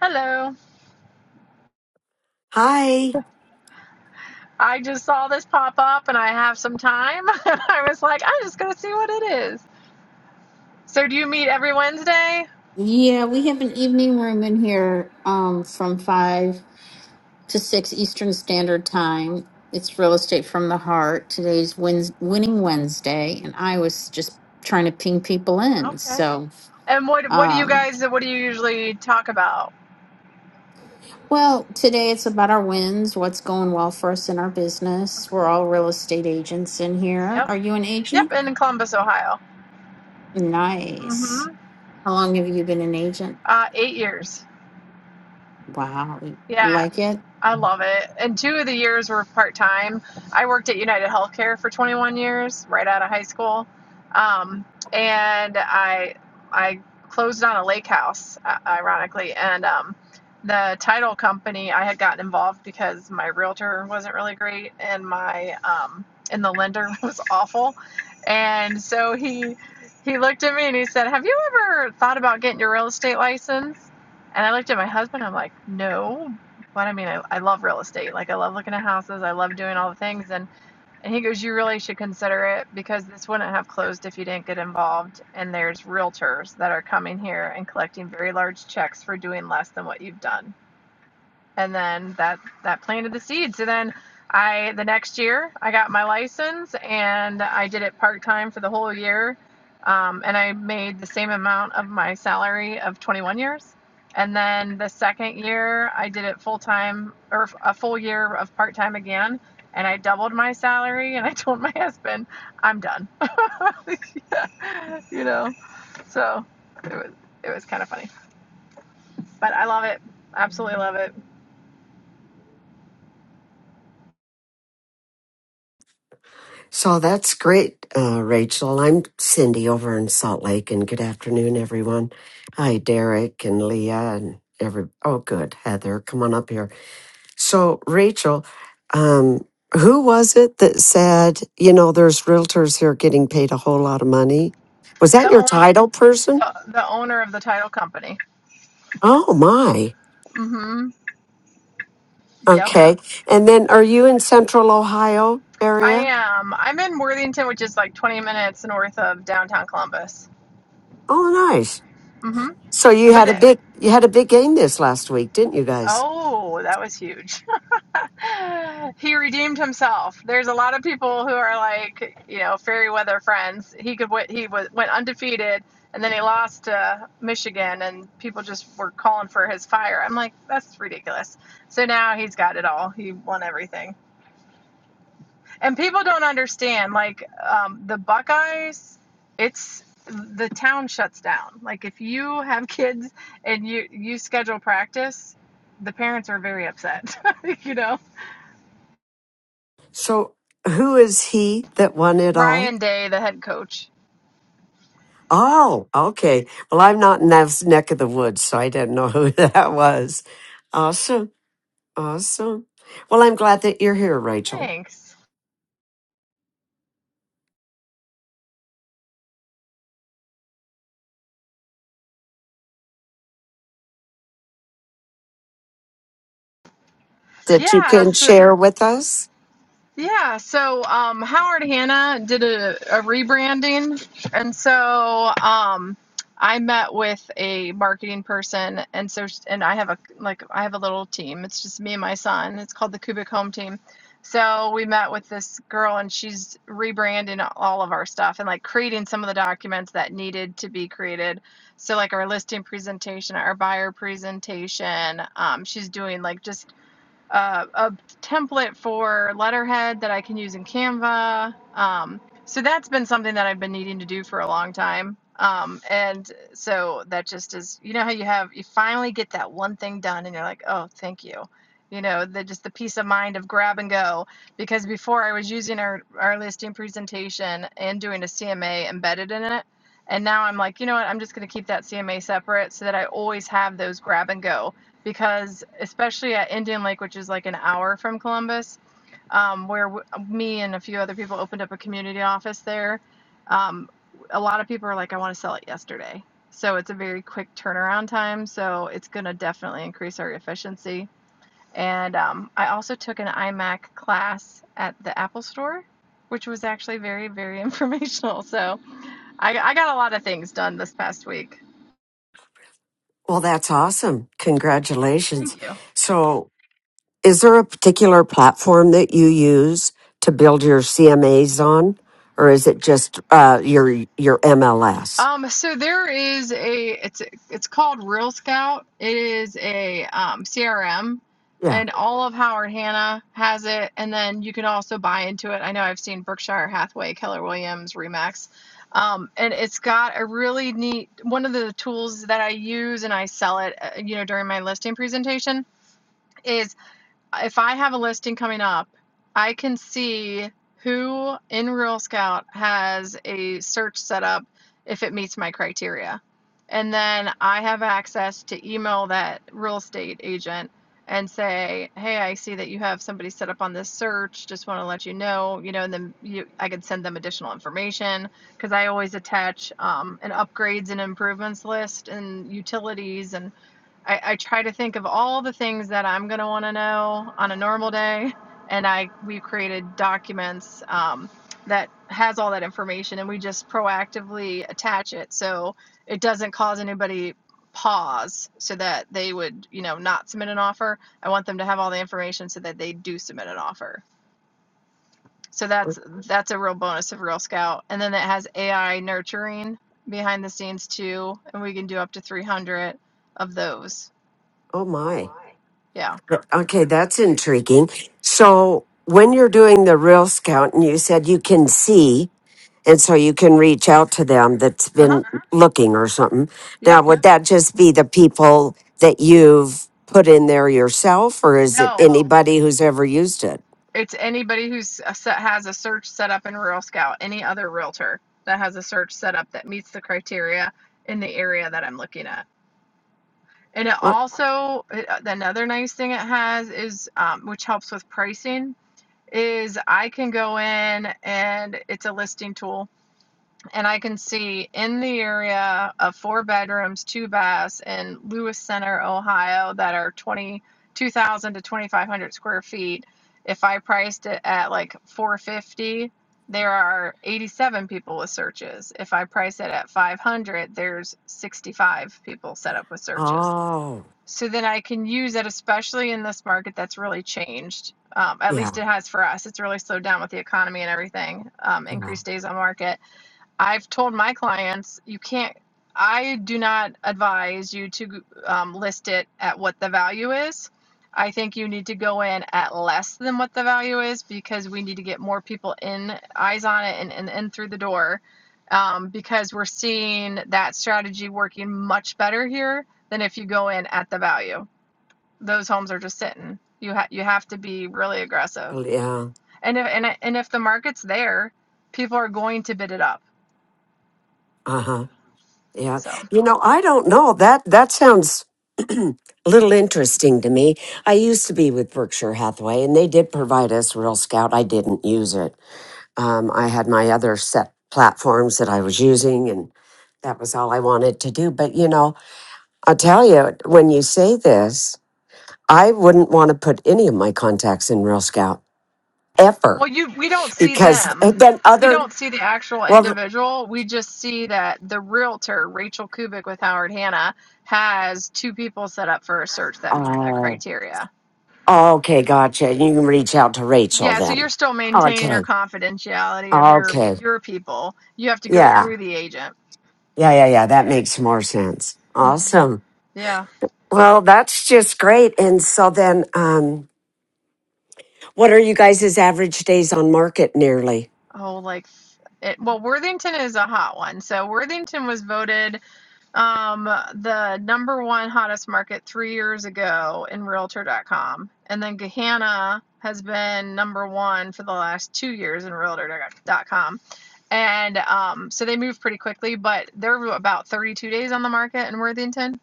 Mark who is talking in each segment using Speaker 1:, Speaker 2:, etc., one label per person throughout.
Speaker 1: Hello.
Speaker 2: Hi.
Speaker 1: I just saw this pop up and I have some time. I was like, I'm just going to see what it is. So, do you meet every Wednesday?
Speaker 3: Yeah, we have an evening room in here um, from 5 to 6 Eastern Standard Time. It's Real Estate from the Heart. Today's Wednes Winning Wednesday, and I was just trying to ping people in.
Speaker 1: Okay.
Speaker 3: So,
Speaker 1: And what what do you
Speaker 3: um,
Speaker 1: guys what do you usually talk about?
Speaker 3: well, today it's about our wins, what's going well for us in our business. We're all real estate agents in here.
Speaker 1: Yep.
Speaker 3: Are you an agent?
Speaker 1: Yep, in Columbus, Ohio.
Speaker 3: Nice.
Speaker 1: Mhm.
Speaker 3: How long have you been an agent?
Speaker 1: Uh 8 years.
Speaker 3: Wow.
Speaker 1: Yeah.
Speaker 3: Like it?
Speaker 1: I love it. And two of the years were part time. I worked at United Healthcare for 21 years, right out of high school, um, and I I closed on a lake house, uh, ironically, and um, the title company I had gotten involved because my realtor wasn't really great, and my um, and the lender was awful, and so he he looked at me and he said, "Have you ever thought about getting your real estate license?" And I looked at my husband. I'm like, no, but I mean, I, I love real estate. Like I love looking at houses. I love doing all the things. And and he goes, you really should consider it because this wouldn't have closed if you didn't get involved. And there's realtors that are coming here and collecting very large checks for doing less than what you've done and then that that planted the seed. So then I the next year I got my license and I did it part time for the whole year, um, and I made the same amount of my salary of 21 years. And then the second year I did it full time or a full year of part time again. And I doubled my salary, and I told my husband, "I'm done." Yeah, You know, so it was it was kind of funny, but I love it, absolutely love it.
Speaker 2: So that's great, uh, Rachel. I'm Cindy over in Salt Lake, and good afternoon, everyone. Hi, Derek and Leah and every. Oh, good, Heather, come on up here. So, Rachel, um, who was it that said, you know, there's realtors here getting paid a whole lot of money? Was that
Speaker 1: The
Speaker 2: your
Speaker 1: own
Speaker 2: title person?
Speaker 1: the, the owner of the title company.
Speaker 2: Oh my.
Speaker 1: hmm Yep.
Speaker 2: Okay. And then, are you in Central Ohio
Speaker 1: I
Speaker 2: area?
Speaker 1: am. I'm in Worthington, which is like 20 minutes north of downtown Columbus.
Speaker 2: Oh, nice.
Speaker 1: hmm
Speaker 2: So you
Speaker 1: But
Speaker 2: had
Speaker 1: the,
Speaker 2: a big you had a big game this last week, didn't you guys?
Speaker 1: oh, that was huge. he redeemed himself. There's a lot of people who are like, you know, fairy weather friends. He could wi- he was went undefeated, and then he lost to Michigan, and people just were calling for his fire. I'm like, that's ridiculous. So now he's got it all. He won everything. And people don't understand, like um, the Buckeyes, it's the town shuts down. Like if you have kids and you you schedule practice, the parents are very upset. you know,
Speaker 2: So who is he that won it all?
Speaker 1: Ryan Day, the head coach.
Speaker 2: Oh, okay. Well, I'm not in that neck of the woods, so I didn't know who that was. Awesome. Awesome. Well, I'm glad that you're here, Rachel.
Speaker 1: Thanks.
Speaker 2: That you
Speaker 1: Yeah.
Speaker 2: can
Speaker 1: so
Speaker 2: share with us.
Speaker 1: Yeah, so um, Howard Hanna did a, a rebranding. And so um, I met with a marketing person. And so, and I have a, like, I have a little team. It's just me and my son. It's called the Cubic Home Team. So we met with this girl and she's rebranding all of our stuff and like creating some of the documents that needed to be created. So like our listing presentation, our buyer presentation, um, she's doing like just uh, a template for letterhead that I can use in Canva. Um, so that's been something that I've been needing to do for a long time. Um, and so that just is, you know, how you have, you finally get that one thing done and you're like, oh, thank you. You know, the, just the peace of mind of grab and go. Because before I was using our, our listing presentation and doing a CMA embedded in it. And now I'm like, you know what? I'm just going to keep that CMA separate so that I always have those grab and go because especially at Indian Lake, which is like an hour from Columbus, um, where w- me and a few other people opened up a community office there. Um, a lot of people are like, I want to sell it yesterday. So it's a very quick turnaround time. So it's going to definitely increase our efficiency. And um, I also took an iMac class at the Apple Store, which was actually very, very informational. So I, I got a lot of things done this past week.
Speaker 2: Well, that's awesome. Congratulations.
Speaker 1: Thank you.
Speaker 2: So, is there a particular platform that you use to build your CMAs on, or is it just uh, your your MLS?
Speaker 1: Um, so there is a it's it's called Real Scout. It is a um, CRM,
Speaker 2: Yeah.
Speaker 1: and all of Howard Hanna has it. And then you can also buy into it. I know I've seen Berkshire Hathaway, Keller Williams, Remax, um, and it's got a really neat one of the tools that I use and I sell it. uh, You know, during my listing presentation is if I have a listing coming up, I can see who in Real Scout has a search set up if it meets my criteria. And then I have access to email that real estate agent and say, "Hey, I see that you have somebody set up on this search. Just want to let you know, you know." And then you, I could send them additional information because I always attach um, an upgrades and improvements list and utilities and. I, I try to think of all the things that I'm going to want to know on a normal day, and I we've created documents um, that has all that information, and we just proactively attach it so it doesn't cause anybody pause so that they would you know not submit an offer. I want them to have all the information so that they do submit an offer. So
Speaker 2: Oh
Speaker 1: that's that's a real bonus of Real Scout, and then it has AI nurturing behind the scenes too, and we can do up to 300 of those.
Speaker 2: oh my.
Speaker 1: Yeah.
Speaker 2: Okay, that's intriguing. So, when you're doing the Real Scout and you said you can see, and so you can reach out to them that's
Speaker 1: Uh huh.
Speaker 2: been looking or something. Now,
Speaker 1: Yep.
Speaker 2: would that just be the people that you've put in there yourself, or is it
Speaker 1: No,
Speaker 2: anybody who's ever used it?
Speaker 1: it's anybody who's a set, has a search set up in Rural Scout, any other realtor that has a search set up that meets the criteria in the area that I'm looking at. And it
Speaker 2: What?
Speaker 1: also, it, another nice thing it has is, um, which helps with pricing, is I can go in and it's a listing tool and I can see in the area of four bedrooms, two baths in Lewis Center, Ohio, that are 20 2,000 to 2,500 square feet. If I priced it at like 450, there are 87 people with searches. If I price it at 500, there's 65 people set up with searches.
Speaker 2: Oh,
Speaker 1: So then I can use it, especially in this market that's really changed. Um, at least
Speaker 2: yeah.
Speaker 1: it has for us. It's really slowed down with the economy and everything, um,
Speaker 2: Yeah.
Speaker 1: increased days on market I've told my clients you can't. I do not advise you to um, list it at what the value is. I think you need to go in at less than what the value is because we need to get more people in, eyes on it, and in and in through the door um, because we're seeing that strategy working much better here than if you go in at the value. Those homes are just sitting. You ha- you have to be really aggressive,
Speaker 2: Oh, Yeah.
Speaker 1: and if and, and if the market's there, people are going to bid it up.
Speaker 2: Uh-huh. Yeah.
Speaker 1: So.
Speaker 2: You know, I don't know. That that sounds a little interesting to me. I used to be with Berkshire Hathaway and they did provide us Real Scout. I didn't use it. Um, I had my other set platforms that I was using and that was all I wanted to do. But you know, I'll tell you, when you say this, I wouldn't want to put any of my contacts in Real Scout ever
Speaker 1: Well, you we don't see
Speaker 2: because
Speaker 1: them.
Speaker 2: then
Speaker 1: We
Speaker 2: other
Speaker 1: don't see the actual
Speaker 2: well
Speaker 1: individual. We just see that the realtor, Rachel Kubik with Howard Hanna, has two people set up for a search that meets that
Speaker 2: oh
Speaker 1: criteria.
Speaker 2: okay, gotcha. You can reach out to Rachel
Speaker 1: Yeah, so you're
Speaker 2: then.
Speaker 1: still maintaining your
Speaker 2: Okay.
Speaker 1: confidentiality of your
Speaker 2: Okay.
Speaker 1: your people. You have to go
Speaker 2: Yeah.
Speaker 1: through the agent.
Speaker 2: Yeah. Yeah. Yeah. That makes more sense.
Speaker 1: hmm
Speaker 2: Awesome.
Speaker 1: Yeah.
Speaker 2: Well, that's just great. And so then, um, what are you guys' average days on market nearly?
Speaker 1: Oh, like it, well, Worthington is a hot one. So Worthington was voted. um the number one hottest market three years ago in realtor.com and then gahanna has been number one for the last two years in realtor.com and um so they move pretty quickly but they're about 32 days on the market in worthington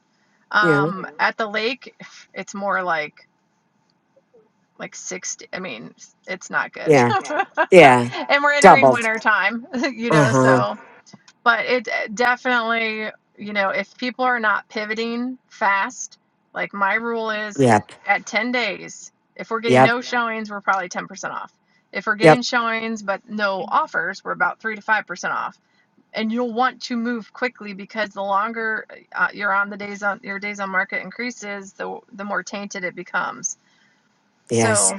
Speaker 2: Yeah.
Speaker 1: um at the lake it's more like like 60 i mean it's not good
Speaker 2: Yeah.
Speaker 1: Yeah. Yeah.
Speaker 2: Yeah.
Speaker 1: and we're entering
Speaker 2: Doubled.
Speaker 1: winter time you
Speaker 2: Uh
Speaker 1: know
Speaker 2: huh.
Speaker 1: so but it eh, definitely you know if people are not pivoting fast like my rule is
Speaker 2: Yep.
Speaker 1: at 10 days if we're getting
Speaker 2: Yep.
Speaker 1: no showings we're probably 10% off if we're
Speaker 2: Yep.
Speaker 1: getting showings but no offers we're about 3 to 5% off and you'll want to move quickly because the longer uh, you're on the days on your days on market increases the the more tainted it becomes so
Speaker 2: Yes.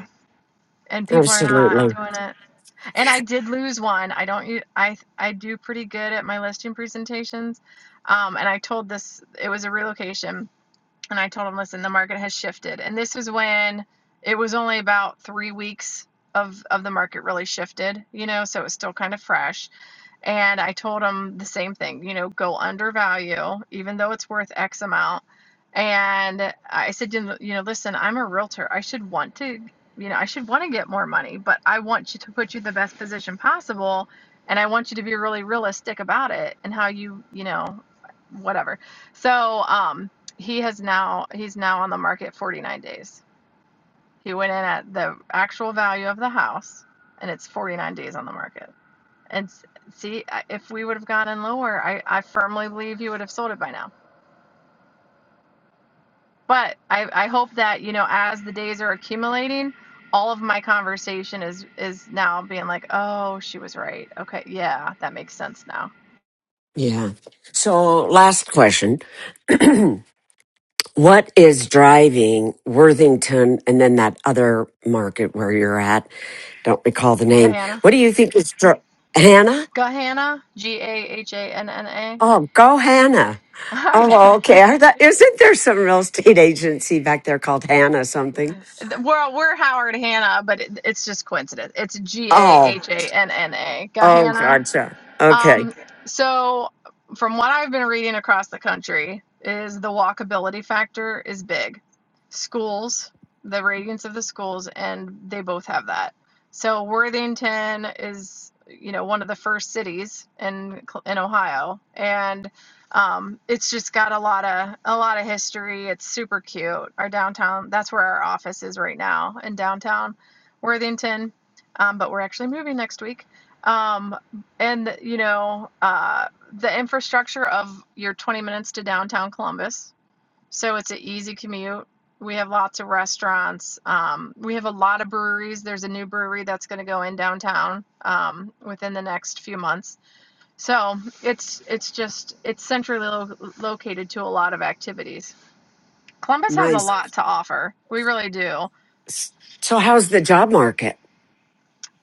Speaker 1: and people are not
Speaker 2: Absolutely.
Speaker 1: doing it and I did lose one. I don't. u- I I do pretty good at my listing presentations. Um, and I told this it was a relocation, and I told him, listen, the market has shifted, and this was when it was only about three weeks of of the market really shifted. You know, so it was still kind of fresh and I told him the same thing, you know, go undervalue, even though it's worth X amount. And I said, you know, listen, I'm a realtor. I should want to, you know, I should want to get more money, but I want you to put you in the best position possible. And I want you to be really realistic about it and how you, you know, whatever. So um, he has now, he's now on the market 49 days. He went in at the actual value of the house and it's 49 days on the market. And s- see, I- if we would have gotten lower, I, I firmly believe you would have sold it by now. But I, I hope that, you know, as the days are accumulating, all of my conversation is is now being like, oh, she was right. Okay, yeah, that makes sense now.
Speaker 2: Yeah. So last question. what is driving Worthington and then that other market where you're at? Don't recall the name.
Speaker 1: Gahanna,
Speaker 2: What do you think is dri- Hannah?
Speaker 1: Gahanna, G A H A N N A.
Speaker 2: Oh, go Hannah.
Speaker 1: I
Speaker 2: Oh,
Speaker 1: know.
Speaker 2: okay. I thought, isn't there some real estate agency back there called Hannah something?
Speaker 1: Well, we're Howard Hanna, but it, it's just coincidence. It's G A
Speaker 2: Oh,
Speaker 1: H A N N A.
Speaker 2: oh,
Speaker 1: Gahanna.
Speaker 2: gotcha. Okay,
Speaker 1: Um, so from what I've been reading across the country is the walkability factor is big. Schools, the radiance of the schools, and they both have that. So Worthington is, you know, one of the first cities in in Ohio, and um, it's just got a lot of a lot of history. It's super cute. Our downtown, that's where our office is right now in downtown Worthington, um, but we're actually moving next week. Um, and you know uh, the infrastructure of your 20 minutes to downtown columbus so it's an easy commute we have lots of restaurants um, we have a lot of breweries there's a new brewery that's going to go in downtown um, within the next few months so it's it's just it's centrally lo- located to a lot of activities columbus has a
Speaker 2: nice.
Speaker 1: lot to offer we really do
Speaker 2: So, how's the job market?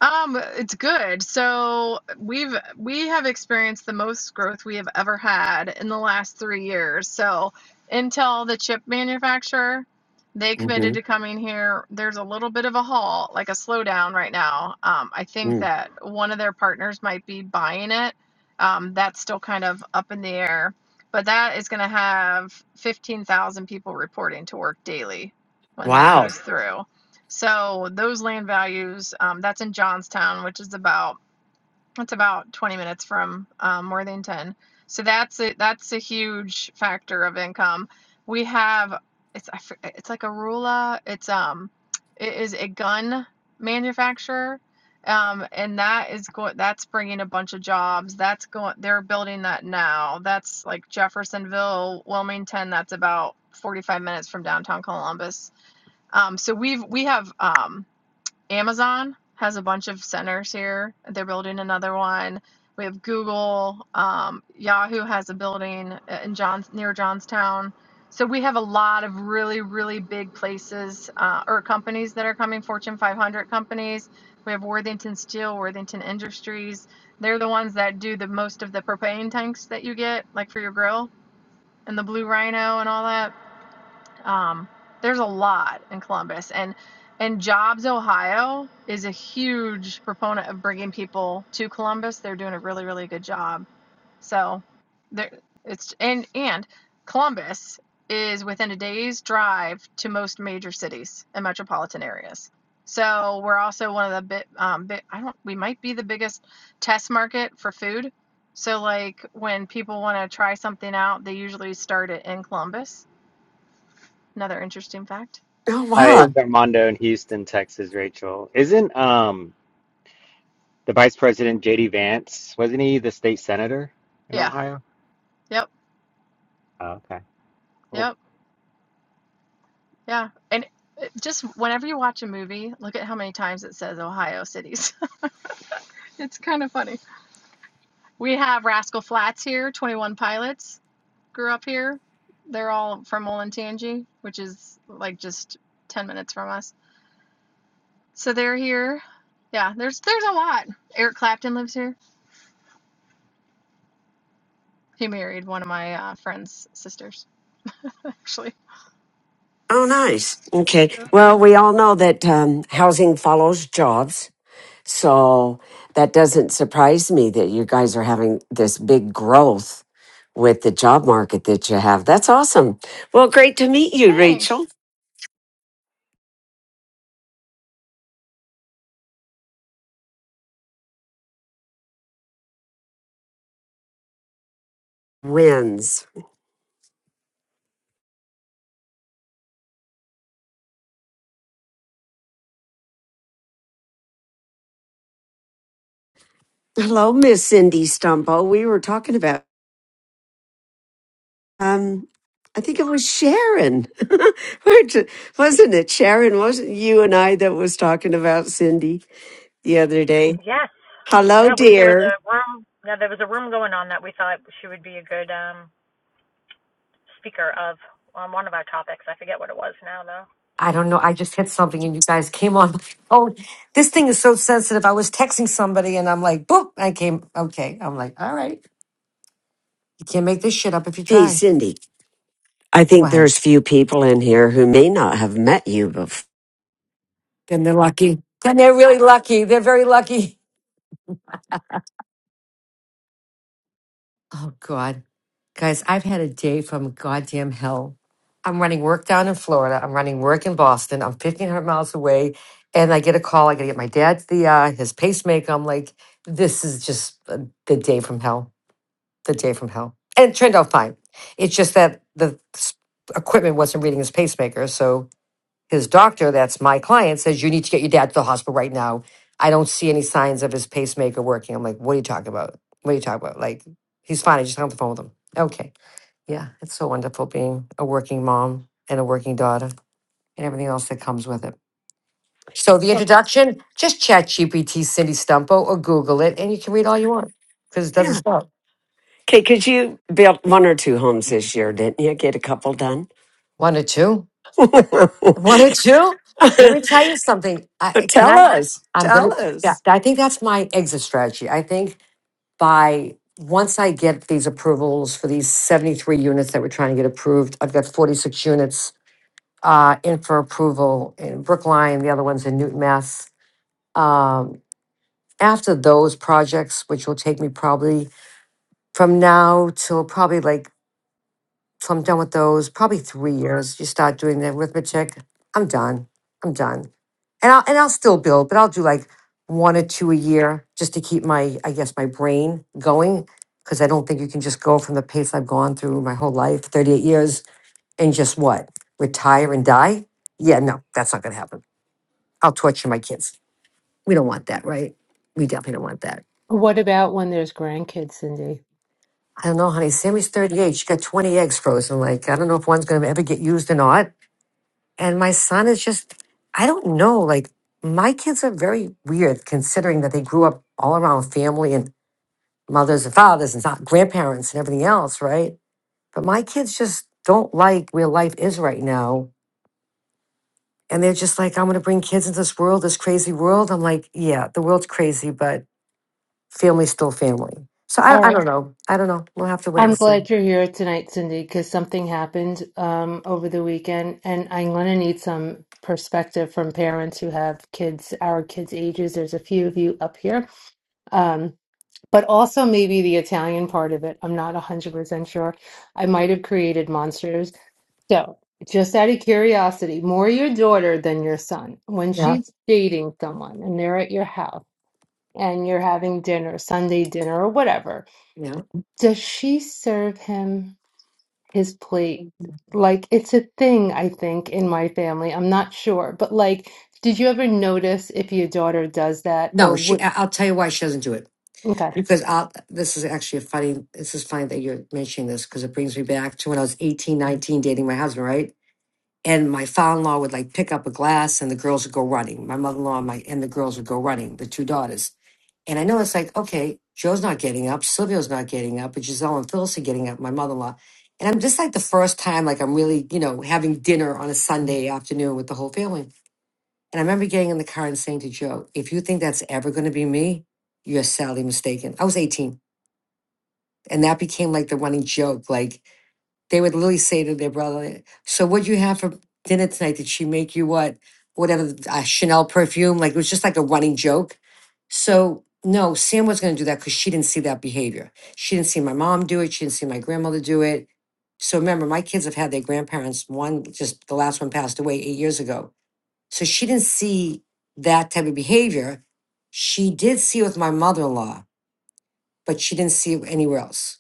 Speaker 1: Um, it's good. So we've we have experienced the most growth we have ever had in the last three years. So Intel, the chip manufacturer, they committed
Speaker 2: hmm
Speaker 1: to coming here. There's a little bit of a halt, like a slowdown right now. Um, I think that one of their partners might be buying it. Um, that's still kind of up in the air, but that is going to have 15,000 people reporting to work daily when that
Speaker 2: Wow.
Speaker 1: goes through. So those land values, um, that's in Johnstown, which is about it's about 20 minutes from um, Worthington. So that's a, that's a huge factor of income. We have it's it's like a Rula. It's um it is a gun manufacturer. Um, and that is going that's bringing a bunch of jobs that's going they're building that now that's like jeffersonville wilmington that's about 45 minutes from downtown columbus um, so we've we have um, Amazon has a bunch of centers here. They're building another one. We have Google. Um, Yahoo has a building uh, in Johns near Johnstown. So we have a lot of really, really big places uh, or companies that are coming, Fortune 500 companies. We have Worthington Steel, Worthington Industries. They're the ones that do the most of the propane tanks that you get, like for your grill and the Blue Rhino and all that. Um, there's a lot in Columbus, and and Jobs Ohio is a huge proponent of bringing people to Columbus. They're doing a really really good job. So there it's and and Columbus is within a day's drive to most major cities and metropolitan areas. So we're also one of the bit um bit, I don't we might be the biggest test market for food. So like when people want to try something out, they usually start it in Columbus. Another interesting fact.
Speaker 2: Oh,
Speaker 4: Hi,
Speaker 2: wow.
Speaker 4: it's Armando in Houston, Texas, Rachel. Isn't um the Vice President JD Vance, wasn't he the state senator in
Speaker 1: Yeah.
Speaker 4: Ohio?
Speaker 1: Yep.
Speaker 4: Oh, okay, cool.
Speaker 1: Yep. Yeah. And it- just whenever you watch a movie, look at how many times it says Ohio cities. It's kind of funny. We have Rascal Flats here, 21 Pilots grew up here. They're all from Olentangy, which is like just 10 minutes from us. So they're here. Yeah, there's there's a lot. Eric Clapton lives here. He married one of my uh, friend's sisters, actually.
Speaker 2: Oh, nice. Okay. Well, we all know that um, housing follows jobs. So, that doesn't surprise me that you guys are having this big growth with the job market that you have. That's awesome. Well, great to meet you, Rachel.
Speaker 1: Thanks.
Speaker 2: wins. Hello, Miss Cindy Stumpo. We were talking about, um, I think it was Sharon, Which- wasn't it? Sharon, wasn't you and I that was talking about Cindy the other day?
Speaker 5: Yes,
Speaker 2: Hello,
Speaker 5: yeah. We there was
Speaker 2: dear.
Speaker 5: a room. Yeah, there was a room going on that we thought she would be a good um speaker of on one of our topics. I forget what it was now though.
Speaker 6: I don't know. I just hit something and you guys came on my phone. This thing is so sensitive. I was texting somebody and I'm like, boop, I came. Okay. I'm like, all right. You can't make this shit up if you
Speaker 2: Hey,
Speaker 6: try.
Speaker 2: Cindy. I think
Speaker 6: Why?
Speaker 2: there's few people in here who may not have met you before.
Speaker 6: Then they're lucky. Then they're really lucky. They're very lucky. Oh, God. Guys, I've had a day from goddamn hell. I'm running work down in Florida. I'm running work in Boston. I'm 1,500 miles away. And I get a call. I got to get my dad the, uh, his pacemaker. I'm like, this is just uh, the day from hell. the day from hell and it turned out fine. It's just that the s- equipment wasn't reading his pacemaker. So his doctor, that's my client, says, You need to get your dad to the hospital right now. I don't see any signs of his pacemaker working. I'm like, What are you talking about? What are you talking about? Like, he's fine. I just hung up the phone with him. Okay. Yeah. It's so wonderful being a working mom and a working daughter and everything else that comes with it. So the introduction, just chat GPT Cindy Stumpo or Google it and you can read all you want because it doesn't
Speaker 2: Yeah.
Speaker 6: stop.
Speaker 2: Okay, because you built one or two homes this year, didn't you? Get a couple done?
Speaker 6: One or two. What a Jew! Let me tell you something. I can
Speaker 2: tell
Speaker 6: I.
Speaker 2: us.
Speaker 6: I'm
Speaker 2: Tell
Speaker 6: gonna. Yeah,
Speaker 2: us.
Speaker 6: I think that's my exit strategy. I think by once I get these approvals for these 73 units that we're trying to get approved, I've got 46 units uh, in for approval in Brookline. The other ones in Newton, Mass. Um, after those projects, which will take me probably from now till probably like So I'm done with those. Probably three years. You start doing the arithmetic. I'm done. I'm done. And I'll and I'll still build, but I'll do like one or two a year just to keep my I guess my brain going because I don't think you can just go from the pace I've gone through my whole life, 38 years, and just what retire and die. Yeah, no, that's not gonna happen. I'll torture my kids. We don't want that, right? We definitely don't want that.
Speaker 7: What about when there's grandkids, Cindy?
Speaker 6: I don't know, honey. Sammy's 38. She got 20 eggs frozen. Like, I don't know if one's going to ever get used or not. And my son is just, I don't know, like my kids are very weird considering that they grew up all around family and mothers and fathers and not grandparents and everything else, right? But my kids just don't like where life is right now. And they're just like, I'm going to bring kids into this world, this crazy world. I'm like, yeah, the world's crazy, but family's still family. So
Speaker 7: All
Speaker 6: I, I
Speaker 7: right.
Speaker 6: don't know. I don't know. We'll have to wait and
Speaker 7: I'm
Speaker 6: see.
Speaker 7: glad you're here tonight, Cindy, because something happened um, over the weekend, and I'm going to need some perspective from parents who have kids our kids' ages. There's a few of you up here, um, but also maybe the Italian part of it. I'm not 100% sure. I might have created monsters. So, just out of curiosity, more your daughter than your son. When
Speaker 6: Yeah.
Speaker 7: she's dating someone and they're at your house, and you're having dinner, Sunday dinner or whatever,
Speaker 6: Yeah.
Speaker 7: Does she serve him his plate? Like, it's a thing, I think, in my family. I'm not sure. But, like, did you ever notice if your daughter does that
Speaker 6: No,
Speaker 7: or
Speaker 6: she,
Speaker 7: would?
Speaker 6: I- I'll tell you why she doesn't do it
Speaker 7: Okay.
Speaker 6: Because I'll, this is actually a funny, this is funny that you're mentioning this because it brings me back to when I was 18, 19, dating my husband, right? And my father-in-law would like pick up a glass and the girls would go running. My mother-in-law and, my, and the girls would go running, the two daughters. And I know it's like, okay, Joe's not getting up, Silvio's not getting up, but Giselle and Phyllis are getting up, my mother-in-law. And I'm just like the first time, like I'm really, you know, having dinner on a Sunday afternoon with the whole family. And I remember getting in the car and saying to Joe, if you think that's ever going to be me, you're sadly mistaken. I was 18 and that became like the running joke. Like they would literally say to their brother, So what'd you have for dinner tonight? Did she make you what? Whatever, uh, Chanel perfume. Like it was just like a running joke. So no, Sam was going to do that because she didn't see that behavior. She didn't see my mom do it. She didn't see my grandmother do it. So remember, my kids have had their grandparents. One just the last one passed away eight years ago. So she didn't see that type of behavior. She did see it with my mother in law, but she didn't see it anywhere else.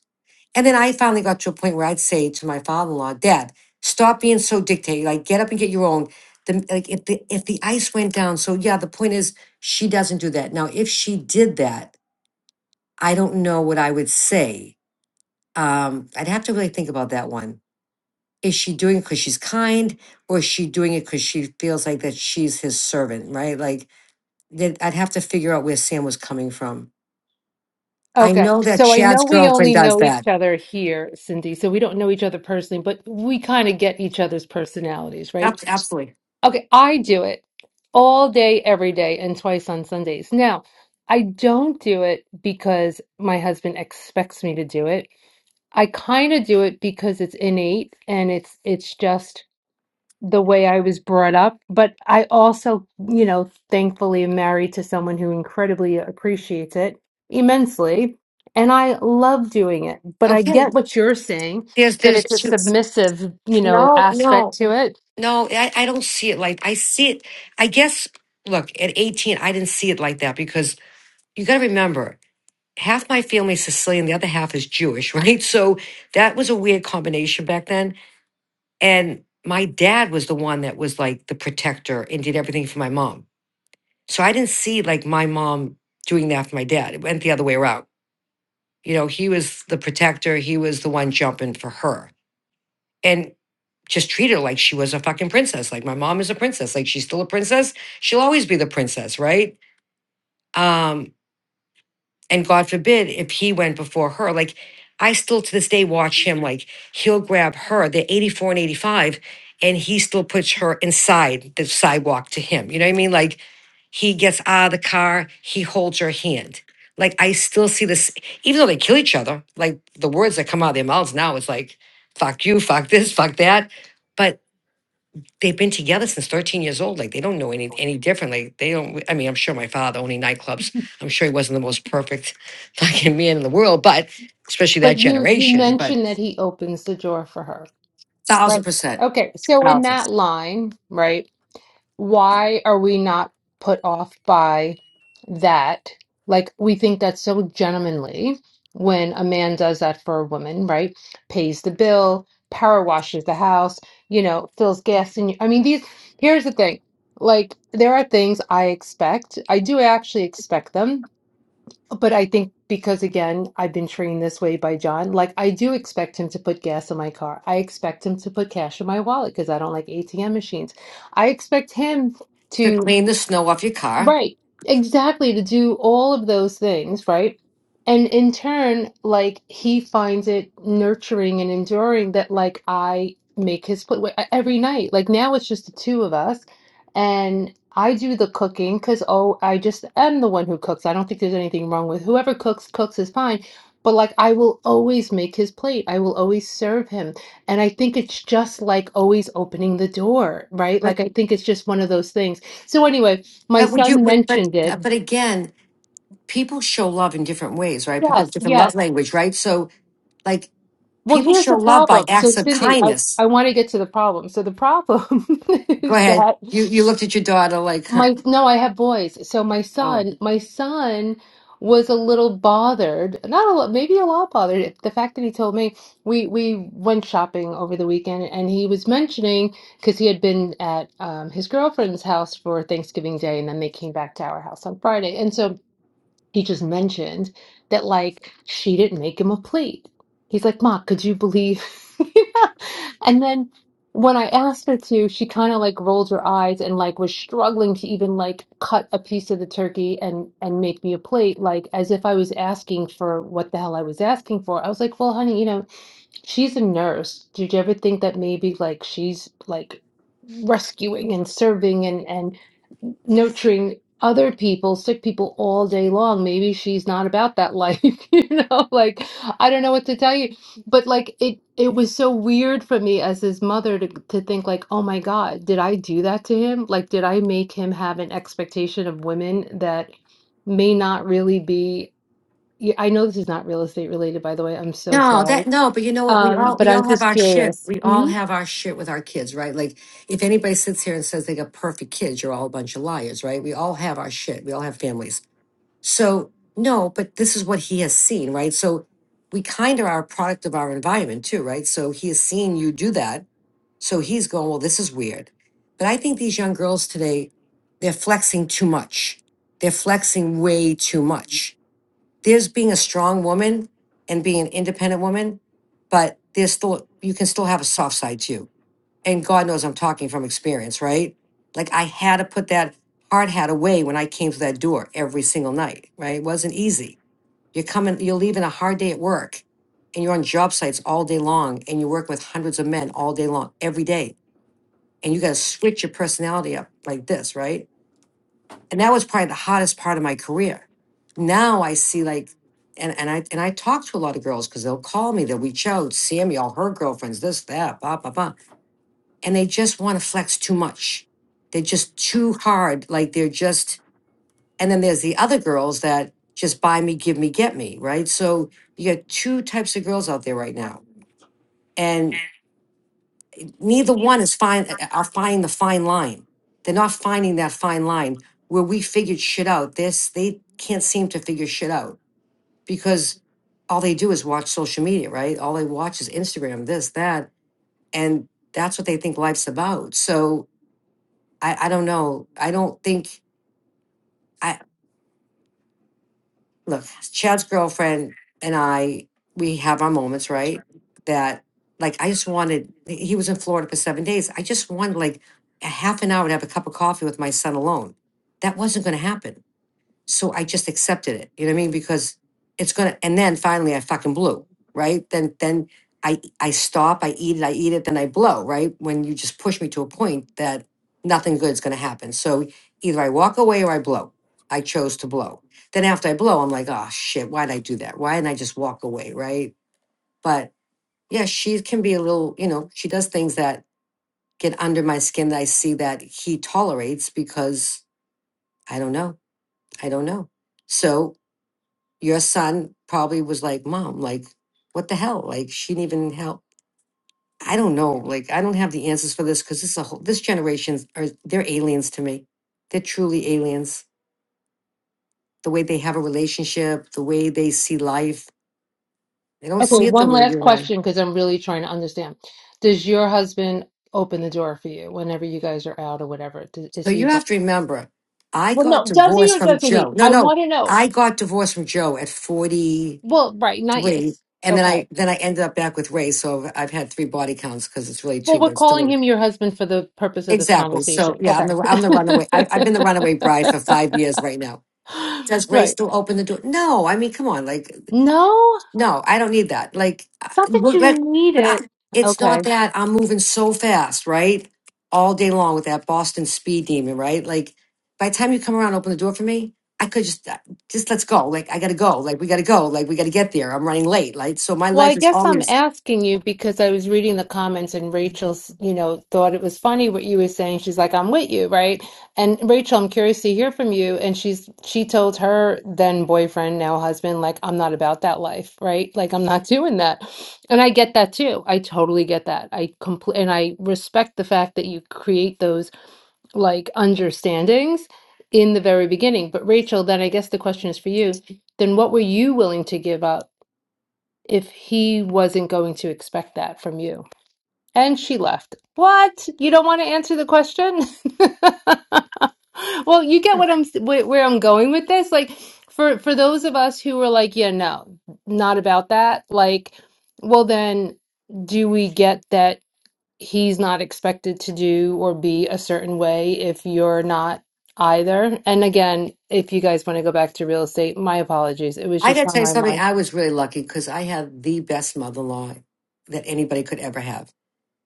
Speaker 6: And then I finally got to a point where I'd say to my father-in-law, "Dad, stop being so dictated. Like, get up and get your own." The, like, if the if the ice went down, so yeah, the point is she doesn't do that. Now, if she did that, I don't know what I would say. Um, I'd have to really think about that one. Is she doing it because she's kind, or is she doing it because she feels like that she's his servant, right? Like, then I'd have to figure out where Sam was coming from. I
Speaker 7: Okay.
Speaker 6: know that
Speaker 7: So I
Speaker 6: Chad's
Speaker 7: know we
Speaker 6: girlfriend
Speaker 7: only
Speaker 6: does
Speaker 7: know
Speaker 6: that.
Speaker 7: each other here, Cindy. So we don't know each other personally, but we kind of get each other's personalities, right?
Speaker 6: Ab- Absolutely.
Speaker 7: Okay. I do it all day, every day, and twice on Sundays. Now, I don't do it because my husband expects me to do it. I kind of do it because it's innate and it's it's just the way I was brought up. But I also, you know, thankfully am married to someone who incredibly appreciates it immensely. And I love doing it. But I
Speaker 6: Okay.
Speaker 7: get what you're saying,
Speaker 6: There's
Speaker 7: that
Speaker 6: there's
Speaker 7: it's a
Speaker 6: two.
Speaker 7: submissive, you know,
Speaker 6: No,
Speaker 7: aspect
Speaker 6: no,
Speaker 7: to it.
Speaker 6: no. I, I don't see it like I see it. I guess, look, at 18, I didn't see it like that because you got to remember, half my family is Sicilian, the other half is Jewish, right? So that was a weird combination back then. And my dad was the one that was like the protector and did everything for my mom. So I didn't see like my mom doing that for my dad. It went the other way around. You know, he was the protector, he was the one jumping for her. and. just treat her like she was a fucking princess. Like my mom is a princess. Like she's still a princess. She'll always be the princess, right? Um, and God forbid if he went before her. Like I still to this day watch him. Like he'll grab her. They're eighty four and eighty five, and he still puts her inside the sidewalk to him. You know what I mean? Like he gets out of the car. He holds her hand. Like I still see this, even though they kill each other. Like the words that come out of their mouths now is like "fuck you," "fuck this," "fuck that." but they've been together since 13 years old. Like they don't know any any different. Like they don't. I mean, I'm sure my father owning nightclubs. I'm sure he wasn't the most perfect fucking man in the world, but especially
Speaker 7: But
Speaker 6: that
Speaker 7: you you
Speaker 6: generation. But
Speaker 7: mentioned that he opens the door for her. Right.
Speaker 6: thousand percent,
Speaker 7: Okay. So in
Speaker 6: thousands
Speaker 7: that line, right? why are we not put off by that? Like, we think that's so gentlemanly when a man does that for a woman, right? Pays the bill, power washes the house, you know, fills gas in. I mean, these, here's the thing. Like, there are things I expect. I do actually expect them but I think because again, I've been trained this way by John, like I do expect him to put gas in my car. I expect him to put cash in my wallet because I don't like ATM machines. I expect him
Speaker 6: to
Speaker 7: to.
Speaker 6: clean the snow off your car.
Speaker 7: Right. Exactly, to do all of those things, right? And in turn, like he finds it nurturing and enduring that like I make his plate wa- every night. Like now it's just the two of us and I do the cooking because oh, I just am the one who cooks. I don't think there's anything wrong with whoever cooks, cooks is fine. But like I will always make his plate. I will always serve him. And I think it's just like always opening the door, right?
Speaker 6: But
Speaker 7: Like I think it's just one of those things so anyway, my
Speaker 6: but would you?
Speaker 7: son
Speaker 6: would- But
Speaker 7: mentioned
Speaker 6: uh,
Speaker 7: it.
Speaker 6: but again, people show love in different ways, right? People have
Speaker 7: Yes,
Speaker 6: different love
Speaker 7: yes.
Speaker 6: language, right? So like
Speaker 7: Well,
Speaker 6: people
Speaker 7: here's
Speaker 6: show
Speaker 7: the
Speaker 6: love by
Speaker 7: problem. So
Speaker 6: acts of
Speaker 7: Cindy, I,
Speaker 6: kindness.
Speaker 7: I want to get to the problem. So the problem
Speaker 6: Go
Speaker 7: is
Speaker 6: ahead.
Speaker 7: that
Speaker 6: You you looked at your daughter like, huh?
Speaker 7: my no, I have boys. So my
Speaker 6: Oh.
Speaker 7: son, my son was a little bothered, not a lot, maybe a lot bothered. at The fact that he told me we we went shopping over the weekend, and he was mentioning because he had been at um, his girlfriend's house for Thanksgiving Day, and then they came back to our house on Friday, and so he just mentioned that like she didn't make him a plate. He's like, Ma, could you believe? Yeah. And then when I asked her to, she kind of like rolled her eyes and like was struggling to even like cut a piece of the turkey and and make me a plate, like as if I was asking for what the hell I was asking for. I was like, well, honey, you know, She's a nurse. Did you ever think that maybe like she's like rescuing and serving and and nurturing other people, sick people all day long? Maybe she's not about that life, you know? Like I don't know what to tell you. But like it it was so weird for me as his mother to to think like, "Oh my God, did I do that to him? Like did I make him have an expectation of women that may not really be Yeah, I know this is not real estate related, by the way. I'm so
Speaker 6: No,
Speaker 7: sorry
Speaker 6: that no, but you know what? We
Speaker 7: um,
Speaker 6: all
Speaker 7: but
Speaker 6: we all
Speaker 7: I'm
Speaker 6: have
Speaker 7: just
Speaker 6: our shit.
Speaker 7: curious.
Speaker 6: We all
Speaker 7: hmm
Speaker 6: have our shit with our kids, right? Like if anybody sits here and says they got perfect kids, you're all a bunch of liars, right? We all have our shit. We all have families. So no, but this is what he has seen, right? So we kind of are a product of our environment too, right? So he has seen you do that So he's going, well, this is weird. But I think these young girls today, they're flexing too much. They're flexing way too much. There's being a strong woman and being an independent woman, but there's still, you can still have a soft side too. And God knows I'm talking from experience, right? Like I had to put that hard hat away when I came to that door every single night, right? It wasn't easy. You're coming, you're leaving a hard day at work and you're on job sites all day long and you're working with hundreds of men all day long, every day and you got to switch your personality up like this, right? And that was probably the hottest part of my career. Now I see like, and and I and I talk to a lot of girls because they'll call me, they'll reach out, Sammy, all her girlfriends, this, that, blah, blah, blah, and they just want to flex too much. They're just too hard, like they're just. And then there's the other girls that just buy me, give me, get me, right? So you got two types of girls out there right now, and neither one is fine uh, uh, are finding the fine line they're not finding that fine line where we figured shit out this they can't seem to figure shit out because all they do is watch social media right all they watch is instagram this that and that's what they think life's about so i i don't know i don't think I. look, Chad's girlfriend and I, we have our moments, right? That like I just wanted he was in Florida for seven days. I just wanted like a half an hour to have a cup of coffee with my son alone. That wasn't gonna happen so I just accepted it. You know what I mean? Because it's gonna and then finally I fucking blew, right? Then then I I stop, I eat it, I eat it, then I blow, right? When you just push me to a point that nothing good's gonna happen. So either I walk away or I blow. I chose to blow. Then after I blow, I'm like, oh shit, why did I do that? Why didn't I just walk away? Right. But yeah, she can be a little, you know, she does things that get under my skin that I see that he tolerates because I don't know. I don't know. So your son probably was like, Mom, like, what the hell? Like, she didn't even help. I don't know. Like, I don't have the answers for this because this is a whole, this generation's are, they're aliens to me. They're truly aliens. The way they have a relationship, the way they see life, they don't
Speaker 7: Okay,
Speaker 6: see it the
Speaker 7: one
Speaker 6: way you
Speaker 7: last
Speaker 6: and I.
Speaker 7: question because I'm really trying to understand. Does your husband open the door for you whenever you guys are out or whatever? Does,
Speaker 6: So
Speaker 7: is he?
Speaker 6: you
Speaker 7: one-
Speaker 6: have to remember, I
Speaker 7: Well,
Speaker 6: got
Speaker 7: no. Does he
Speaker 6: divorced
Speaker 7: or
Speaker 6: from
Speaker 7: doesn't
Speaker 6: Joe.
Speaker 7: he?
Speaker 6: No,
Speaker 7: I
Speaker 6: no,
Speaker 7: want to know.
Speaker 6: I got divorced from Joe at 43.
Speaker 7: Well, right, not yes.
Speaker 6: And then
Speaker 7: Okay.
Speaker 6: I, then I ended up back with Ray. So I've I've had three body counts because it's really
Speaker 7: Well,
Speaker 6: two,
Speaker 7: we're
Speaker 6: but it's
Speaker 7: calling
Speaker 6: three.
Speaker 7: him your husband for the purpose of this
Speaker 6: Exactly. So
Speaker 7: conversation.
Speaker 6: yeah, I'm
Speaker 7: Okay.
Speaker 6: the I'm the runaway. I, I've been the runaway bride for five years right now. Does Ray
Speaker 7: Right.
Speaker 6: still open the door? No. I mean, come on. Like,
Speaker 7: No,
Speaker 6: no, I don't need that. Like, I-
Speaker 7: it's not that
Speaker 6: look,
Speaker 7: you
Speaker 6: let-
Speaker 7: need
Speaker 6: but I,
Speaker 7: it.
Speaker 6: it's
Speaker 7: Okay.
Speaker 6: not that I'm moving so fast, right? All day long with that Boston speed demon, right? Like, by the time you come around, open the door for me. I could just uh, just let's go. Like, I gotta go. Like, we gotta go. Like, we gotta get there. I'm running late. Like, so my
Speaker 7: Well,
Speaker 6: life
Speaker 7: I
Speaker 6: is
Speaker 7: guess I'm
Speaker 6: always.
Speaker 7: asking you because I was reading the comments and Rachel's, you know, thought it was funny what you were saying. She's like, "I'm with you," right? And Rachel, I'm curious to hear from you. And she's she told her then boyfriend, now husband, like, "I'm not about that life," right? Like, I'm not doing that. And I get that too. I totally get that. I compl- and I respect the fact that you create those like understandings in the very beginning. But Rachel, then I guess the question is for you. Then what were you willing to give up? if he wasn't going to expect that from you. And she left. What? You don't want to answer the question? Well, you get what I'm wh- where I'm going with this. Like for for those of us who were like, yeah, no, not about that. Like, well then do we get that he's not expected to do or be a certain way if you're not either? And again, if you guys want to go back to real estate, my apologies. It was
Speaker 6: I
Speaker 7: just
Speaker 6: gotta
Speaker 7: on
Speaker 6: tell you
Speaker 7: my mind.
Speaker 6: something. I was really lucky because I had the best mother-in-law that anybody could ever have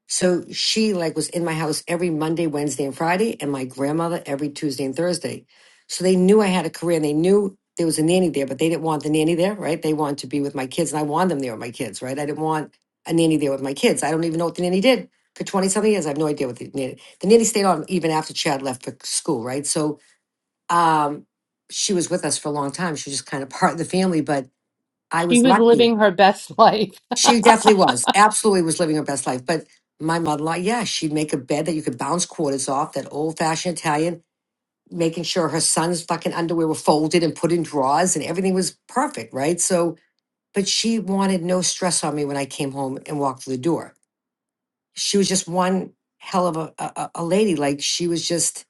Speaker 6: So she like was in my house every Monday, Wednesday, and Friday, and my grandmother every Tuesday and Thursday. So they knew I had a career and they knew there was a nanny there, but they didn't want the nanny there, right? They wanted to be with my kids and I wanted them there with my kids, right? I didn't want a nanny there with my kids. I don't even know what the nanny did for 20 something years. I have no idea what the nanny the nanny stayed on even after Chad left for school, right? So um she was with us for a long time. She was just kind of part of the family, but I
Speaker 7: She
Speaker 6: was
Speaker 7: was
Speaker 6: lucky.
Speaker 7: living her best life.
Speaker 6: She definitely was. Absolutely was living her best life. But my mother in law, yeah, she'd make a bed that you could bounce quarters off, that old fashioned Italian, making sure her son's fucking underwear were folded and put in drawers and everything was perfect, right? So, but she wanted no stress on me when I came home and walked through the door. She was just one hell of a, a, a a lady. Like, she was just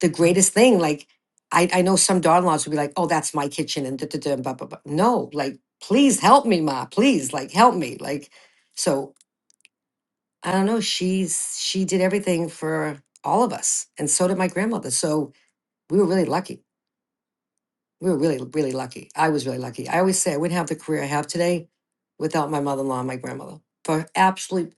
Speaker 6: the greatest thing. Like, I, I know some daughter in laws would be like, oh, that's my kitchen and da da da, blah, blah, blah. No, like, please help me, Ma. Please, like, help me. Like, so I don't know. She's she did everything for all of us, and so did my grandmother. So we were really lucky. We were really, really lucky. I was really lucky. I always say I wouldn't have the career I have today without my mother-in-law and my grandmother. For absolute,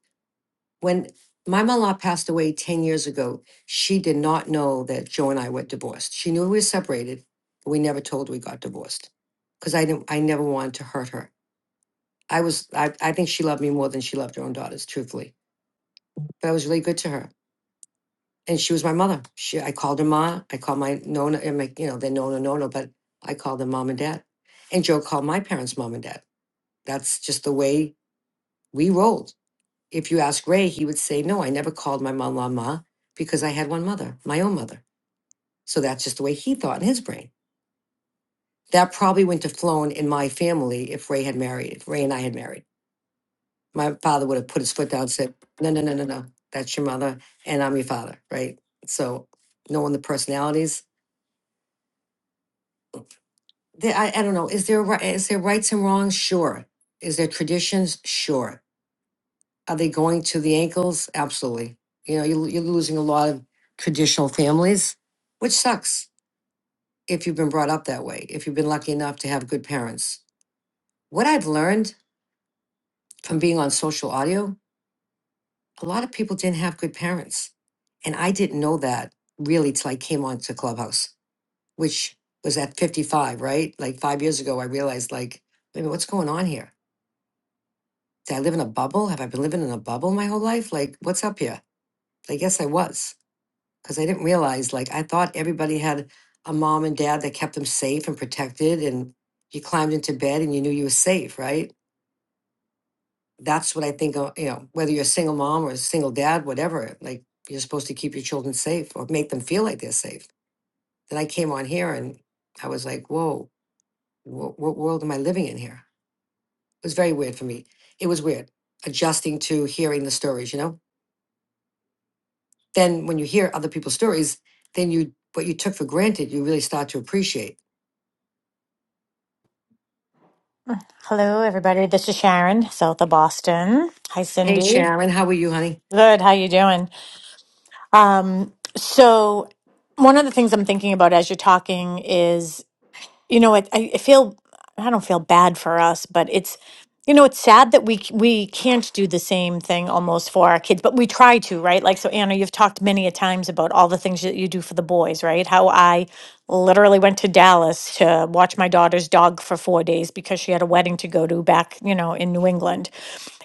Speaker 6: when my mother-in-law passed away ten years ago, she did not know that Joe and I were divorced. She knew we were separated, but we never told her we got divorced because I didn't. I never wanted to hurt her. I was. I, I think she loved me more than she loved her own daughters, truthfully. But I was really good to her. and she was my mother. She, I called her ma. I called my Nona, and my, you know, they're Nona, Nona, but I called them mom and dad. And Joe called my parents mom and dad. That's just the way we rolled. If you ask Ray, he would say, no, I never called my mom ma because I had one mother, my own mother. So that's just the way he thought in his brain. That probably wouldn't have flown in my family if Ray had married, if Ray and I had married. My father would have put his foot down and said, no, no, no, no, no, that's your mother, and I'm your father, right? So knowing the personalities, the- I, I don't know. Is there ri- is there rights and wrongs? Sure. Is there traditions? Sure. Are they going to the ankles? Absolutely. You know, you're, you're losing a lot of traditional families, which sucks if you've been brought up that way. If you've been lucky enough to have good parents. What I've learned from being on social audio, a lot of people didn't have good parents, and I didn't know that really till I came onto Clubhouse, which was at 55, right? Like five years ago, I realized like, wait a minute, what's going on here? did I live in a bubble? Have I been living in a bubble my whole life? Like, what's up here? I guess I was because I didn't realize, like, I thought everybody had a mom and dad that kept them safe and protected, and you climbed into bed and you knew you were safe, right? That's what I think, uh, you know, whether you're a single mom or a single dad, whatever, like, you're supposed to keep your children safe or make them feel like they're safe. Then I came on here and I was like, whoa, what, what world am I living in here? It was very weird for me. It was weird adjusting to hearing the stories, you know? then when you hear other people's stories, then you what you took for granted, you really start to appreciate.
Speaker 5: Hello, everybody. This is Sharon, south of Boston. Hi,
Speaker 6: Hey
Speaker 5: Cindy.
Speaker 6: Sharon, how are you, honey?
Speaker 5: Good. How you doing? Um, so, one of the things I'm thinking about as you're talking is, you know, it, I I feel I don't feel bad for us, but it's You know, it's sad that we c- we can't do the same thing almost for our kids, but we try to, right? Like so Anna, you've talked many a times about all the things that you do for the boys, right? How I literally went to Dallas to watch my daughter's dog for 4 days because she had a wedding to go to back, you know, in New England.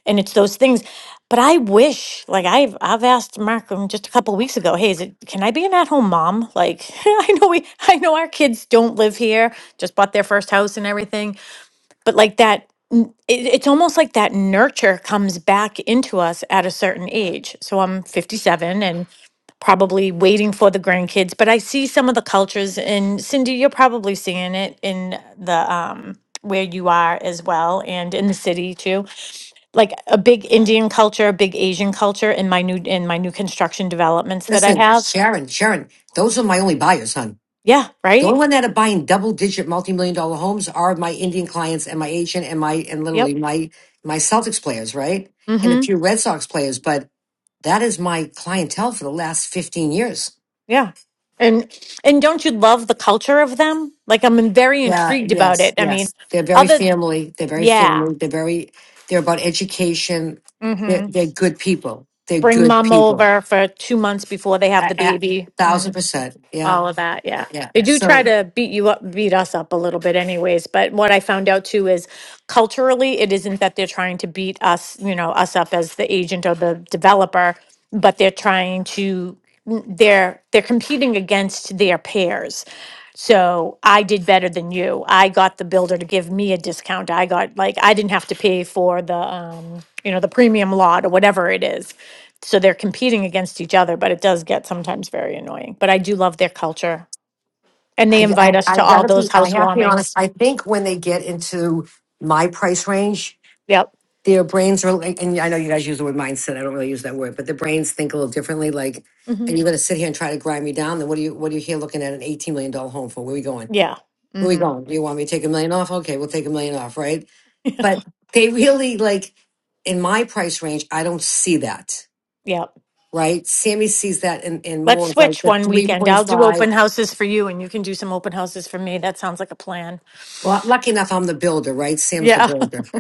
Speaker 5: And it's those things. But I wish, like I've I've asked Markham just a couple weeks ago, hey, is it can I be an at-home mom? Like I know we I know our kids don't live here, just bought their first house and everything but like that n- it, it's almost like that nurture comes back into us at a certain age so i'm 57 and probably waiting for the grandkids but i see some of the cultures and cindy you're probably seeing it in the um where you are as well and in the city too like a big indian culture a big asian culture in my new in my new construction developments that i
Speaker 6: Listen,
Speaker 5: have
Speaker 6: Sharon, Sharon, those are my only buyers, hon.
Speaker 5: yeah
Speaker 6: The only
Speaker 5: right
Speaker 6: one that are buying double digit multi million dollar homes are my Indian clients and my Asian and my and
Speaker 5: yep
Speaker 6: literally my my Celtics players, right? And
Speaker 5: Mm-hmm.
Speaker 6: a few Red Sox players, but that is my clientele for the last 15 years.
Speaker 5: Yeah. And and don't you love the culture of them? Like I'm very
Speaker 6: Yeah,
Speaker 5: intrigued about
Speaker 6: yes,
Speaker 5: it. I mean,
Speaker 6: yes. They're very
Speaker 5: other
Speaker 6: family. They're very
Speaker 5: yeah.
Speaker 6: family. They're very, they're about education. They're,
Speaker 5: Mhm.
Speaker 6: they're good people. They're
Speaker 5: Bring
Speaker 6: good
Speaker 5: mom
Speaker 6: people.
Speaker 5: over for 2 months before they have
Speaker 6: A,
Speaker 5: the
Speaker 6: a
Speaker 5: baby.
Speaker 6: thousand
Speaker 5: Mm,
Speaker 6: percent. Yeah,
Speaker 5: all of that. yeah.
Speaker 6: yeah.
Speaker 5: They do try
Speaker 6: So
Speaker 5: to beat you up, beat us up a little bit, anyways. But what I found out too is culturally, it isn't that they're trying to beat us, you know, us up as the agent or the developer, but they're trying to they're they're competing against their peers. So I did better than you. I got the builder to give me a discount. I got like I didn't have to pay for the um, you know, the premium lot or whatever it is so they're competing against each other but it does get sometimes very annoying but i do love their culture and they
Speaker 6: I,
Speaker 5: invite
Speaker 6: I,
Speaker 5: us
Speaker 6: I
Speaker 5: to all
Speaker 6: gotta
Speaker 5: those
Speaker 6: be, I have to be honest.
Speaker 5: housewarmings.
Speaker 6: I think when they get into my price range,
Speaker 5: Yep.
Speaker 6: their brains are, like- and I know you guys use the word mindset. I don't really use that word, but their brains think a little differently. Like,
Speaker 5: hmm
Speaker 6: and you're gonna sit here and try to grind me down. Then what are you, what are you here looking at an $18 million dollar home for? Where are we going?
Speaker 5: Yeah.
Speaker 6: Where we
Speaker 5: hmm
Speaker 6: going? Do you want me to take a million off? Okay, we'll take a million off, right? But they really like in my price range, I don't see that,
Speaker 5: Yep.
Speaker 6: right? Sammy sees that in, in
Speaker 5: Let's
Speaker 6: more of like
Speaker 5: switch
Speaker 6: the
Speaker 5: one weekend. I'll do open
Speaker 6: 3.5.
Speaker 5: houses for you, and you can do some open houses for me. That sounds like a plan.
Speaker 6: Well, lucky enough, I'm the builder, right? Sam's the
Speaker 5: Yeah.
Speaker 6: builder.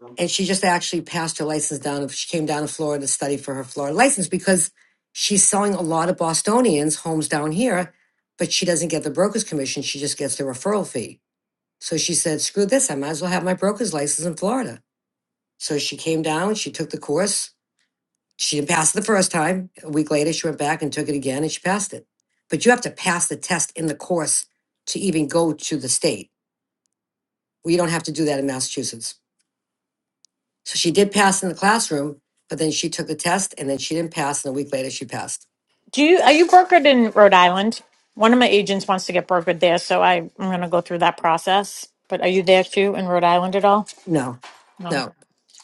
Speaker 5: Do
Speaker 6: And she just actually passed her license down. She came down to Florida to study for her Florida license because she's selling a lot of Bostonians homes down here, but she doesn't get the broker's commission. She just gets the referral fee. So she said, screw this. I might as well have my broker's license in Florida. So she came down, she took the course. She didn't pass it the first time. A week later, she went back and took it again and she passed it. But you have to pass the test in the course to even go to the state. We don't have to do that in Massachusetts. So she did pass in the classroom, but then she took the test and then she didn't pass. And a week later, she passed.
Speaker 5: you are you brokered in Rhode Island? One of my agents wants to get brokered there, so I, I'm going to go through that process. But are you there too in Rhode Island at all?
Speaker 6: No,
Speaker 5: No.
Speaker 6: no.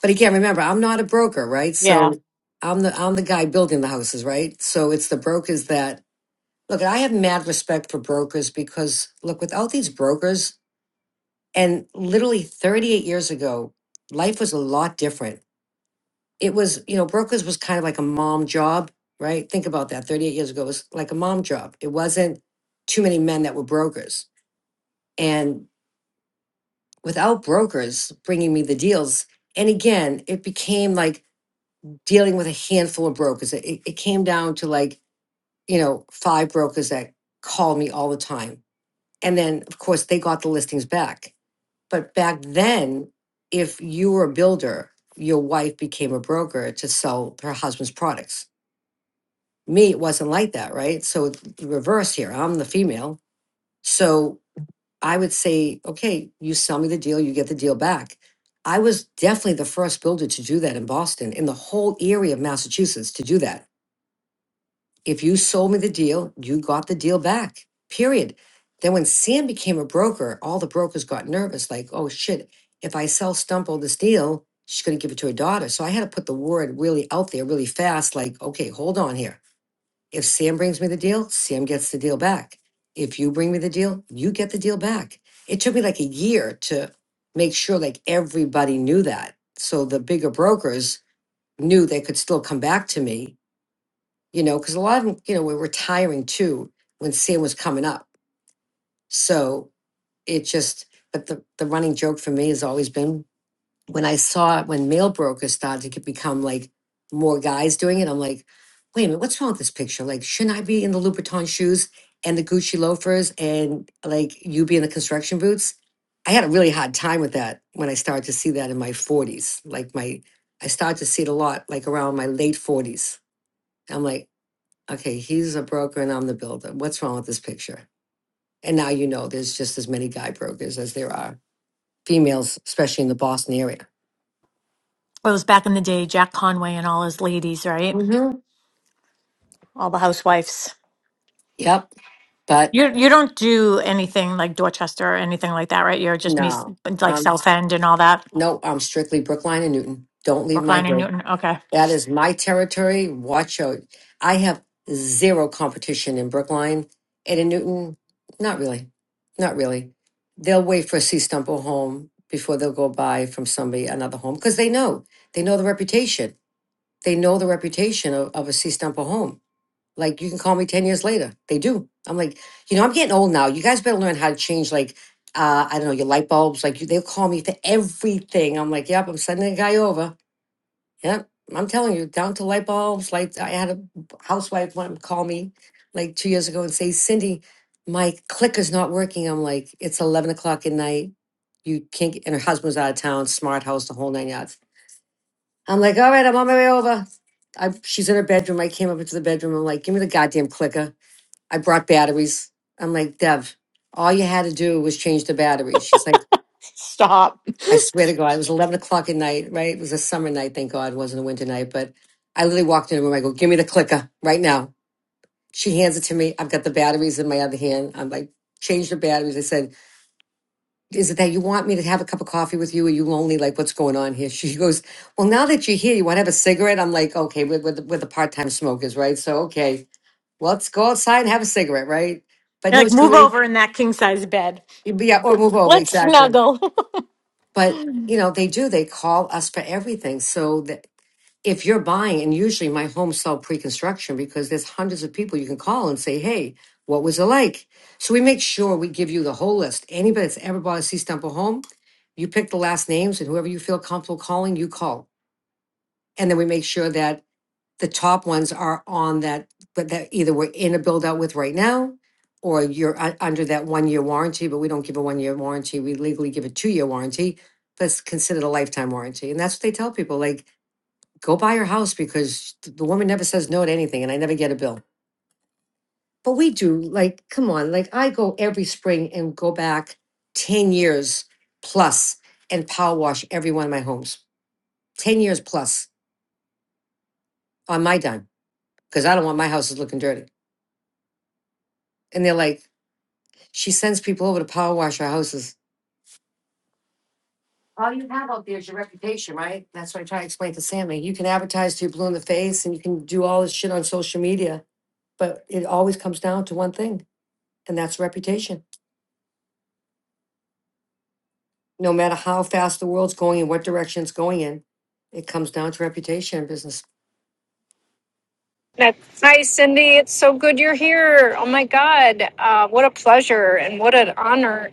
Speaker 6: But again, remember, I'm not a broker, right?
Speaker 5: Yeah.
Speaker 6: So I'm the I'm the guy building the houses, right? So it's the brokers that look. I have mad respect for brokers because look, without these brokers, And literally 38 years ago, life was a lot different. It was, you know, brokers was kind of like a mom job, right? Think about that. 38 years ago, it was like a mom job. It wasn't too many men that were brokers. And without brokers bringing me the deals, and again, it became like dealing with a handful of brokers. It, it it came down to like, you know, five brokers that called me all the time. And then, of course, they got the listings back But back then, if you were a builder, your wife became a broker to sell her husband's products. Me, it wasn't like that, right? So it's the reverse here. I'm the female. So I would say, okay, you sell me the deal, you get the deal back. I was definitely the first builder to do that in Boston, in the whole area of Massachusetts to do that if you sold me the deal, you got the deal back, period. Then when Sam became a broker, all the brokers got nervous like, oh shit, if I sell Stumple this deal, she's going to give it to her daughter. So I had to put the word really out there really fast like, okay, hold on here. If Sam brings me the deal, Sam gets the deal back. If you bring me the deal, you get the deal back. It took me like a year to make sure like everybody knew that. So the bigger brokers knew they could still come back to me you know, because a lot of them, you know, we were tiring too when Sam was coming up. So it just, but the, the running joke for me has always been when I saw when mail brokers started to become like more guys doing it, I'm like, wait a minute, what's wrong with this picture? Like, shouldn't I be in the Louboutin shoes and the Gucci loafers and like you be in the construction boots? I had a really hard time with that when I started to see that in my 40s. Like, my, I started to see it a lot, like around my late 40s. I'm like, Okay, he's a broker and I'm the builder. What's wrong with this picture? And now you know there's just as many guy brokers as there are females, especially in the Boston area.
Speaker 5: Well, it was back in the day, Jack Conway and all his ladies, right?
Speaker 6: hmm
Speaker 5: All the housewives.
Speaker 6: Yep. But
Speaker 5: You you don't do anything like Dorchester or anything like that, right? You're just me
Speaker 6: no,
Speaker 5: like
Speaker 6: um,
Speaker 5: South End and all that,
Speaker 6: no, I'm strictly Brookline and Newton. Don't leave my
Speaker 5: Brookline and
Speaker 6: hood.
Speaker 5: Newton. Okay,
Speaker 6: That is my territory. Watch out. I have zero competition in Brookline and in Newton. Not really. Not really. They'll wait for a C stump or home before they'll go buy from somebody another home because they know they know the reputation They know the reputation of, of a C Stumper home. Like you can call me 10 years later. They do. I'm like, you know, I'm getting old now. You guys better learn how to change like uh, I don't know, your light bulbs. Like you, they'll call me for everything. I'm like, yep, I'm sending a guy over. Yep. I'm telling you, down to light bulbs. Like I had a housewife one call me like two years ago and say, Cindy, my clicker's not working. I'm like, it's 11 o'clock at night. You can't get, and her husband's out of town, smart house, the whole nine yards. I'm like, all right, I'm on my way over. I, she's in her bedroom. I came up into the bedroom. I'm like, give me the goddamn clicker. I brought batteries. I'm like, Dev, all you had to do was change the batteries. She's like,
Speaker 5: stop.
Speaker 6: I swear to God, it was 11 o'clock at night, right? It was a summer night, thank God. It wasn't a winter night, but I literally walked in the room. I go, give me the clicker right now. She hands it to me. I've got the batteries in my other hand. I'm like, change the batteries. I said, is it that you want me to have a cup of coffee with you? Are you lonely? Like, what's going on here? She goes, Well, now that you're here, you want to have a cigarette? I'm like, Okay, we're, we're, the, we're the part time smokers, right? So, okay, well, let's go outside and have a cigarette, right? But
Speaker 5: You're
Speaker 6: no,
Speaker 5: like
Speaker 6: she
Speaker 5: move
Speaker 6: really,
Speaker 5: over in that king size bed.
Speaker 6: yeah, or move over,
Speaker 5: Let's
Speaker 6: exactly.
Speaker 5: snuggle,
Speaker 6: But, you know, they do, they call us for everything. So, that if you're buying, and usually my homes sell pre-construction because there's hundreds of people you can call and say, "Hey, what was it like?" So we make sure we give you the whole list. Anybody that's ever bought a Sea Stumple home, you pick the last names, and whoever you feel comfortable calling, you call, and then we make sure that the top ones are on that, but that either we're in a build out with right now, or you're u- under that one year warranty. But we don't give a one year warranty; we legally give a two year warranty, but it's considered a lifetime warranty, and that's what they tell people. Like go buy her house because the woman never says no to anything and I never get a bill. But we do, like, come on, like I go every spring and go back 10 years plus and power wash every one of my homes. 10 years plus on my dime because I don't want my houses looking dirty. And they're like, she sends people over to power wash our houses. All you have out there is your reputation, right? That's what I try to explain to Sammy. You can advertise to your blue in the face and you can do all this shit on social media, but it always comes down to one thing, and that's reputation. no matter how fast the world's going and what direction it's going in, it comes down to reputation and business.
Speaker 8: That's hi, Cindy. It's so good you're here. Oh my God, uh, what a pleasure and what an honor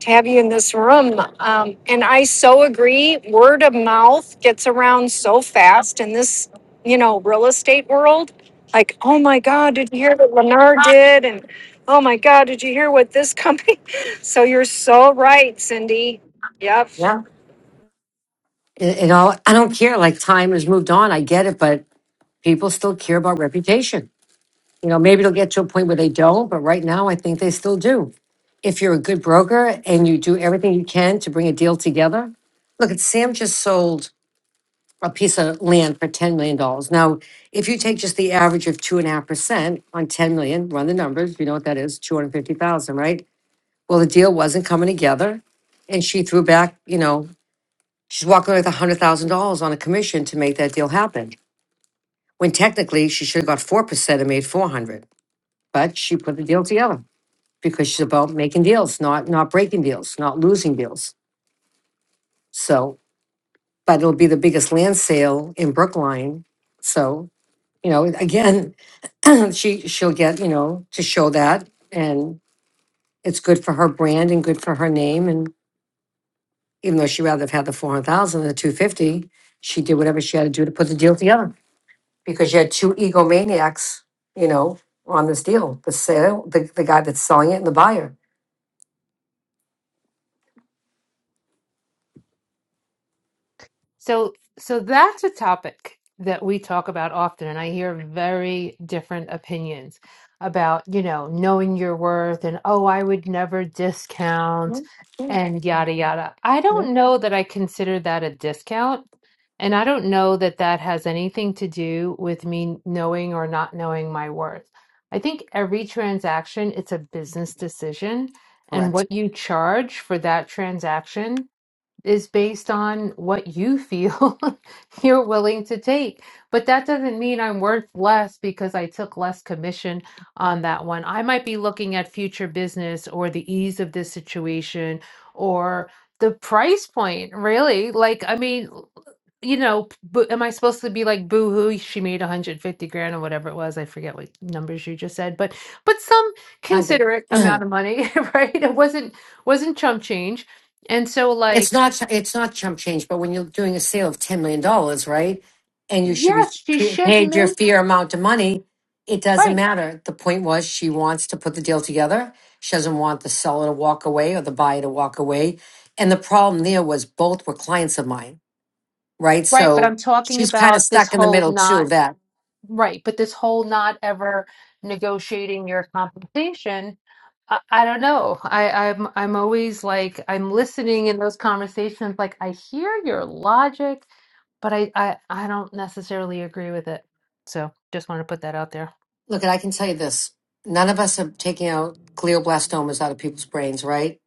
Speaker 8: to have you in this room. Um, and I so agree. Word of mouth gets around so fast in this, you know, real estate world. Like, oh my God, did you hear what Lennar did? And oh my God, did you hear what this company? So you're so right, Cindy. Yep.
Speaker 6: Yeah. It, it all, I don't care. Like time has moved on. I get it, but people still care about reputation. You know, maybe it'll get to a point where they don't, but right now I think they still do. If you're a good broker and you do everything you can to bring a deal together, look at Sam just sold a piece of land for $10 million. dollars. Now, if you take just the average of 2.5% on 10 million, run the numbers, you know what that is, 250,000, right? Well, the deal wasn't coming together, and she threw back, you know, she's walking away with $100,000 on a commission to make that deal happen. When technically she should have got 4% and made 400, but she put the deal together because she's about making deals, not not breaking deals, not losing deals. So, but it'll be the biggest land sale in Brookline. So, you know, again, she she'll get, you know, to show that and it's good for her brand and good for her name and. even though she'd rather have had the four hundred thousand than the two fifty, she did whatever she had to do to put the deal together. Because you had two egomaniacs, you know, on this deal, the sale, the, the guy that's selling it and the buyer.
Speaker 7: So, so that's a topic that we talk about often, and I hear very different opinions about, you know, knowing your worth and, oh, I would never discount
Speaker 6: Yep, yep,
Speaker 7: and yada yada. I
Speaker 6: yep.
Speaker 7: don't know that I consider that a discount, and I don't know that that has anything to do with me knowing or not knowing my worth. I think every transaction, it's a business decision, and
Speaker 6: Correct.
Speaker 7: what you charge for that transaction is based on what you feel you're willing to take. But that doesn't mean I'm worth less because I took less commission on that one. I might be looking at future business or the ease of this situation or the price point, really. Like, I mean, you know, but am I supposed to be like boo hoo? She made 150 grand or whatever it was. I forget what numbers you just said, but but some
Speaker 6: Hundred.
Speaker 7: considerate amount of money, right? It wasn't wasn't chump change. And so like
Speaker 6: It's not it's not chump change, but when you're doing a sale of ten million dollars, right, and you should be
Speaker 7: Yes, she
Speaker 6: pa-
Speaker 7: should
Speaker 6: paid your
Speaker 7: make
Speaker 6: fair amount of money, it doesn't
Speaker 7: right,
Speaker 6: matter. The point was she wants to put the deal together. She doesn't want the seller to walk away or the buyer to walk away. And the problem there was both were clients of mine, right?
Speaker 7: right. But
Speaker 6: So
Speaker 7: I'm talking
Speaker 6: she's kind of
Speaker 7: about this
Speaker 6: stuck in the
Speaker 7: whole
Speaker 6: middle too of
Speaker 7: not
Speaker 6: that.
Speaker 7: right, but this whole not ever negotiating your compensation. I, I don't know. I, I'm I'm always like I'm listening in those conversations. Like I hear your logic, but I I, I don't necessarily agree with it. So just want to put that out there.
Speaker 6: Look, and I can tell you this: none of us are taking out glioblastomas out of people's brains, right?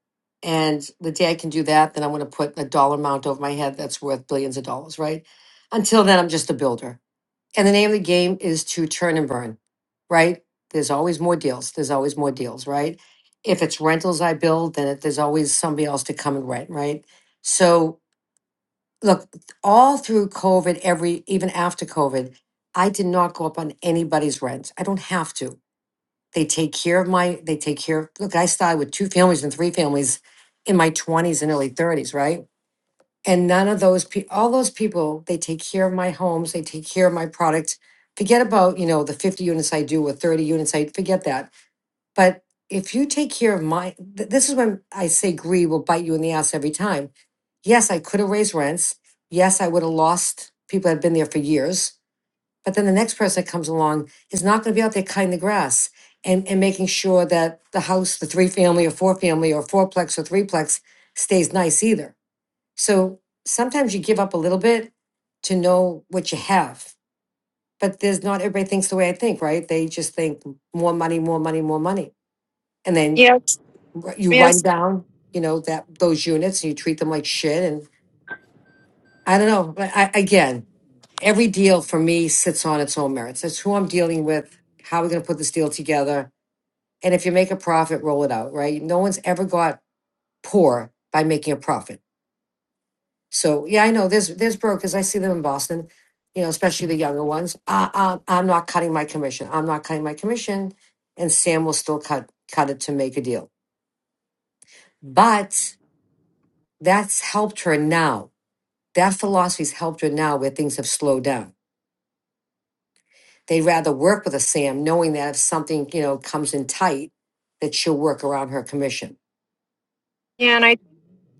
Speaker 6: And the day I can do that, then I'm going to put a dollar amount over my head that's worth billions of dollars, right? Until then, I'm just a builder. And the name of the game is to churn and burn, right? There's always more deals. There's always more deals, right? If it's rentals I build, then it, there's always somebody else to come and rent, right? So, look, all through COVID, every even after COVID, I did not go up on anybody's rent. I don't have to. They take care of my, they take care of, look, I started with two families and three families in my 20s and early 30s, right? And none of those, pe- all those people, they take care of my homes, they take care of my product. Forget about, you know, the 50 units I do or 30 units, I forget that. But if you take care of my, th- this is when I say greed will bite you in the ass every time. Yes, I could have raised rents. Yes, I would have lost people that had been there for years. But then the next person that comes along is not going to be out there cutting the grass and, and making sure that the house, the three family or four family or fourplex or threeplex stays nice either. So sometimes you give up a little bit to know what you have. But there's not everybody thinks the way I think, right? They just think more money, more money, more money. And then
Speaker 8: Yes.
Speaker 6: wr- you run
Speaker 8: Yes.
Speaker 6: down, you know, that those units and you treat them like shit. And I don't know. But I, again, every deal for me sits on its own merits. It's who I'm dealing with, how we're going to put this deal together. And if you make a profit, roll it out, right? No one's ever got poor by making a profit. So yeah, I know there's there's brokers. I see them in Boston, you know, especially the younger ones. Uh, uh, I'm not cutting my commission. I'm not cutting my commission, and Sam will still cut cut it to make a deal. But that's helped her now. That philosophy's helped her now, where things have slowed down They'd rather work with a Sam, knowing that if something, you know, comes in tight, that she'll work around her commission.
Speaker 8: Yeah. And I.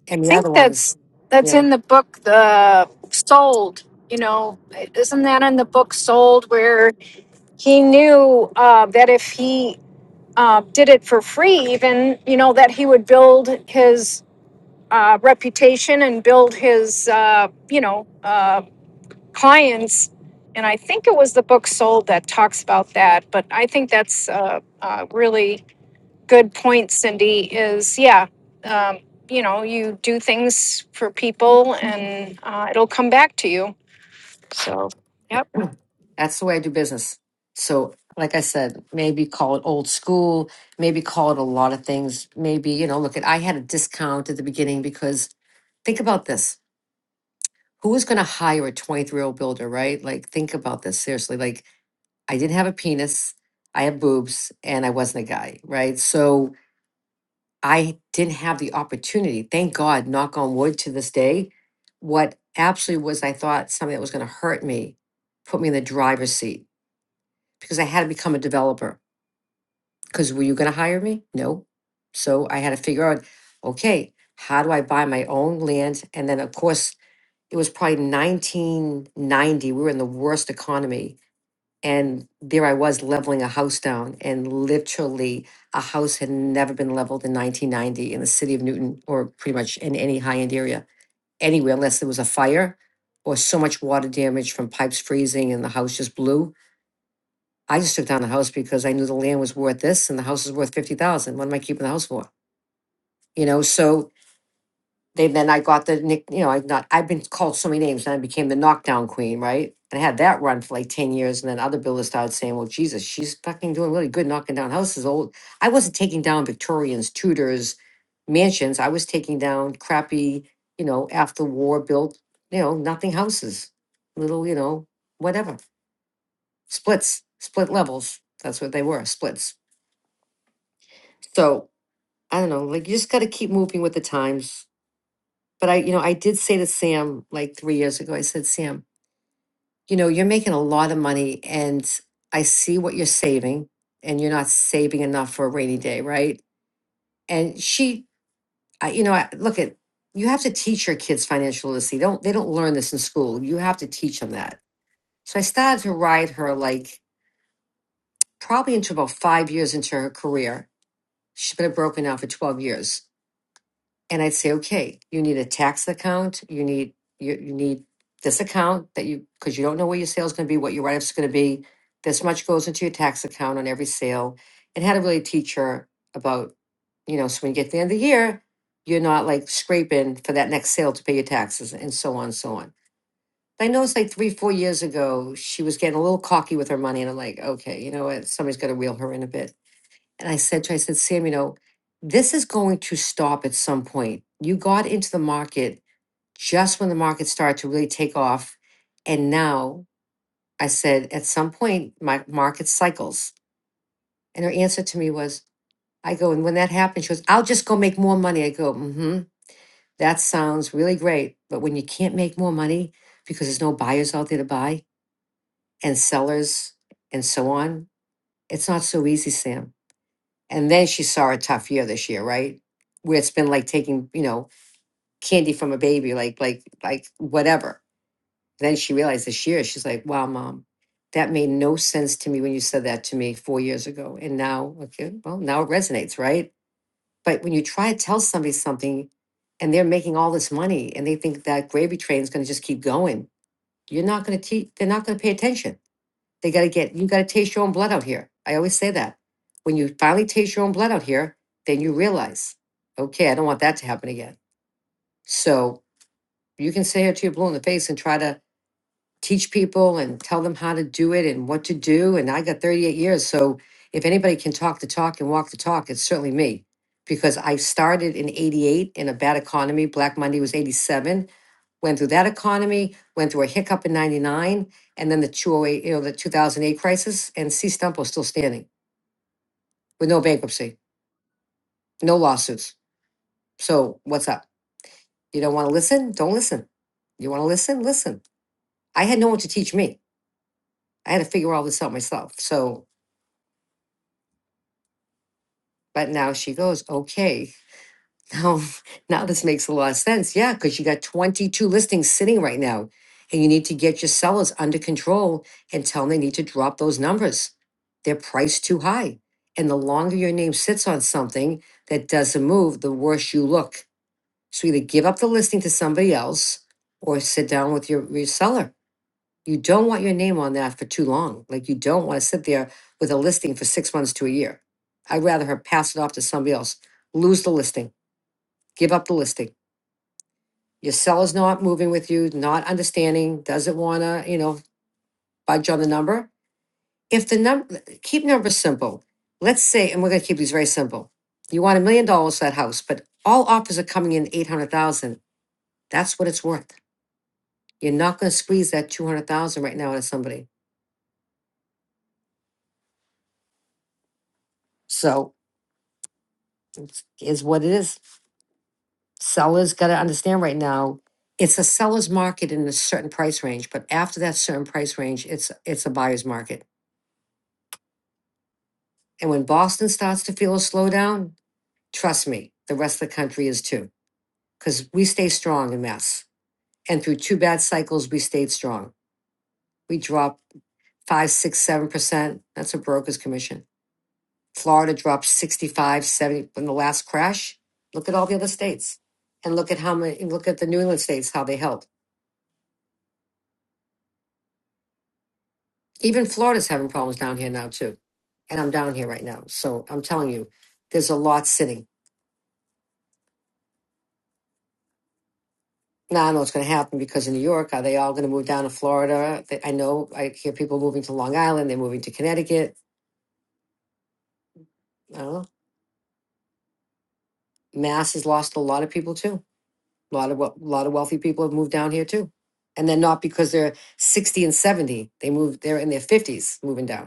Speaker 6: And the other
Speaker 8: think
Speaker 6: ones,
Speaker 8: that's
Speaker 6: you
Speaker 8: that's
Speaker 6: know,
Speaker 8: in the book the sold you know isn't that in the book sold where he knew uh, that if he uh, did it for free even you know that he would build his uh, reputation and build his uh, you know uh, clients and i think it was the book sold that talks about that but i think that's uh, uh, really good point, Cindy, is yeah, um, you know, you do things for people and uh, it'll come back to you. Yep.
Speaker 6: that's the way I do business. So, like I said, maybe call it old school, maybe call it a lot of things. Maybe, you know, look at, I had a discount at the beginning because think about this. Who is going to hire a 23 year old builder, right? Like, think about this seriously. Like, I didn't have a penis, I have boobs, and I wasn't a guy, right? So, I didn't have the opportunity. Thank God, knock on wood to this day. What absolutely was, I thought something that was going to hurt me, put me in the driver's seat because I had to become a developer. Because were you going to hire me? No. So I had to figure out, okay, how do I buy my own land? And then, of course, it was probably 1990. We were in the worst economy and there I was leveling a house down, and literally a house had never been leveled in 1990 in the city of Newton or pretty much in any high end area anywhere, unless there was a fire or so much water damage from pipes freezing and the house just blew. I just took down the house because I knew the land was worth this and the house is worth 50,000. What am I keeping the house for? You know, so they then I got the nick. You know, I not I've been called so many names, and I became the knockdown queen, right? And I had that run for like ten years, and then other builders started saying, "Well, Jesus, she's fucking doing really good knocking down houses." Old, I wasn't taking down Victorians, Tudors, mansions. I was taking down crappy, you know, after war built, you know, nothing houses, little, you know, whatever splits, split levels. That's what they were, splits. So I don't know. Like you just got to keep moving with the times but I, you know, I did say to Sam like three years ago, I said, Sam, you know, you're making a lot of money and I see what you're saving and you're not saving enough for a rainy day, right? And she, I, you know, I, look at, you have to teach your kids financial literacy. They Don't, they don't learn this in school. You have to teach them that. So I started to ride her like probably into about five years into her career. She's been broken now for 12 years. and I'd say, okay, you need a tax account. You need you, you need this account that you because you don't know where your sale is going to be, what your write up's going to be. This much goes into your tax account on every sale, and how to really teach her about you know so when you get to the end of the year, you're not like scraping for that next sale to pay your taxes and so on so on. I noticed like three four years ago she was getting a little cocky with her money, and I'm like, okay, you know what, somebody's got to reel her in a bit. And I said to her, I said, Sam, you know, this is going to stop at some point. You got into the market just when the market started to really take off. And now I said, at some point, my market cycles. And her answer to me was, I go, and when that happens, she goes, I'll just go make more money. I go, mm hmm, that sounds really great. But when you can't make more money because there's no buyers out there to buy and sellers and so on, it's not so easy, Sam And then she saw a tough year this year, right? Where it's been like taking, you know, candy from a baby, like, like, like whatever. Then she realized this year, she's like, wow, mom, that made no sense to me when you said that to me four years ago. And now, okay, well, now it resonates, right? But when you try to tell somebody something and they're making all this money and they think that gravy train is going to just keep going, you're not going to keep, they're not going to pay attention they got to get, you got to taste your own blood out here. I always say that. When you finally taste your own blood out here, then you realize, okay, I don't want that to happen again. So you can say it to your blue in the face and try to teach people and tell them how to do it and what to do. And I got 38 years. So if anybody can talk the talk and walk the talk, it's certainly me because I started in 88 in a bad economy. Black Monday was 87 went through that economy, went through a hiccup in 99, and then the 208, you know, the 2008 crisis, and C Stump was still standing with no bankruptcy, no lawsuits. So what's up? You don't want to listen? Don't listen. You want to listen? Listen. I had no one to teach me. I had to figure all this out myself. So, but now she goes, okay, Oh, now this makes a lot of sense. Yeah, because you got 22 listings sitting right now, and you need to get your sellers under control and tell them they need to drop those numbers. They're priced too high. And the longer your name sits on something that doesn't move, the worse you look. So either give up the listing to somebody else or sit down with your, your seller. You don't want your name on that for too long. Like you don't want to sit there with a listing for six months to a year. I'd rather her pass it off to somebody else, lose the listing, give up the listing your seller's not moving with you, not understanding, doesn't want to, you know, budge on the number. If the number, keep numbers simple. Let's say, and we're going to keep these very simple. You want a million dollars for that house, but all offers are coming in 800,000. That's what it's worth. You're not going to squeeze that 200,000 right now out of somebody. So it's, is what it is. Sellers got to understand right now it's a seller's market in a certain price range, but after that certain price range, it's it's a buyer's market. And when Boston starts to feel a slowdown, Trust me, the rest of the country is too. Because we stay strong in Mass. And through two bad cycles, we stayed strong. We dropped five, six, seven percent. That's a broker's commission. Florida dropped sixty-five, seventy 70 from the last crash. Look at all the other states. And look at how many look at the New England states, how they held. Even Florida's having problems down here now too. And I'm down here right now. So I'm telling you, there's a lot sitting. Now I know what's going to happen because in New York, are they all going to move down to Florida? They- I know I hear people moving to Long Island. They're moving to Connecticut. I don't know. Mass has lost a lot of people too. A lot of a lot of wealthy people have moved down here too, and they're not because they're sixty and seventy. They moved. They're in their fifties moving down.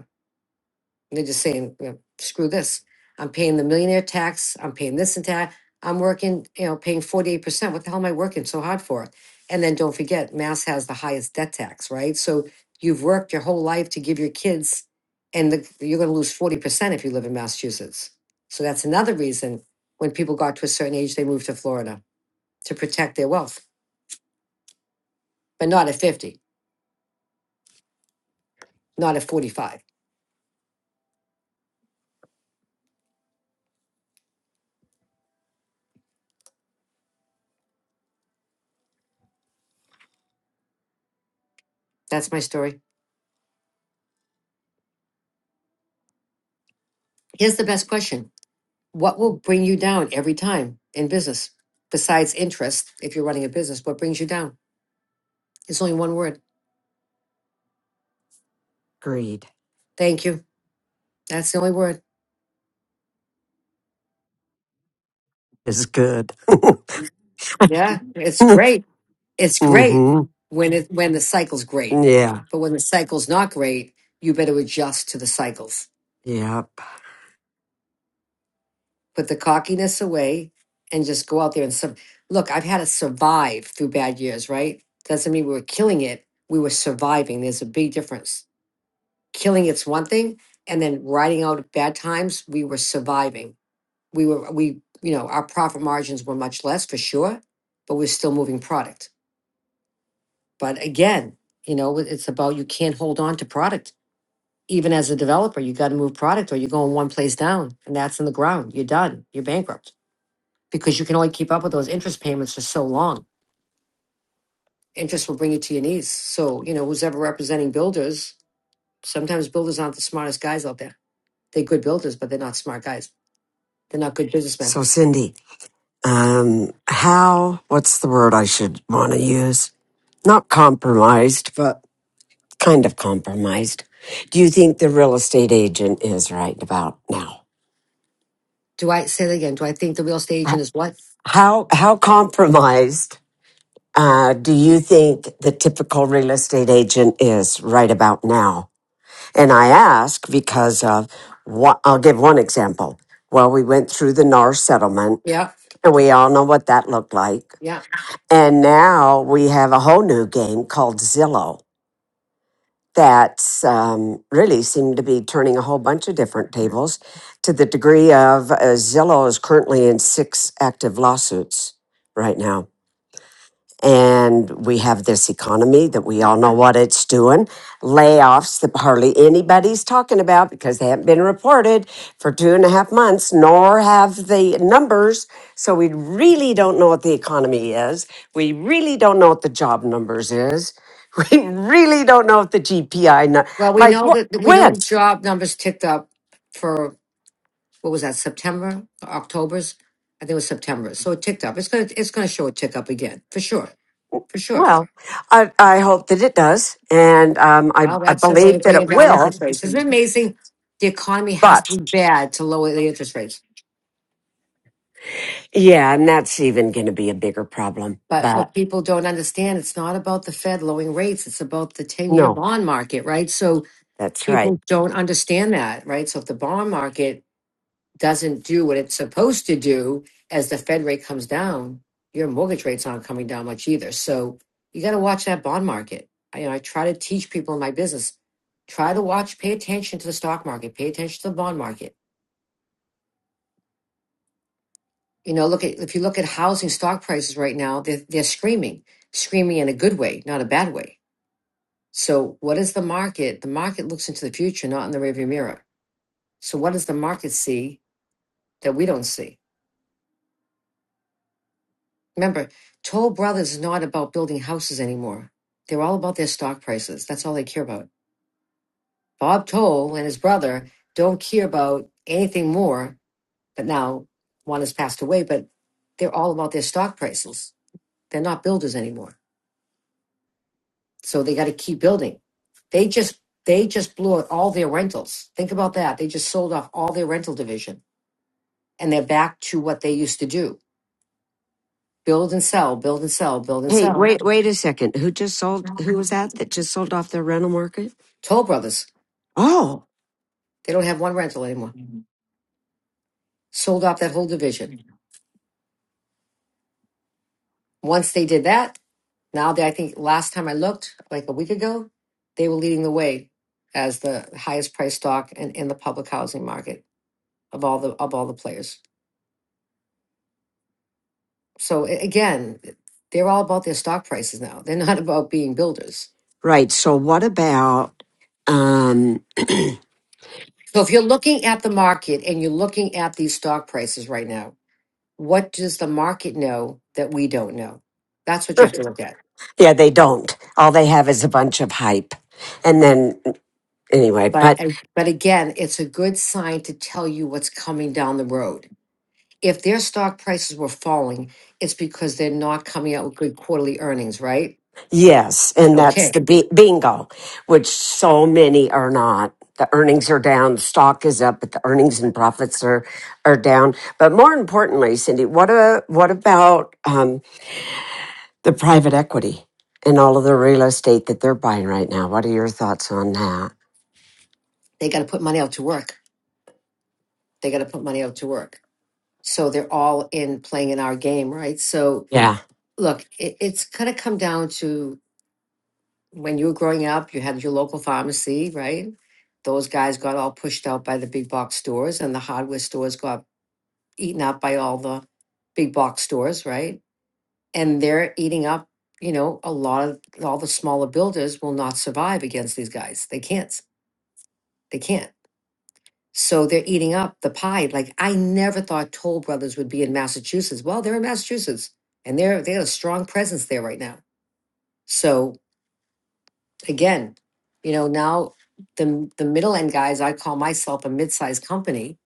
Speaker 6: They're just saying, you know, screw this. I'm paying the millionaire tax. I'm paying this and that. I'm working, you know, paying 48%. What the hell am I working so hard for? And then don't forget, Mass has the highest debt tax, right? So you've worked your whole life to give your kids, and the, you're going to lose 40% if you live in Massachusetts. So that's another reason when people got to a certain age, they moved to Florida to protect their wealth, but not at 50, not at 45. That's my story. Here's the best question What will bring you down every time in business? Besides interest, if you're running a business, what brings you down? It's only one word.
Speaker 2: Agreed.
Speaker 6: Thank you. That's the only word.
Speaker 2: is good.
Speaker 6: Yeah, it's great. It's great
Speaker 2: hmm
Speaker 6: when it when the cycle's great.
Speaker 2: Yeah.
Speaker 6: But when the cycle's not great, you better adjust to the cycles.
Speaker 2: Yep.
Speaker 6: Put the cockiness away and just go out there and some look, I've had to survive through bad years, right? Doesn't mean we were killing it. We were surviving. There's a big difference killing it's one thing and then riding out bad times we were surviving we were we you know our profit margins were much less for sure but we're still moving product but again you know it's about you can't hold on to product even as a developer you got to move product or you're going one place down and that's in the ground you're done you're bankrupt because you can only keep up with those interest payments for so long interest will bring you to your knees so you know who's ever representing builders sometimes builders aren't the smartest guys out there they're good builders but they're not smart guys They're not good businessmen.
Speaker 2: So, Cindy, um, how, what's the word I should want to use? Not compromised, but kind of compromised. Do you think the real estate agent is right about now?
Speaker 6: Do I say that again? Do I think the real estate
Speaker 2: Uh,
Speaker 6: agent is what?
Speaker 2: How, how compromised, uh, do you think the typical real estate agent is right about now? And I ask because of what, I'll give one example. Well, we went through the NAR settlement
Speaker 6: Yeah,
Speaker 2: And we all know what that looked like.
Speaker 6: yeah.
Speaker 2: And now we have a whole new game called Zillow that's um, really seemed to be turning a whole bunch of different tables to the degree of uh, Zillow is currently in six active lawsuits right now and we have this economy that we all know what it's doing layoffs that hardly anybody's talking about because they haven't been reported for two and a half months nor have the numbers so we really don't know what the economy is we really don't know what the job numbers is we really don't know what the gpi nu-
Speaker 6: Well, we
Speaker 2: like
Speaker 6: know that that
Speaker 2: wh-
Speaker 6: we know the
Speaker 2: when
Speaker 6: job numbers ticked up for what was that September, October's? I think it was September. So it ticked up. It's gonna it's gonna show a tick up again for sure, for sure.
Speaker 2: well I, I hope that it does and um, I,
Speaker 6: Well,
Speaker 2: I
Speaker 6: that's the way
Speaker 2: believe
Speaker 6: of
Speaker 2: that
Speaker 6: bringing
Speaker 2: it
Speaker 6: down
Speaker 2: will
Speaker 6: interest rates. Isn't it amazing? The economy has to be bad to lower the interest rates.
Speaker 2: Yeah, and that's even going to be a bigger problem.
Speaker 6: But what
Speaker 2: But
Speaker 6: people don't understand, it's not about the Fed lowering rates. It's about the ten-year
Speaker 2: no,
Speaker 6: bond market, right? So
Speaker 2: that's right.
Speaker 6: people don't understand that, right? So if the bond market doesn't do what it's supposed to do as the Fed rate comes down, your mortgage rates aren't coming down much either. So you got to watch that bond market. I, you know, I try to teach people in my business, try to watch, pay attention to the stock market, pay attention to the bond market. You know, look at if you look at housing stock prices right now, they're, they're screaming, screaming in a good way, not a bad way. So what is the market? The market looks into the future, not in the rearview mirror. So what does the market see? that we don't see. Remember, Toll Brothers is not about building houses anymore. They're all about their stock prices. That's all they care about. Bob Toll and his brother don't care about anything more, but now one has passed away, but they're all about their stock prices. They're not builders anymore. So they got to keep building. They just they just blew out all their rentals. Think about that. They just sold off all their rental division and they're back to what they used to do. Build and sell, build and sell, build and
Speaker 2: Hey,
Speaker 6: sell.
Speaker 2: wait, wait a second. Who just sold? Who was that that just sold off their rental market?
Speaker 6: Toll Brothers.
Speaker 2: Oh,
Speaker 6: They don't have one rental anymore. Sold off that whole division. Once they did that, now they, I think last time I looked, like a week ago, they were leading the way as the highest price stock in, in the public housing market of all the of all the players. So a- again, they're all about their stock prices now. They're not about being builders.
Speaker 2: right. So what about? Um,
Speaker 6: So if you're looking at the market and you're looking at these stock prices right now, what does the market know that we don't know? That's what you have to look at.
Speaker 2: yeah, they don't. All they have is a bunch of hype, and then anyway. But
Speaker 6: But I- but again, it's a good sign to tell you what's coming down the road. If their stock prices were falling, it's because they're not coming out with good quarterly earnings, right?
Speaker 2: Yes, and that's
Speaker 6: Okay.
Speaker 2: the bi- bingo, which so many are not. The earnings are down, stock is up, but the earnings and profits are are down. But more importantly, Cindy, what a, what about um, the private equity and all of the real estate that they're buying right now? What are your thoughts on that?
Speaker 6: They got to put money out to work. They got to put money out to work. So they're all in playing in our game, right? So
Speaker 2: Yeah,
Speaker 6: look, it, it's going to come down to when you were growing up, you had your local pharmacy, right? Those guys got all pushed out by the big box stores, and the hardware stores got eaten up by all the big box stores, right? and they're eating up you know a lot of all the smaller builders will not survive against these guys they can't they can't so they're eating up the pie like i never thought toll brothers would be in massachusetts well they're in massachusetts and they're they have a strong presence there right now so again you know now the the middle end guys i call myself a mid-sized company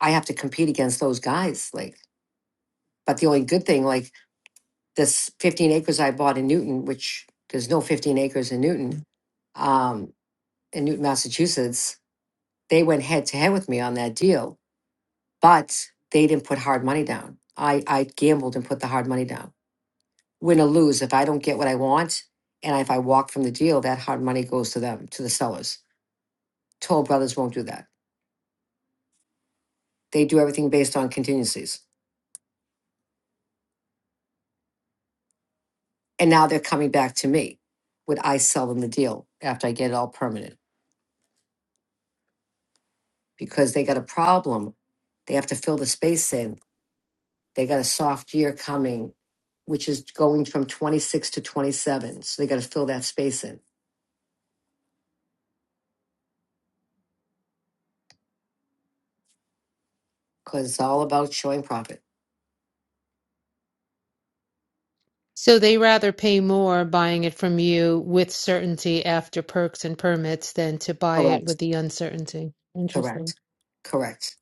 Speaker 6: i have to compete against those guys like but the only good thing like this 15 acres I bought in Newton, which there's no 15 acres in Newton, um, in Newton, Massachusetts, they went head to head with me on that deal, but they didn't put hard money down. I, I gambled and put the hard money down. Win or lose, if I don't get what I want, and if I walk from the deal, that hard money goes to them, to the sellers. Toll Brothers won't do that. They do everything based on contingencies. And now they're coming back to me. Would I sell them the deal after I get it all permanent? because they got a problem. They have to fill the space in. They got a soft year coming, which is going from 26 to 27. So they got to fill that space in because it's all about showing profit.
Speaker 7: So they rather pay more buying it from you with certainty after perks and permits than to buy it
Speaker 6: Correct.
Speaker 7: with the uncertainty. Interesting.
Speaker 6: Correct. Correct.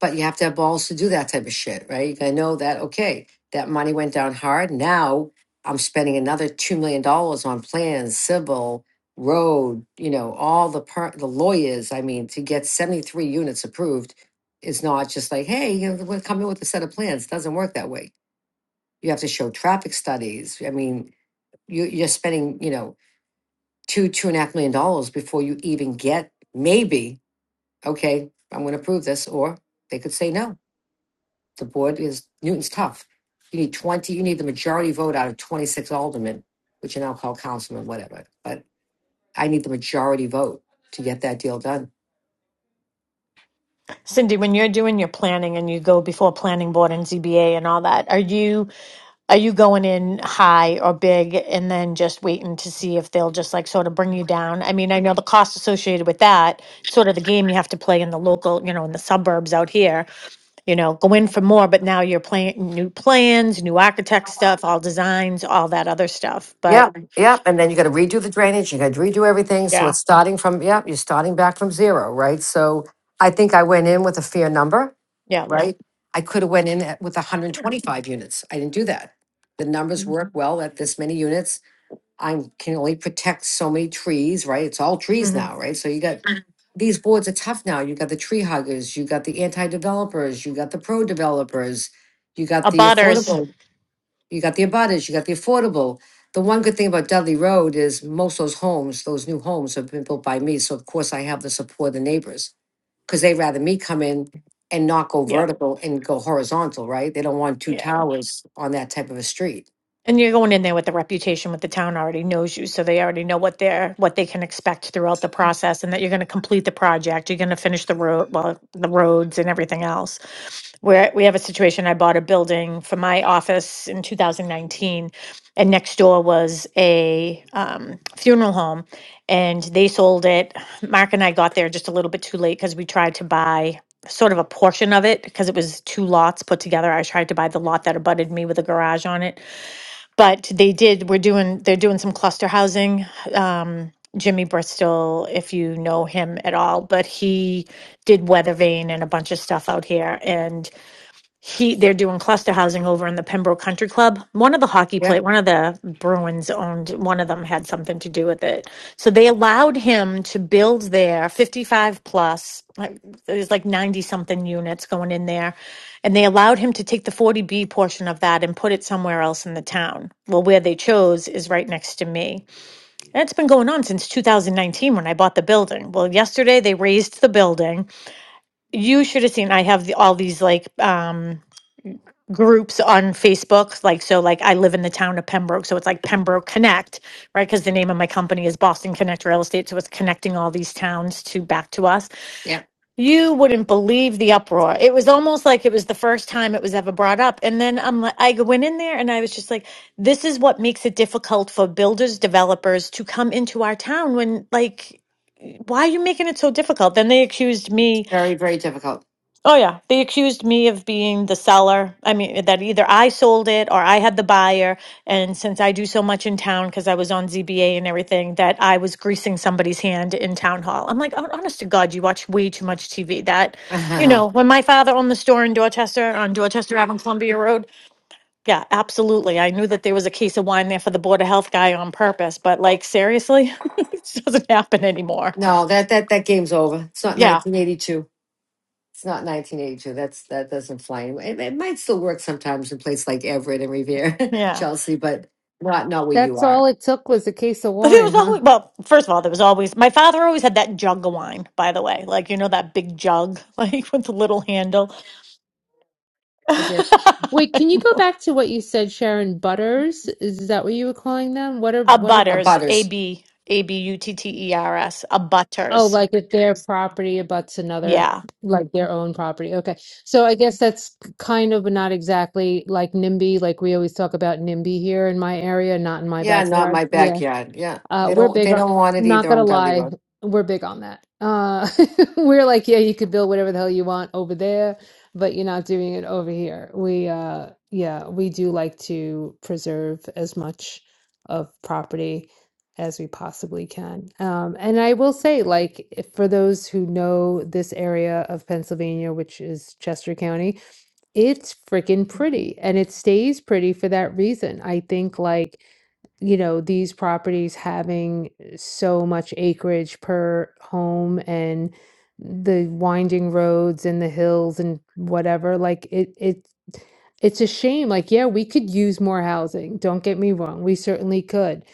Speaker 6: but you have to have balls to do that type of shit, right? You gotta know that, okay, that money went down hard. Now I'm spending another $2 million dollars on plans, civil, road, you know, all the per- the lawyers. I mean, to get 73 units approved is not just like, hey, you know, we come in with a set of plans. It doesn't work that way. You have to show traffic studies. I mean, you, you're spending, you know, two, two and a half million dollars before you even get maybe, okay, I'm going to approve this, or they could say no the board is Newton's tough. You need twenty. You need the majority vote out of twenty-six aldermen, which you now call councilmen, whatever. But I need the majority vote to get that deal done.
Speaker 5: Cindy. When you're doing your planning and you go before planning board and ZBA and all that, are you are you going in high or big and then just waiting to see if they'll just like sort of bring you down? I mean, I know the cost associated with that, sort of the game you have to play in the local, you know, in the suburbs out here you know, go in for more, but now you're playing new plans, new architect stuff, all designs, all that other stuff. But
Speaker 6: Yeah, yeah, and then you got to redo the drainage. You got to redo everything. So
Speaker 5: yeah,
Speaker 6: it's starting from yeah, you're starting back from zero, right? So I think I went in with a fair number,
Speaker 5: yeah.
Speaker 6: Yeah. right? I could have went in at, with 125 units. I didn't do that. The numbers work well at this many units. I can only protect so many trees, right? It's all trees
Speaker 5: hmm
Speaker 6: now, right? So you got Mhm. these boards are tough now. You got the tree huggers, you got the anti-developers, you got the pro-developers, you got the
Speaker 5: Abutters.
Speaker 6: affordable, you got the abutters, you got the affordable. The one good thing about Dudley Road is most of those homes, those new homes have been built by me. So of course I have the support of the neighbors because they'd rather me come in and not go
Speaker 5: Yep.
Speaker 6: vertical and go horizontal, right? They don't want two
Speaker 5: Yeah.
Speaker 6: towers on that type of a street.
Speaker 5: And you're going in there with the reputation with the town already knows you, so they already know what they're what they can expect throughout the process and that you're gonna complete the project, you're gonna finish the road well, the roads and everything else. Where we have a situation, I bought a building for my office in 2019, and next door was a um, funeral home, and they sold it. Mark and I got there just a little bit too late because we tried to buy sort of a portion of it because it was two lots put together. I tried to buy the lot that abutted me with a garage on it but they did we're doing they're doing some cluster housing um jimmy bristol if you know him at all but he did weather vane and a bunch of stuff out here and he they're doing cluster housing over in the Pembroke Country Club. One of the hockey play
Speaker 6: Yep,
Speaker 5: one of the Bruins owned one of them had something to do with it. So they allowed him to build there 55 plus like there's like 90 something units going in there and they allowed him to take the 40B portion of that and put it somewhere else in the town. Well, where they chose is right next to me. And it's been going on since 2019 when I bought the building. Well, yesterday they raised the building. You should have seen I have the, all these like um groups on Facebook. Like, so like I live in the town of Pembroke, so it's like Pembroke Connect, right? Because the name of my company is Boston Connect Real Estate. So it's connecting all these towns to back to us.
Speaker 6: yep.
Speaker 5: You wouldn't believe the uproar. It was almost like it was the first time it was ever brought up. And then I'm like, I went in there and I was just like, this is what makes it difficult for builders, developers to come into our town when like, why are you making it so difficult? Then they accused me
Speaker 6: Very, very difficult.
Speaker 5: Oh, yeah. They accused me of being the seller. I mean, that either I sold it or I had the buyer. And since I do so much in town, because I was on ZBA and everything, that I was greasing somebody's hand in town hall. I'm like, "Hon- honest to God, you watch way too much TV. That, you know, when my father owned the store in Dorchester, on Dorchester Avenue, Columbia Road, yeah, absolutely. I knew that there was a case of wine there for the Board of Health guy on purpose, but like, seriously, it doesn't happen anymore.
Speaker 6: No, that that that game's over. It's not
Speaker 5: Yeah.
Speaker 6: 1982. It's not 1982. That's that doesn't fly anymore. It, it might still work sometimes in places like Everett and Revere,
Speaker 5: Yeah.
Speaker 6: Chelsea, but not not where you
Speaker 7: That's
Speaker 6: are.
Speaker 7: all it took was a case of
Speaker 5: But it
Speaker 7: wine,
Speaker 5: was
Speaker 7: huh?
Speaker 5: always well. First of all, there was always my father always had that jug of wine. By the way, like you know that big jug, like with the little handle.
Speaker 7: Is did.
Speaker 5: a
Speaker 7: Wait, can you go back to what you said, Sharon? Butters? Is that what you were calling them? What are what are
Speaker 6: A
Speaker 5: butters, a
Speaker 6: butters.
Speaker 5: b a b u t t e r s, a
Speaker 7: oh,
Speaker 5: butters.
Speaker 7: like if their property abuts another,
Speaker 5: Yeah,
Speaker 7: like their own property. Okay. So I guess that's kind of not exactly like NIMBY, like we always talk about NIMBY here in my area, not in my
Speaker 6: Yeah, not
Speaker 7: backyard.
Speaker 6: my
Speaker 7: Yeah.
Speaker 6: backyard. Yeah,
Speaker 7: Uh,
Speaker 6: they
Speaker 7: we're
Speaker 6: don't
Speaker 7: big
Speaker 6: they
Speaker 7: on,
Speaker 6: don't want it
Speaker 7: not
Speaker 6: either
Speaker 7: gonna
Speaker 6: on Dudley
Speaker 7: lie,
Speaker 6: Road.
Speaker 7: we're big on that. Uh, we're like, yeah, you could build whatever the hell you want over there, but you're not doing it over here. We, uh, yeah, we do like to preserve as much of property as we possibly can. Um, and I will say, like, if- for those who know this area of Pennsylvania, which is Chester County, it's freaking pretty and it stays pretty for that reason. I think, like, you know, these properties having so much acreage per home and the winding roads and the hills and whatever, like it it it's a shame. Like, yeah, we could use more housing. Don't get me wrong. We certainly could.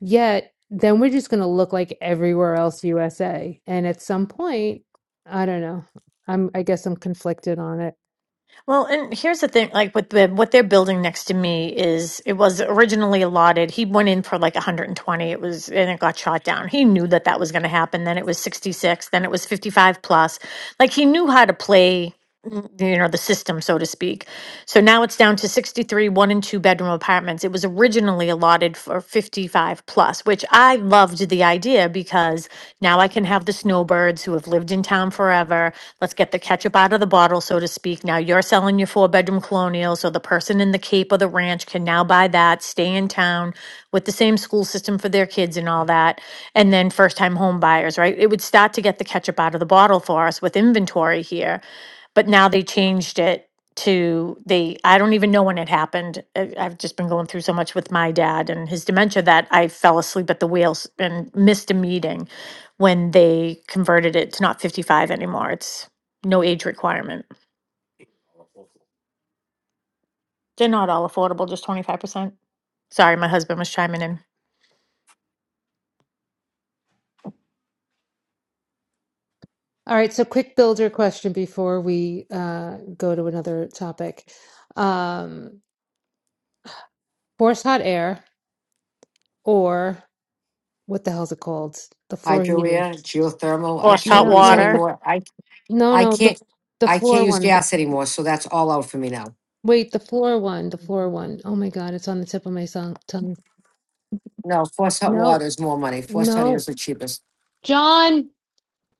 Speaker 7: Yet then we're just gonna look like everywhere else USA. And at some point, I don't know. I'm I guess I'm conflicted on it.
Speaker 5: Well, and here's the thing, like with the what they're building next to me is it was originally allotted. He went in for like 120. It was and it got shot down. He knew that that was going to happen. Then it was 66, then it was 55 plus. Like he knew how to play mm, you know the system so to speak. So now it's down to 63 three, one and two bedroom apartments. It was originally allotted for 55 plus, which I loved the idea because now I can have the snowbirds who have lived in town forever. Let's get the ketchup out of the bottle, so to speak. Now you're selling your four bedroom colonial, so the person in the Cape or the ranch can now buy that, stay in town with the same school system for their kids and all that. And then first time home buyers, right? It would start to get the ketchup out of the bottle for us with inventory here. But now they changed it to the i don't even know when it happened I- i've just been going through so much with my dad and his dementia that i fell asleep at the wheels and missed a meeting when they converted it to not 55 anymore it's no age requirement they're not all affordable just 25% sorry my husband was chiming in
Speaker 7: All right, so quick builder question before we uh, go to another topic. Um, force hot air or what the hell's it called? The floor
Speaker 6: Hydro
Speaker 7: heating.
Speaker 6: air, geothermal. I
Speaker 5: lost hot
Speaker 6: can't
Speaker 7: No,
Speaker 6: use
Speaker 7: no, the,
Speaker 5: water
Speaker 6: anymore. I
Speaker 7: no,
Speaker 6: I
Speaker 7: no,
Speaker 6: can't
Speaker 7: the the
Speaker 6: I can't
Speaker 7: floor
Speaker 6: use
Speaker 7: one. The
Speaker 6: gas anymore. So that's all out for me now.
Speaker 7: wait, the floor one, the floor one. Oh my God, it's on the tip of my tongue. tongue.
Speaker 6: No, forced hot water
Speaker 7: No,
Speaker 6: is more money. Forced hot air
Speaker 7: no,
Speaker 6: is the cheapest.
Speaker 7: John,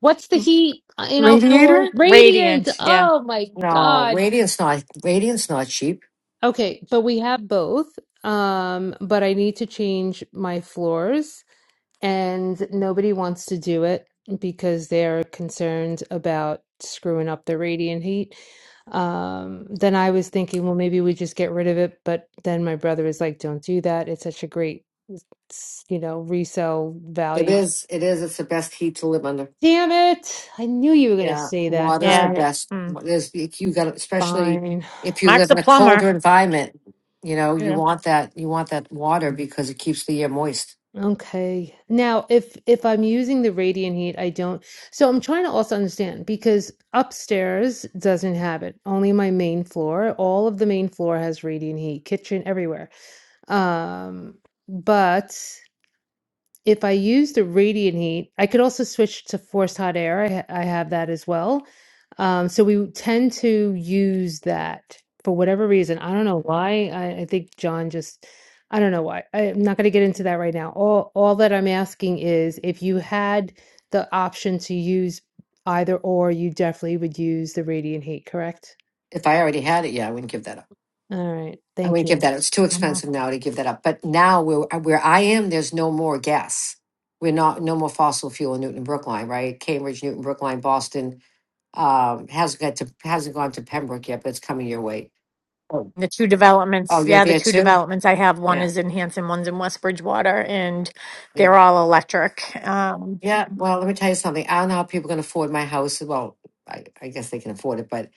Speaker 7: what's the heat in our floor?
Speaker 9: Radiator?
Speaker 7: Radiant.
Speaker 5: radiant yeah
Speaker 7: Oh my
Speaker 6: No,
Speaker 7: God.
Speaker 6: radiant's not radiant's not cheap.
Speaker 7: Okay, but we have both. Um, but I need to change my floors. and nobody wants to do it because they're concerned about screwing up the radiant heat. Um, then I was thinking, well, maybe we just get rid of it. But then my brother was like, don't do that. It's such a great, s- you know, resale
Speaker 6: It
Speaker 7: value.
Speaker 6: is. It is. It's the best heat to live under.
Speaker 7: Damn it. I knew you were going to
Speaker 6: Yeah,
Speaker 7: say that. All
Speaker 6: water's the
Speaker 5: yeah
Speaker 7: right,
Speaker 6: best.
Speaker 5: mm.
Speaker 6: There's you got, especially
Speaker 7: fine.
Speaker 6: if you
Speaker 5: mark's
Speaker 6: live
Speaker 5: a
Speaker 6: in a colder
Speaker 5: plumber
Speaker 6: environment. You know, you
Speaker 5: yeah
Speaker 6: want that. You want that water because it keeps the air moist.
Speaker 7: Okay. Now, if if I'm using the radiant heat, I don't. So I'm trying to also understand because upstairs doesn't have it. Only my main floor. All of the main floor has radiant heat, kitchen everywhere. Um, but if I use the radiant heat, I could also switch to forced hot air. I, ha- I have that as well. Um, so we tend to use that for whatever reason. I don't know why. I, I think John just, I don't know why. I'm not going to get into that right now. All, all that I'm asking is if you had the option to use either or, you definitely would use the radiant heat, correct?
Speaker 6: If I already had it, yeah, I wouldn't give that up.
Speaker 7: All right.
Speaker 6: I
Speaker 7: Thank
Speaker 6: wouldn't
Speaker 7: you.
Speaker 6: give that. up. It's too
Speaker 5: Mm-hmm.
Speaker 6: expensive now to give that up. But now, where where I am, there's no more gas. We're not no more fossil fuel in Newton Brookline, right? Cambridge, Newton Brookline, Boston um, hasn't got to hasn't gone to Pembroke yet, but it's coming your way. Oh,
Speaker 5: The two
Speaker 6: oh,
Speaker 5: developments,
Speaker 6: you're
Speaker 5: yeah, the
Speaker 6: there
Speaker 5: two
Speaker 6: too.
Speaker 5: developments I have, one
Speaker 6: Yeah.
Speaker 5: is in Hanson, one's in West Bridgewater, and
Speaker 6: yeah.
Speaker 5: they're all electric. Um,
Speaker 6: Yeah, well, let me tell you something. I don't know how people can afford my house. Well, I, I guess they can afford it, but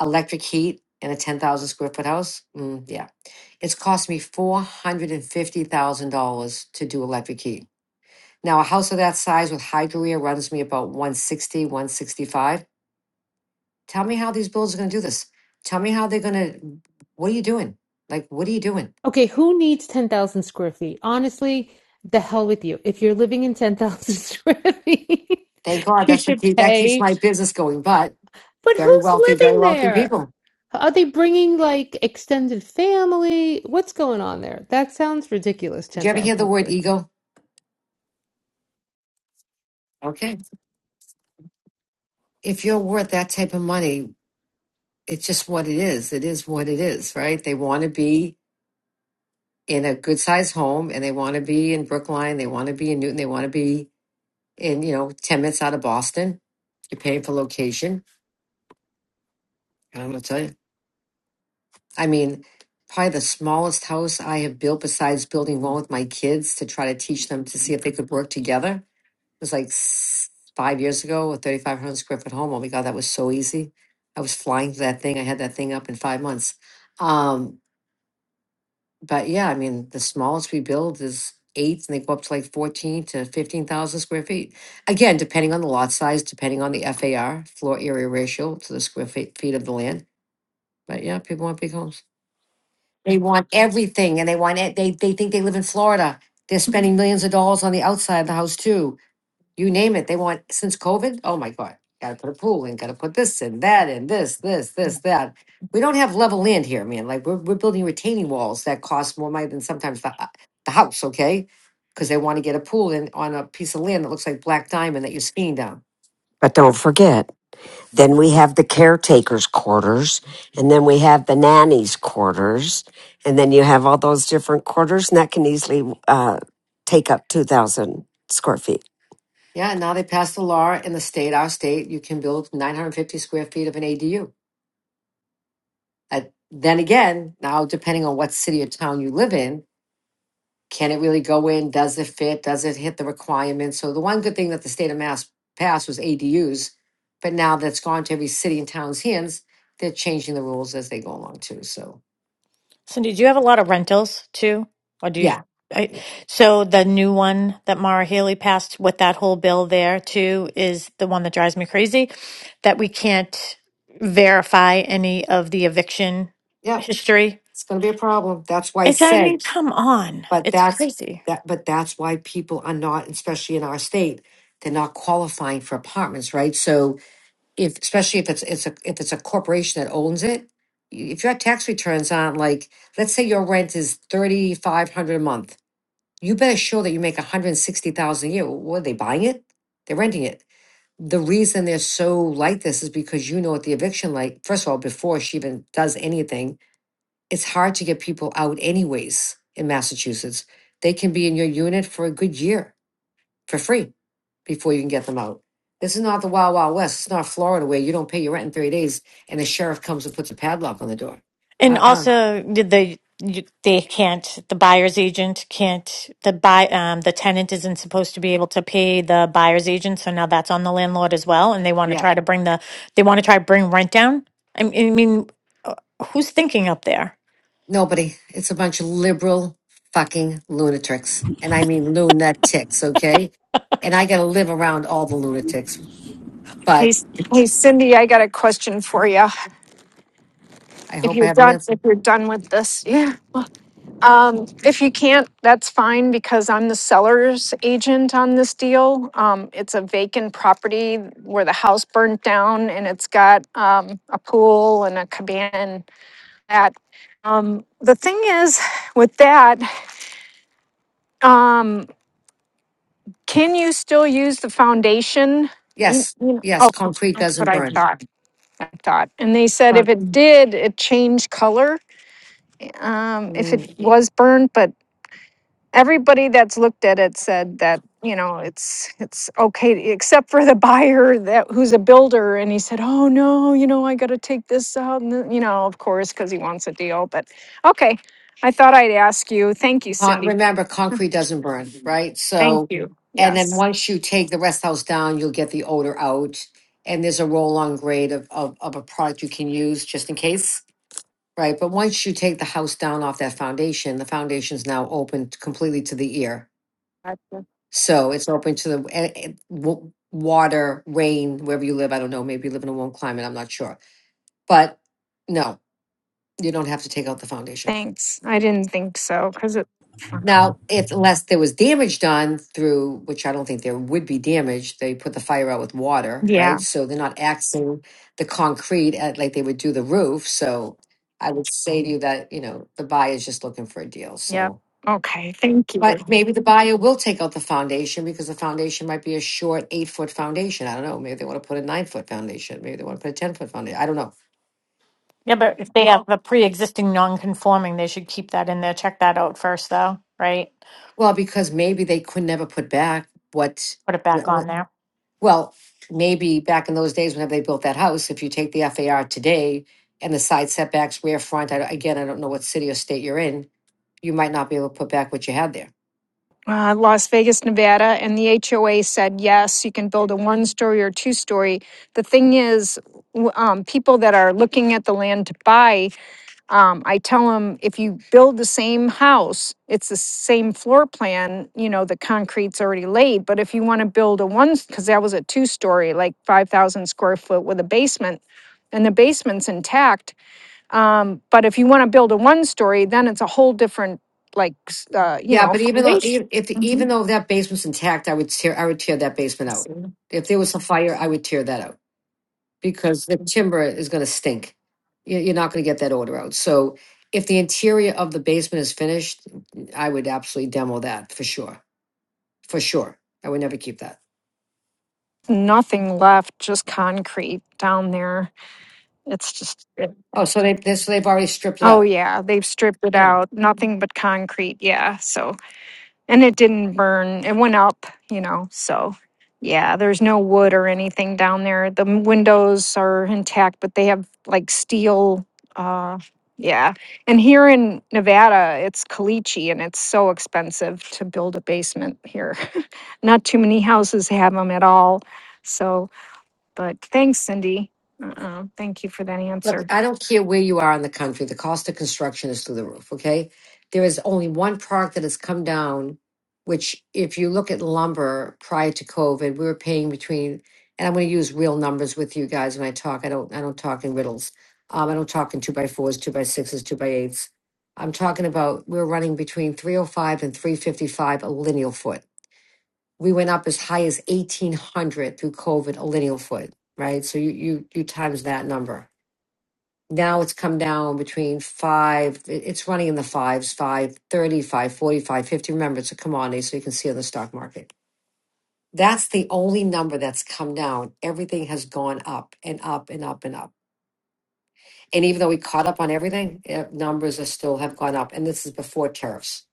Speaker 6: electric heat in a 10,000 square foot house? Mm, yeah. It's cost me $450,000 to do electric heat. Now, a house of that size with high career runs me about one sixty, one sixty-five. Tell me how these bills are going to do this. Tell me how they're going to, what are you doing? Like, what are you doing?
Speaker 7: Okay, who needs 10,000 square feet? Honestly, the hell with you. If you're living in 10,000 square feet,
Speaker 6: Thank God
Speaker 7: you
Speaker 6: that's what
Speaker 7: should
Speaker 6: keep, that keeps
Speaker 7: pay.
Speaker 6: my business going, but
Speaker 7: But
Speaker 6: very
Speaker 7: who's
Speaker 6: wealthy, very
Speaker 7: living
Speaker 6: wealthy
Speaker 7: there?
Speaker 6: people.
Speaker 7: Are they bringing like extended family? What's going on there? That sounds ridiculous,
Speaker 6: Did you ever
Speaker 7: 10,000
Speaker 6: hear the word
Speaker 7: square feet.
Speaker 6: ego? Okay. if you're worth that type of money, it's just what it is. It is what it is, right? They want to be in a good sized home and they want to be in Brookline. They want to be in Newton. They want to be in, you know, 10 minutes out of Boston. You're paying for location. And I'm going to tell you. I mean, probably the smallest house I have built besides building one with my kids to try to teach them to see if they could work together was like s- five years ago, a 3,500 square foot home. Oh my God, that was so easy. I was flying to that thing. I had that thing up in five months. Um, but yeah, I mean, the smallest we build is eight, and they go up to like 14 to 15,000 square feet. Again, depending on the lot size, depending on the FAR, floor area ratio to the square feet, feet of the land. But yeah, people want big homes. They want everything, and they want it. They, they think they live in Florida. They're spending millions of dollars on the outside of the house, too you name it, they want since COVID. Oh my God, gotta put a pool in, gotta put this in, that in, this, this, this, that. We don't have level land here, man. Like we're, we're building retaining walls that cost more money than sometimes the, h- the house, okay? Because they want to get a pool in on a piece of land that looks like black diamond that you're skiing down.
Speaker 2: but don't forget Then we have the caretakers quarters and then we have the nannies quarters. And then you have all those different quarters and that can easily, uh, take up 2,000 square feet.
Speaker 6: Yeah, and now they passed the law in the state, our state, you can build 950 square feet of an ADU. Uh, then again, now depending on what city or town you live in, Can it really go in? Does it fit? Does it hit the requirements? So the one good thing that the state of Mass passed was ADUs, but now that's gone to every city and town's hands, they're changing the rules as they go along too. So
Speaker 5: Cindy, do you have a lot of rentals too? Or do you,
Speaker 6: yeah,
Speaker 5: I, so the new one that Mara Haley passed with that whole bill there too is the one that drives me crazy, that we can't verify any of the eviction
Speaker 6: yeah,
Speaker 5: history.
Speaker 6: it's going to be a problem. That's why I
Speaker 5: It's, I mean,
Speaker 6: said,
Speaker 5: come on,
Speaker 6: but
Speaker 5: it's
Speaker 6: that's
Speaker 5: crazy.
Speaker 6: that, but that's why people are not, especially in our state, they're not qualifying for apartments, right? So if especially if it's it's a if it's a corporation that owns it, y- if your tax returns aren't like, let's say your rent is thirty five hundred a month, you better show that you make one hundred sixty thousand a year. What are they buying it? They're renting it. The reason they're so like this is because you know what the eviction like. First of all, before she even does anything, it's hard to get people out anyways in Massachusetts. They can be in your unit for a good year for free before you can get them out. This is not the Wild Wild West. It's not Florida where you don't pay your rent in 30 days and the sheriff comes and puts a padlock on the door.
Speaker 5: And
Speaker 6: Uh-uh.
Speaker 5: also, did the you, they can't the buyer's agent can't the buy um, the tenant isn't supposed to be able to pay the buyer's agent, so now that's on the landlord as well. And they want to
Speaker 6: Yeah.
Speaker 5: try to bring the they want to try to bring rent down. I mean, I mean, uh, who's thinking up there?
Speaker 6: Nobody. It's a bunch of liberal fucking lunatics. And I mean lunatics, okay? And I got to live around all the lunatics.
Speaker 8: Hey,
Speaker 6: But
Speaker 8: C- hey, Cindy, I got a question for you.
Speaker 6: I
Speaker 8: If
Speaker 6: hope I
Speaker 8: you're
Speaker 6: have an
Speaker 8: done,
Speaker 6: answer.
Speaker 8: if you're done with this, yeah. Um, if you can't, that's fine because I'm the seller's agent on this deal. Um, it's a vacant property where the house burnt down, and it's got um, a pool and a cabana. and That um, the thing is with that. Um, Can you still use the foundation? You,
Speaker 6: Yes.
Speaker 8: you know,
Speaker 6: Yes.
Speaker 8: oh,
Speaker 6: Concrete
Speaker 8: that's
Speaker 6: doesn't
Speaker 8: what I
Speaker 6: burn.
Speaker 8: thought. I thought, and they said if
Speaker 6: Fuck.
Speaker 8: it did, it changed color. Um, if it was burned, but everybody that's looked at it said that you know it's it's okay, except for the buyer that who's a builder, and he said, oh no, you know I got to take this out, and th- you know of course because he wants a deal. But okay, I thought I'd ask you. Thank you,
Speaker 6: Con-
Speaker 8: Cindy.
Speaker 6: remember, concrete doesn't burn, right?
Speaker 8: Thank
Speaker 6: So,
Speaker 8: you.
Speaker 6: and then
Speaker 8: Yes.
Speaker 6: once you take the rest house down, you'll get the odor out. And there's a roll on grade of, of, of a product you can use just in case, right? But once you take the house down off that foundation, the foundation's now open t- completely to the ear. So it's open to the a- a- w- water, rain, wherever you live. I don't know. Maybe you live in a warm climate. I'm not sure. But no, you don't have to take out the foundation.
Speaker 8: Thanks. I didn't think so because it.
Speaker 6: Now, if unless there was damage done through, which I don't think there would be damage, they put the fire out with water,
Speaker 8: Yeah.
Speaker 6: right? So they're not axing the concrete at, like they would do the roof. So I would say to you that, you know, the buyer is just looking for a deal.
Speaker 8: Yep.
Speaker 6: So,
Speaker 8: Okay. Thank you.
Speaker 6: but maybe the buyer will take out the foundation because the foundation might be a short eight foot foundation. I don't know. Maybe they want to put a nine foot foundation. Maybe they want to put a 10 foot foundation. I don't know.
Speaker 5: Yeah, but if they have Well, a pre-existing non-conforming, they should keep that in there. Check that out first, though, right?
Speaker 6: Well, because maybe they could never put back what
Speaker 5: Put it back
Speaker 6: the
Speaker 5: on there.
Speaker 6: Well, maybe back in those days, whenever they built that house, if you take the FAR today and the side setbacks, rear front, I, again, I don't know what city or state you're in, you might not be able to put back what you had there.
Speaker 8: Uh, Las Vegas, Nevada, and the HOA said yes, you can build a one story or two story. The thing is, w- um, people that are looking at the land to buy, um, I tell them if you build the same house, it's the same floor plan, you know, the concrete's already laid. But if you want to build a one, because that was a two story, like 5,000 square foot with a basement, and the basement's intact, Um, but if you want to build a one story, then it's a whole different, like, s- uh, you
Speaker 6: Yeah,
Speaker 8: know,
Speaker 6: but even though
Speaker 8: foundation.
Speaker 6: e- if even
Speaker 8: Mhm.
Speaker 6: though that basement's intact, I would tear I would tear that basement out. If there was a fire, I would tear that out because the timber is going to stink. You- You're not going to get that odor out. So if the interior of the basement is finished, I would absolutely demo that for sure, for sure. I would never keep that.
Speaker 8: Nothing left, just concrete down there. It's just, it-
Speaker 6: Oh, so they, they so they've already stripped it
Speaker 8: oh
Speaker 6: out.
Speaker 8: yeah, they've stripped it
Speaker 6: Yeah.
Speaker 8: out, nothing but concrete. Yeah. So and it didn't burn. It went up, you know. So, yeah, there's no wood or anything down there. The m- windows are intact, but they have like steel. Uh, yeah. And here in Nevada, it's caliche and it's so expensive to build a basement here. Not too many houses have them at all. So, but thanks, Cindy. Uh-uh. Thank you for that
Speaker 6: Look,
Speaker 8: answer.
Speaker 6: I don't care where you are in the country. The cost of construction is through the roof. Okay. There is only one product that has come down, which if you look at lumber prior to COVID, we were paying between, and I'm going to use real numbers with you guys when I talk. I don't, I don't talk in riddles. Um, I don't talk in two by fours, two by sixes, two by eights. I'm talking about we we're running between 305 and 355 a lineal foot we went up as high as 1800 through covid a lineal foot right so you you you times that number now it's come down between five it- it's running in the fives five thirty, five forty, five fifty. remember it's a commodity so you can see on the stock market that's the only number that's come down everything has gone up and up and up and up and even though we caught up on everything eh, numbers are still have gone up and this is before tariffs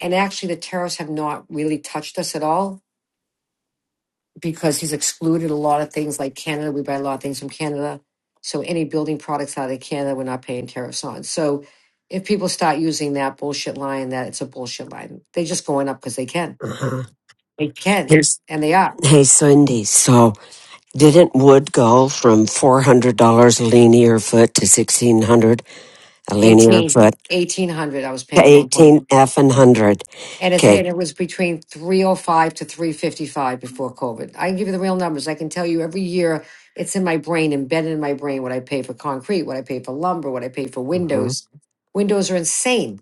Speaker 6: and actually the tariffs have not really touched us at all because he's excluded a lot of things like Canada. We buy a lot of things from Canada. So any building products out of Canada, we're not paying tariffs on. So if people start using that bullshit line, that it's a bullshit line, they're just going up because they can.
Speaker 2: Uh-huh.
Speaker 6: They can. And they are.
Speaker 2: Hey, Cindy. So didn't wood go from $400 a linear foot to 1600 a linear
Speaker 6: 18,
Speaker 2: foot
Speaker 6: 1800. I was
Speaker 2: to
Speaker 6: paying at one point.
Speaker 2: 18 F and 100?
Speaker 6: And it's,
Speaker 2: Okay.
Speaker 6: and it was between 305 to 355 before COVID. I can give you the real numbers. I can tell you every year it's in my brain, embedded in my brain, what I pay for concrete, what I pay for lumber, what I pay for
Speaker 2: Mm-hmm.
Speaker 6: windows. Windows are insane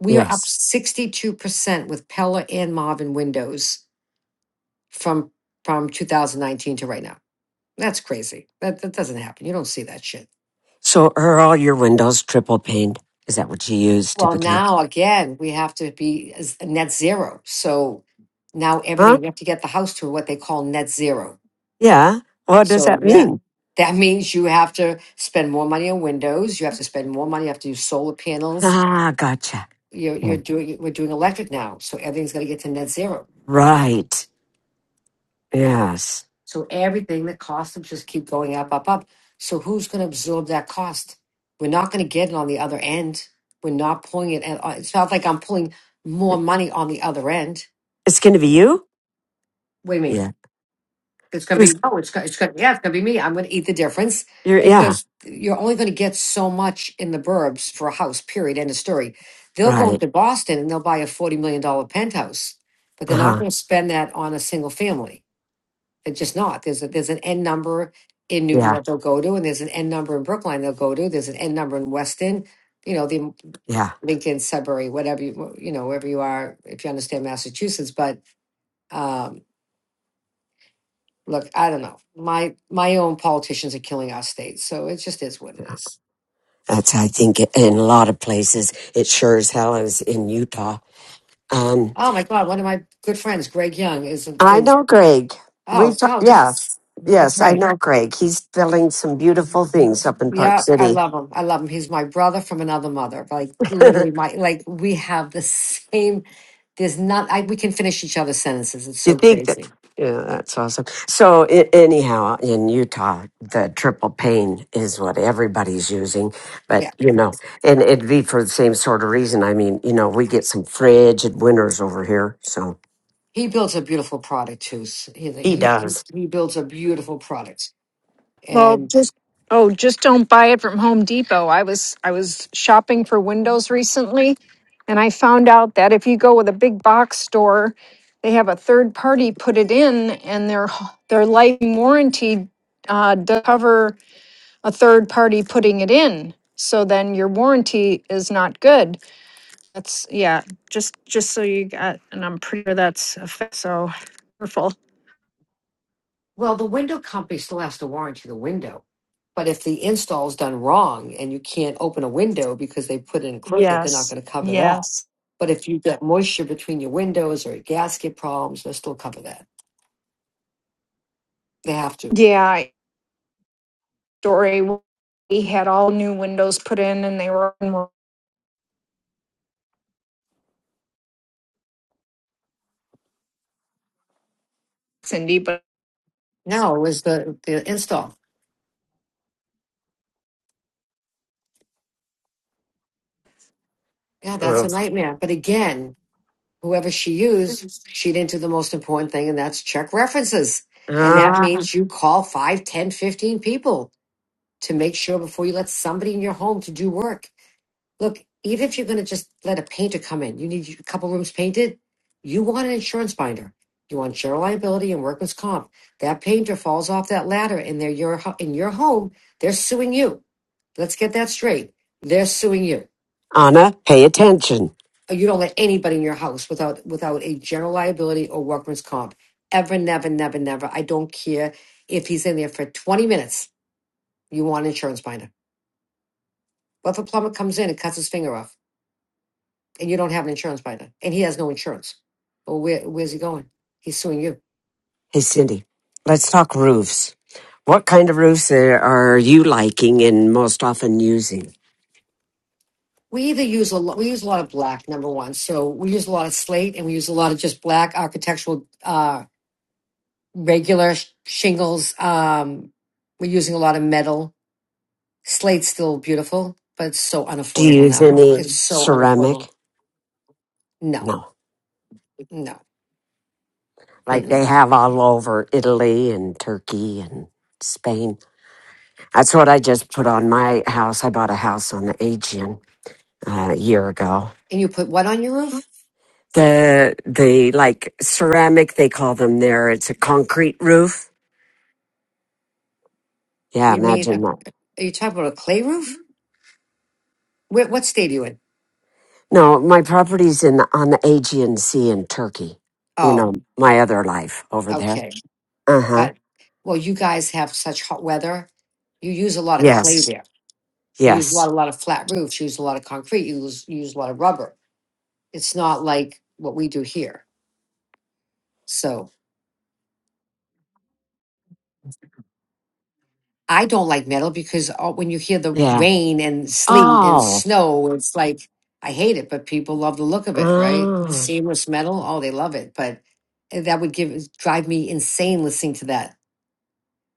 Speaker 6: we are up
Speaker 2: Yes.
Speaker 6: 62% with Pella and Marvin windows from from 2019 to right now. That's crazy. That that doesn't happen. You don't see that shit.
Speaker 2: So are all your windows triple paned? Is that what you use
Speaker 6: Well,
Speaker 2: typically?
Speaker 6: now again, we have to be as- net zero. So now
Speaker 2: Huh?
Speaker 6: everything you have to get the house to what they call net zero.
Speaker 2: Yeah. What does
Speaker 6: So
Speaker 2: that
Speaker 6: yeah,
Speaker 2: mean?
Speaker 6: that means you have to spend more money on windows. You have to spend more money. You have to do solar panels.
Speaker 2: Ah, gotcha.
Speaker 6: You're you're
Speaker 2: Mm.
Speaker 6: doing we're doing electric now, so everything's going to get to net zero.
Speaker 2: Right. Yes.
Speaker 6: So everything, that costs them just keep going up, up, up. So who's going to absorb that cost? We're not going to get it on the other end. We're not pulling it. At, it's not like I'm pulling more
Speaker 2: It-
Speaker 6: money on the other end.
Speaker 2: It's going to be you?
Speaker 6: What do you mean?
Speaker 2: Yeah.
Speaker 6: It's going to
Speaker 2: Who's
Speaker 6: be no. It's going. It's going. Yeah, it's going to be me. I'm going to eat the difference
Speaker 2: you're, yeah.
Speaker 6: because you're only going to get so much in the burbs for a house. Period. End of story. They'll go
Speaker 2: Right.
Speaker 6: into Boston and they'll buy a forty million dollar penthouse, but they're
Speaker 2: Uh
Speaker 6: not
Speaker 2: huh.
Speaker 6: going to spend that on a single family. It's just not. There's a, there's an end number in Newton
Speaker 2: Yeah.
Speaker 6: that they'll go to, and there's an end number in Brookline they'll go to. There's an end number in Weston, you know, the
Speaker 2: Yeah.
Speaker 6: Lincoln, Sudbury, whatever you you know, wherever you are, if you understand Massachusetts. But um, look, I don't know. My my own politicians are killing our state, so it just is what it is.
Speaker 2: That's, I think in a lot of places, it sure as hell is in Utah. Um,
Speaker 6: Oh my God, one of my good friends, Greg Young, is
Speaker 2: I
Speaker 6: is
Speaker 2: know Greg.
Speaker 6: oh,
Speaker 2: We've talked,
Speaker 6: oh
Speaker 2: yes.
Speaker 6: that's
Speaker 2: Yes. I
Speaker 6: right
Speaker 2: know Greg. He's building some beautiful things up in Park
Speaker 6: Yeah, I
Speaker 2: City.
Speaker 6: love him. I love him. He's my brother from another mother. Like literally my like we have the same there's not I we can finish each other's sentences. It's
Speaker 2: You
Speaker 6: so
Speaker 2: think that?
Speaker 6: crazy.
Speaker 2: Yeah, that's awesome. So i anyhow, in Utah, the triple pain is what everybody's using,
Speaker 6: Yeah.
Speaker 2: but you know, and it'd be for the same sort of reason. I mean, you know, we get some frigid winters over here, so
Speaker 6: He builds a beautiful product too. S- He
Speaker 2: he
Speaker 6: he he
Speaker 2: does.
Speaker 6: he builds a beautiful product.
Speaker 8: Well,
Speaker 6: And
Speaker 8: just oh, just don't buy it from Home Depot. I was I was shopping for windows recently and I found out that if you go with a big box store, they have a third party put it in and their h- their life warranty uh does cover a third party putting it in. So then your warranty is not good. That's yeah, just just so you got and I'm pretty sure that's a fa- so Wonderful.
Speaker 6: well, the window company still has to warranty the window. But if the install's done wrong and you can't open a window because they put in crooked, they're not
Speaker 8: Yes.
Speaker 6: going to cover that.
Speaker 8: Yes.
Speaker 6: But if you get moisture between your windows or gasket problems, they'll still cover that. They have to.
Speaker 8: Yeah, story. We had all new windows put in and they were in Cindy, but
Speaker 6: No, it was the, the install. Yeah, that's
Speaker 2: Ugh.
Speaker 6: a nightmare. But again, whoever she used, she didn't do the most important thing, and that's check references. And that
Speaker 2: Ah,
Speaker 6: means you call five, ten, fifteen people to make sure before you let somebody in your home to do work. Look, even if you're going to just let a painter come in, you need a couple rooms painted, you want an insurance binder. You want general liability and workman's comp. That painter falls off that ladder and they're your, in your home, they're suing you. Let's get that straight. They're suing you.
Speaker 2: Anna, pay attention.
Speaker 6: you don't let anybody in your house without without a general liability or workman's comp. Ever, never, never, never. I don't care if he's in there for 20 minutes. You want an insurance binder. What if a plumber comes in and cuts his finger off and you don't have an insurance binder and he has no insurance? Well, where, where's he going? He's suing you.
Speaker 2: Hey, Cindy, let's talk roofs. What kind of roofs are are you liking and most often using?
Speaker 6: We either use a lot, we use a lot of black, number one. So we use a lot of slate and we use a lot of just black architectural, uh, regular sh- shingles. Um, we're using a lot of metal Slate's still beautiful, but it's so
Speaker 2: Do you
Speaker 6: unaffordable
Speaker 2: use
Speaker 6: now. It's
Speaker 2: any
Speaker 6: so
Speaker 2: ceramic?
Speaker 6: unaffordable. No,
Speaker 2: No.
Speaker 6: no.
Speaker 2: like they
Speaker 6: Mm-mm.
Speaker 2: have all over Italy and Turkey and Spain. That's what I just put on my house. I bought a house on the Aegean uh, a year ago.
Speaker 6: And you put what on your roof?
Speaker 2: The the like ceramic they call them there. It's a concrete roof. Yeah,
Speaker 6: You mean, a,
Speaker 2: imagine that.
Speaker 6: are you talking about a clay roof? Where, what state are you in?
Speaker 2: No, my property's in the, on the Aegean Sea in Turkey. You
Speaker 6: Oh,
Speaker 2: know, my other life over there.
Speaker 6: okay.
Speaker 2: Uh huh.
Speaker 6: That, well, you guys have such hot weather. You use a lot of clay
Speaker 2: Yes.
Speaker 6: there. You use a
Speaker 2: Yes.
Speaker 6: lot, a lot of flat roofs. You use a lot of concrete. You use, you use a lot of rubber. It's not like what we do here. So. I don't like metal because all, when you hear the
Speaker 2: Yeah.
Speaker 6: rain and sleet and
Speaker 2: Oh.
Speaker 6: snow, it's like I hate it, but people love the look of it, right?
Speaker 2: Oh.
Speaker 6: Seamless metal, oh, they love it, but eh, that would give drive me insane listening to that.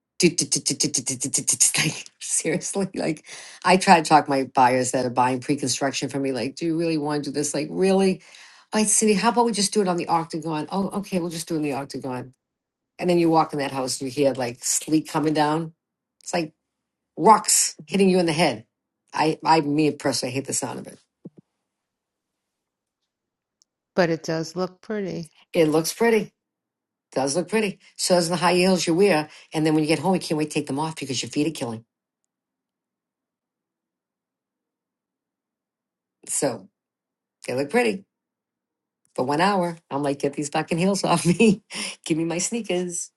Speaker 6: Like, Seriously, like I try to talk my buyers that are buying pre-construction from me, like, do you really want to do this? Like, really? All right, Cindy, how about we just do it on the octagon? Oh, okay, we'll just do it in the octagon. And then you walk in that house and you hear like sleet coming down. It's like rocks hitting you in the head. I, I, me personally, I hate the sound of it.
Speaker 7: But it does look pretty.
Speaker 6: It looks pretty. Does look pretty. So does the high heels you wear. And then when you get home, you can't wait to take them off because your feet are killing. So they look pretty for one hour. I'm like, get these fucking heels off me. Give me my sneakers.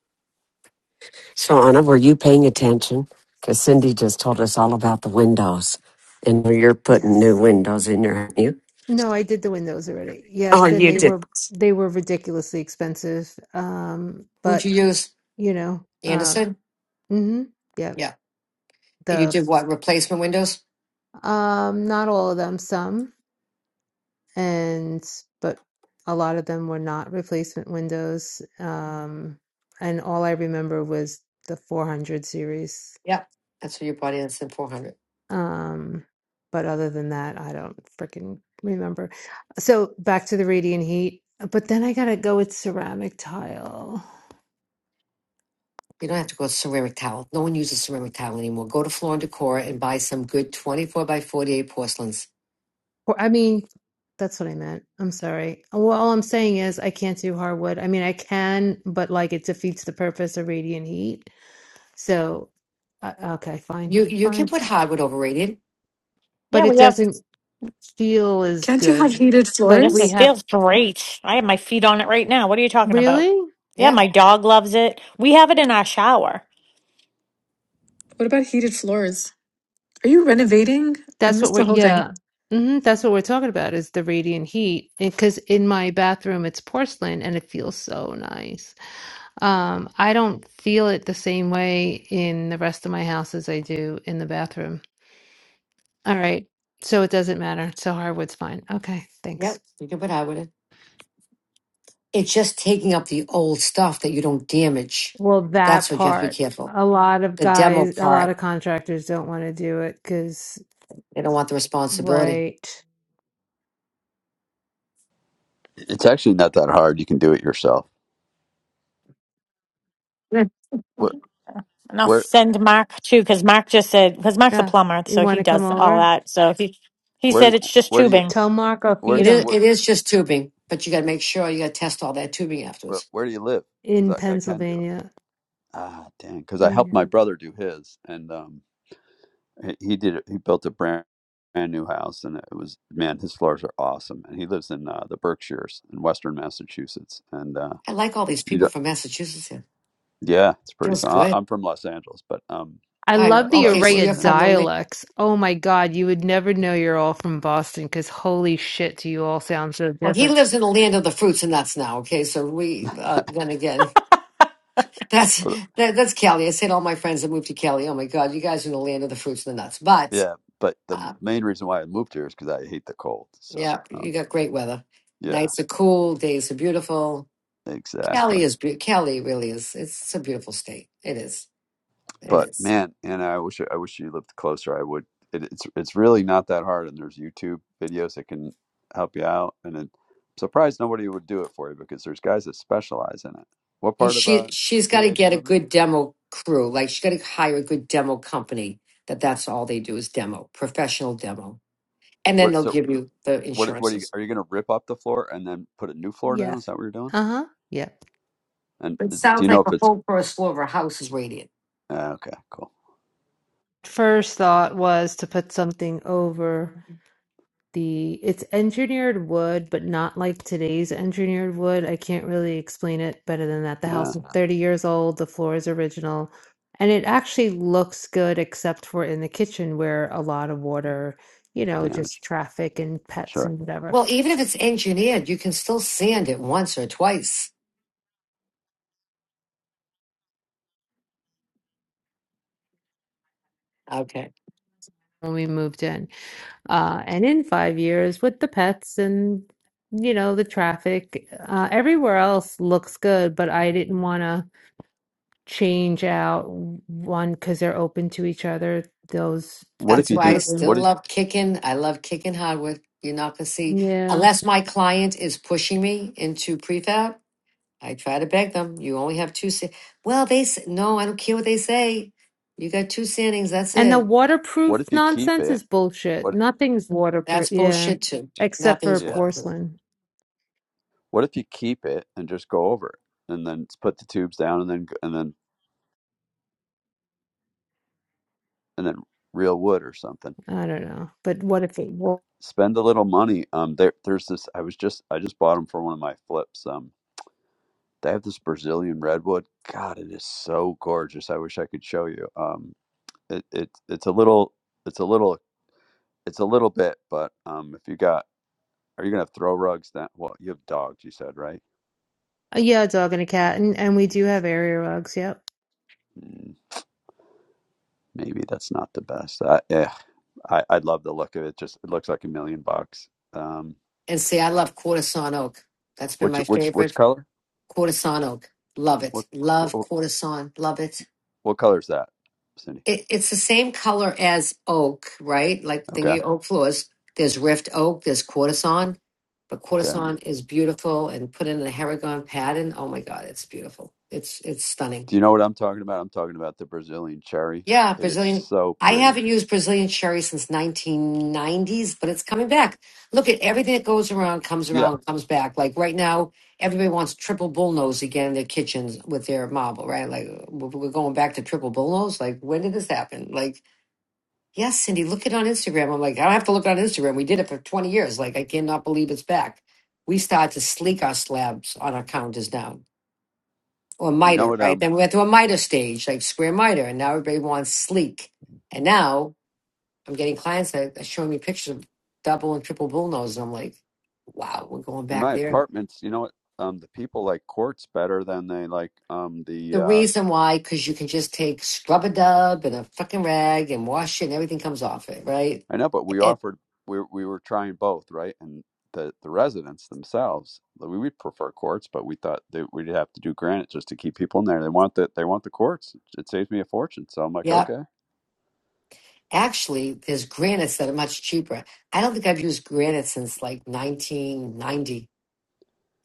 Speaker 2: So, Anna, were you paying attention? Because Cindy just told us all about the windows, and you're putting new
Speaker 7: Yes.
Speaker 2: windows in your aren't you?
Speaker 7: No, I did the windows already.
Speaker 2: Oh,
Speaker 7: Yes, then
Speaker 2: you
Speaker 7: they
Speaker 2: did.
Speaker 7: were they were ridiculously expensive. Um,
Speaker 6: Who'd
Speaker 7: but
Speaker 6: you use?
Speaker 7: you know, um,
Speaker 6: Anderson?
Speaker 7: mm-hmm, yep.
Speaker 6: Yeah. And you
Speaker 7: The
Speaker 6: did what? Replacement windows?
Speaker 7: um, not all of them, some. and but a lot of them were not replacement windows. Um, and all I remember was the 400 series.
Speaker 6: Yeah. That's what you bought Anderson 400.
Speaker 7: Um, but other than that, I don't freaking remember. So back to the radiant heat. But then I gotta go with ceramic tile.
Speaker 6: You don't have to go ceramic towel. No one uses ceramic towel anymore. Go to Floor and Decor and buy some good 24 by 48 porcelains.
Speaker 7: Or I mean, that's what I meant. I'm sorry. Well, all I'm saying is I can't do hardwood. I mean, I can, but like it defeats the purpose of radiant heat. So, uh, okay, fine,
Speaker 6: You you can
Speaker 7: fine.
Speaker 6: put hardwood over radiant.
Speaker 5: Yeah,
Speaker 7: but it
Speaker 5: we have.
Speaker 7: doesn't feel as
Speaker 9: Can't you have
Speaker 7: good.
Speaker 9: heated
Speaker 7: Like
Speaker 5: Yes,
Speaker 7: we
Speaker 5: it
Speaker 9: floors?
Speaker 7: have
Speaker 5: feels great. I have my feet on it right now. What are you talking about?
Speaker 7: really?
Speaker 5: Yeah,
Speaker 6: Yeah,
Speaker 5: my dog loves it. We have it in our shower.
Speaker 9: What about heated floors? Are you renovating? I
Speaker 7: That's what
Speaker 9: missed the
Speaker 7: we're
Speaker 9: whole thing.
Speaker 7: yeah. hmm that's what we're talking about is the radiant heat. Because in my bathroom it's porcelain and it feels so nice. Um, I don't feel it the same way in the rest of my house as I do in the bathroom. All right. So it doesn't matter. So hardwood's fine. Okay, thanks.
Speaker 6: yep. You can put hardwood in. It's just taking up the old stuff that you don't damage.
Speaker 7: Well,
Speaker 6: That's
Speaker 7: that
Speaker 6: what you have to be
Speaker 7: part.
Speaker 6: careful.
Speaker 7: A lot of
Speaker 6: The demo
Speaker 7: guys, a lot
Speaker 6: part,
Speaker 7: of contractors don't want to do it because,
Speaker 6: they don't want the responsibility.
Speaker 7: right.
Speaker 10: It's actually not that hard. You can do it yourself.
Speaker 6: Mm.
Speaker 10: Where
Speaker 5: And I'll
Speaker 10: where
Speaker 5: send Mark too, because Mark just said, because Mark's a
Speaker 7: Yeah,
Speaker 5: plumber,
Speaker 7: you
Speaker 5: so
Speaker 7: want
Speaker 5: he
Speaker 7: to come
Speaker 5: does all
Speaker 7: over?
Speaker 5: that. So he he
Speaker 10: where do
Speaker 5: said
Speaker 10: you,
Speaker 5: it's just
Speaker 10: where do you
Speaker 5: tubing.
Speaker 7: Tell Mark I'll
Speaker 10: where do
Speaker 6: It
Speaker 7: feed
Speaker 10: you,
Speaker 6: is
Speaker 7: him
Speaker 10: where
Speaker 6: it is just tubing, but you got to make sure you got to test all that tubing
Speaker 10: where
Speaker 6: afterwards.
Speaker 10: where do you live?
Speaker 7: in
Speaker 10: Because I, I can do it.
Speaker 7: Pennsylvania.
Speaker 10: Ah, dang. Because I helped my
Speaker 7: Mm.
Speaker 10: brother do his, and um, he he did it. He built a brand brand new house, and it was man, his floors are awesome. And he lives in uh, the Berkshires in Western Massachusetts, and uh,
Speaker 6: I like all these
Speaker 10: you
Speaker 6: people
Speaker 10: don't,
Speaker 6: from Massachusetts here.
Speaker 10: yeah, it's pretty
Speaker 6: Feels
Speaker 10: fun. I,
Speaker 6: good.
Speaker 10: I'm from Los Angeles, but um,
Speaker 7: I
Speaker 6: I
Speaker 10: uh,
Speaker 7: love
Speaker 10: so
Speaker 7: the
Speaker 10: I
Speaker 6: okay.
Speaker 10: was
Speaker 6: So
Speaker 7: array
Speaker 6: you're
Speaker 7: of
Speaker 10: listening,
Speaker 6: from
Speaker 10: in.
Speaker 6: the la-
Speaker 7: dialects. Oh my God, you would never know you're all from Boston because holy shit, do you all sound so
Speaker 6: well. He
Speaker 7: different.
Speaker 6: lives in the land of the fruits and nuts now. Okay, so we uh, then again, that's
Speaker 10: but
Speaker 6: that, that's Cali. I said all my friends that moved to Cali. Oh my God, you guys are in the land of the fruits and the nuts. But
Speaker 10: yeah, but the
Speaker 6: uh,
Speaker 10: main reason why I moved here is because I hate the cold. So
Speaker 6: yeah, you
Speaker 10: um,
Speaker 6: got great weather.
Speaker 10: yeah.
Speaker 6: Nights are cool. Days are beautiful. Cali
Speaker 10: Exactly.
Speaker 6: is be- Cali really is. It's a beautiful state. It is. It
Speaker 10: But
Speaker 6: is.
Speaker 10: man, and I wish I wish you lived closer. I would. It, it's it's really not that hard, and there's YouTube videos that can help you out. And it, I'm surprised nobody would do it for you because there's guys that specialize in it. What
Speaker 6: You,
Speaker 10: part of
Speaker 6: she
Speaker 10: uh,
Speaker 6: she's got to
Speaker 10: PA do you
Speaker 6: get a
Speaker 10: live in?
Speaker 6: good demo crew. Like she's got to hire a good demo company. That that's all they do is demo, professional demo And then
Speaker 10: What
Speaker 6: they'll
Speaker 10: so
Speaker 6: give you the
Speaker 10: what what are you
Speaker 6: insurances.
Speaker 10: are you going to rip up the floor and then put a new floor down?
Speaker 7: Yes.
Speaker 10: Is that what you're doing?
Speaker 7: Uh-huh. Yeah.
Speaker 10: And
Speaker 6: It
Speaker 10: is it, do
Speaker 6: sounds
Speaker 10: you know
Speaker 6: like
Speaker 10: if
Speaker 6: the
Speaker 10: it's
Speaker 6: whole first floor of a house is radiant.
Speaker 10: uh, okay? Cool.
Speaker 7: First thought was to put something over. the it's engineered wood, but not like today's engineered wood. I can't really explain it better than that. The
Speaker 10: Yeah,
Speaker 7: house is 30 years old, the floor is original, and it actually looks good except for in the kitchen where a lot of water, you know,
Speaker 10: damage.
Speaker 7: just traffic and pets
Speaker 10: Sure.
Speaker 7: and whatever
Speaker 6: Well, even if it's engineered, you can still sand it once or twice. Okay.
Speaker 7: when we moved in. Uh, and in five years with the pets and you know the traffic, uh, everywhere else looks good, but I didn't want to change out one because they're open to each other, those
Speaker 10: What if
Speaker 6: That's
Speaker 10: you
Speaker 6: why I
Speaker 10: do?
Speaker 7: particular
Speaker 6: still
Speaker 10: What
Speaker 7: rooms.
Speaker 10: if
Speaker 6: love kicking. I love kicking hardwood. You're not going to see,
Speaker 7: Yeah.
Speaker 6: unless my client is pushing me into prefab. I try to beg them. You only have two. sa- Well, they s- no. I don't care what they say. You got two standings. That's
Speaker 7: And the
Speaker 6: it.
Speaker 7: waterproof
Speaker 10: what if you keep
Speaker 7: nonsense
Speaker 10: it?
Speaker 7: is bullshit.
Speaker 10: What?
Speaker 7: Nothing's waterproof.
Speaker 6: That's
Speaker 7: Yeah.
Speaker 6: bullshit too.
Speaker 7: Except for
Speaker 6: Nothing's
Speaker 10: Yeah.
Speaker 6: waterproof.
Speaker 7: porcelain.
Speaker 10: What if you keep it and just go over it, and then put the tubes down, and then and then and then real wood or something?
Speaker 7: I don't know. But what if it well
Speaker 10: Spend a little money. Um, there, there's this. I was just, I just bought them for one of my flips. Um, they have this Brazilian redwood. God, it is so gorgeous. I wish I could show you. Um, it, it it's a little, it's a little, it's a little bit, but um, if you got, are you gonna have throw rugs? That well, you have dogs. You said right.
Speaker 7: yeah, a dog and a cat. And and we do have area rugs, yep.
Speaker 10: Mm, maybe that's not the best. I, eh, I, I love the look of it. Just it looks like a million bucks. Um,
Speaker 6: And see, I love Cortison Oak. That's been
Speaker 10: Which
Speaker 6: my
Speaker 10: which which
Speaker 6: favorite.
Speaker 10: color?
Speaker 6: Cortison Oak. Love it.
Speaker 10: What
Speaker 6: Love
Speaker 10: what,
Speaker 6: Cortison. Love it.
Speaker 10: what color is that, Cindy?
Speaker 6: it. It's the same color as oak, right? Like
Speaker 10: Okay,
Speaker 6: thinking oak floors. There's Rift Oak. There's Cortison. But
Speaker 10: okay.
Speaker 6: Cortison is beautiful and put in a Haragon pattern. Oh my God, it's beautiful. It's it's stunning.
Speaker 10: Do you know what I'm talking about? I'm talking about the Brazilian cherry.
Speaker 6: Yeah,
Speaker 10: It is
Speaker 6: Brazilian.
Speaker 10: so
Speaker 6: I
Speaker 10: pretty.
Speaker 6: haven't used Brazilian cherry since 1990s, but it's coming back. Look at everything that goes around, comes
Speaker 10: Yeah,
Speaker 6: around, comes back. Like right now, everybody wants triple bullnose again in their kitchens with their marble, right? Like we're we're going back to triple bullnose. Like when did this happen? Like yes, Cindy, look it on Instagram. I'm like, I don't have to look it on Instagram. We did it for 20 years. Like I cannot believe it's back. We start to sleek our slabs on our counters down or
Speaker 10: you know
Speaker 6: miter,
Speaker 10: what?
Speaker 6: right?
Speaker 10: Um,
Speaker 6: Then we went to a miter stage, like square miter, and now everybody wants sleek. And now I'm getting clients that are showing me pictures of double and triple bullnose, and I'm like, wow, we're going
Speaker 10: in
Speaker 6: back
Speaker 10: my
Speaker 6: there.
Speaker 10: apartments, you know what? Um, the people like quartz better than they like um the.
Speaker 6: The
Speaker 10: Uh,
Speaker 6: reason why, because you can just take scrub a dub and a fucking rag and wash it, and everything comes off it, right?
Speaker 10: I know, but we
Speaker 6: And
Speaker 10: offered we we were trying both, right? And the the residents themselves, we would prefer quartz, but we thought that we'd have to do granite just to keep people in there. They want the they want the quartz. It saves me a fortune, so I'm like,
Speaker 6: yeah,
Speaker 10: okay.
Speaker 6: actually, there's granites that are much cheaper. I don't think I've used granite since like 1990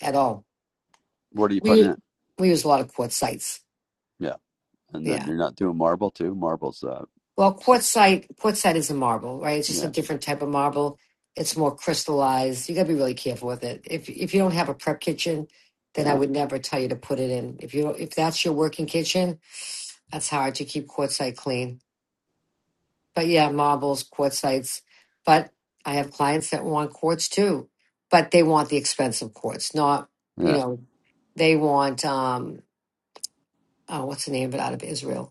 Speaker 6: at all.
Speaker 10: What are you putting
Speaker 6: We
Speaker 10: in?
Speaker 6: we use a lot of quartzites.
Speaker 10: Yeah. And
Speaker 6: yeah.
Speaker 10: then you're not doing marble too. Marble's uh,
Speaker 6: Well, quartzite quartzite is a marble, right? It's just a
Speaker 10: yeah,
Speaker 6: different type of marble. It's more crystallized. You got to be really careful with it. If if you don't have a prep kitchen, then I
Speaker 10: yeah,
Speaker 6: would never tell you to put it in. If you don't, if that's your working kitchen, that's hard to keep quartzite clean. But yeah, marbles, quartzites. But I have clients that want quartz too, but they want the expensive quartz, not you
Speaker 10: yeah,
Speaker 6: know, they want um, oh, what's the name of it out of Israel?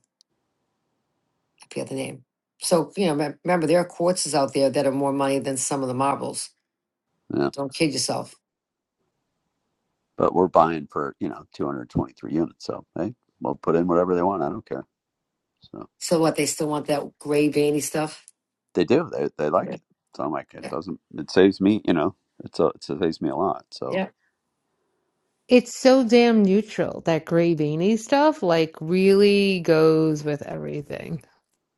Speaker 6: I forget the name. So, you know, rem- remember, there are quartzes out there that are more money than some of the marbles.
Speaker 10: yeah.
Speaker 6: Don't kid yourself.
Speaker 10: But we're buying for you know 223 units, so hey, we'll put in whatever they want. I don't care. So
Speaker 6: So, what, they still want that gray, veiny stuff?
Speaker 10: they do. They they like
Speaker 6: Yeah.
Speaker 10: it. So I'm like, it
Speaker 6: Yeah.
Speaker 10: doesn't. It saves me. You know, it's a, it saves me a lot. So
Speaker 6: yeah.
Speaker 7: It's so damn neutral. That gray beanie stuff like really goes with everything.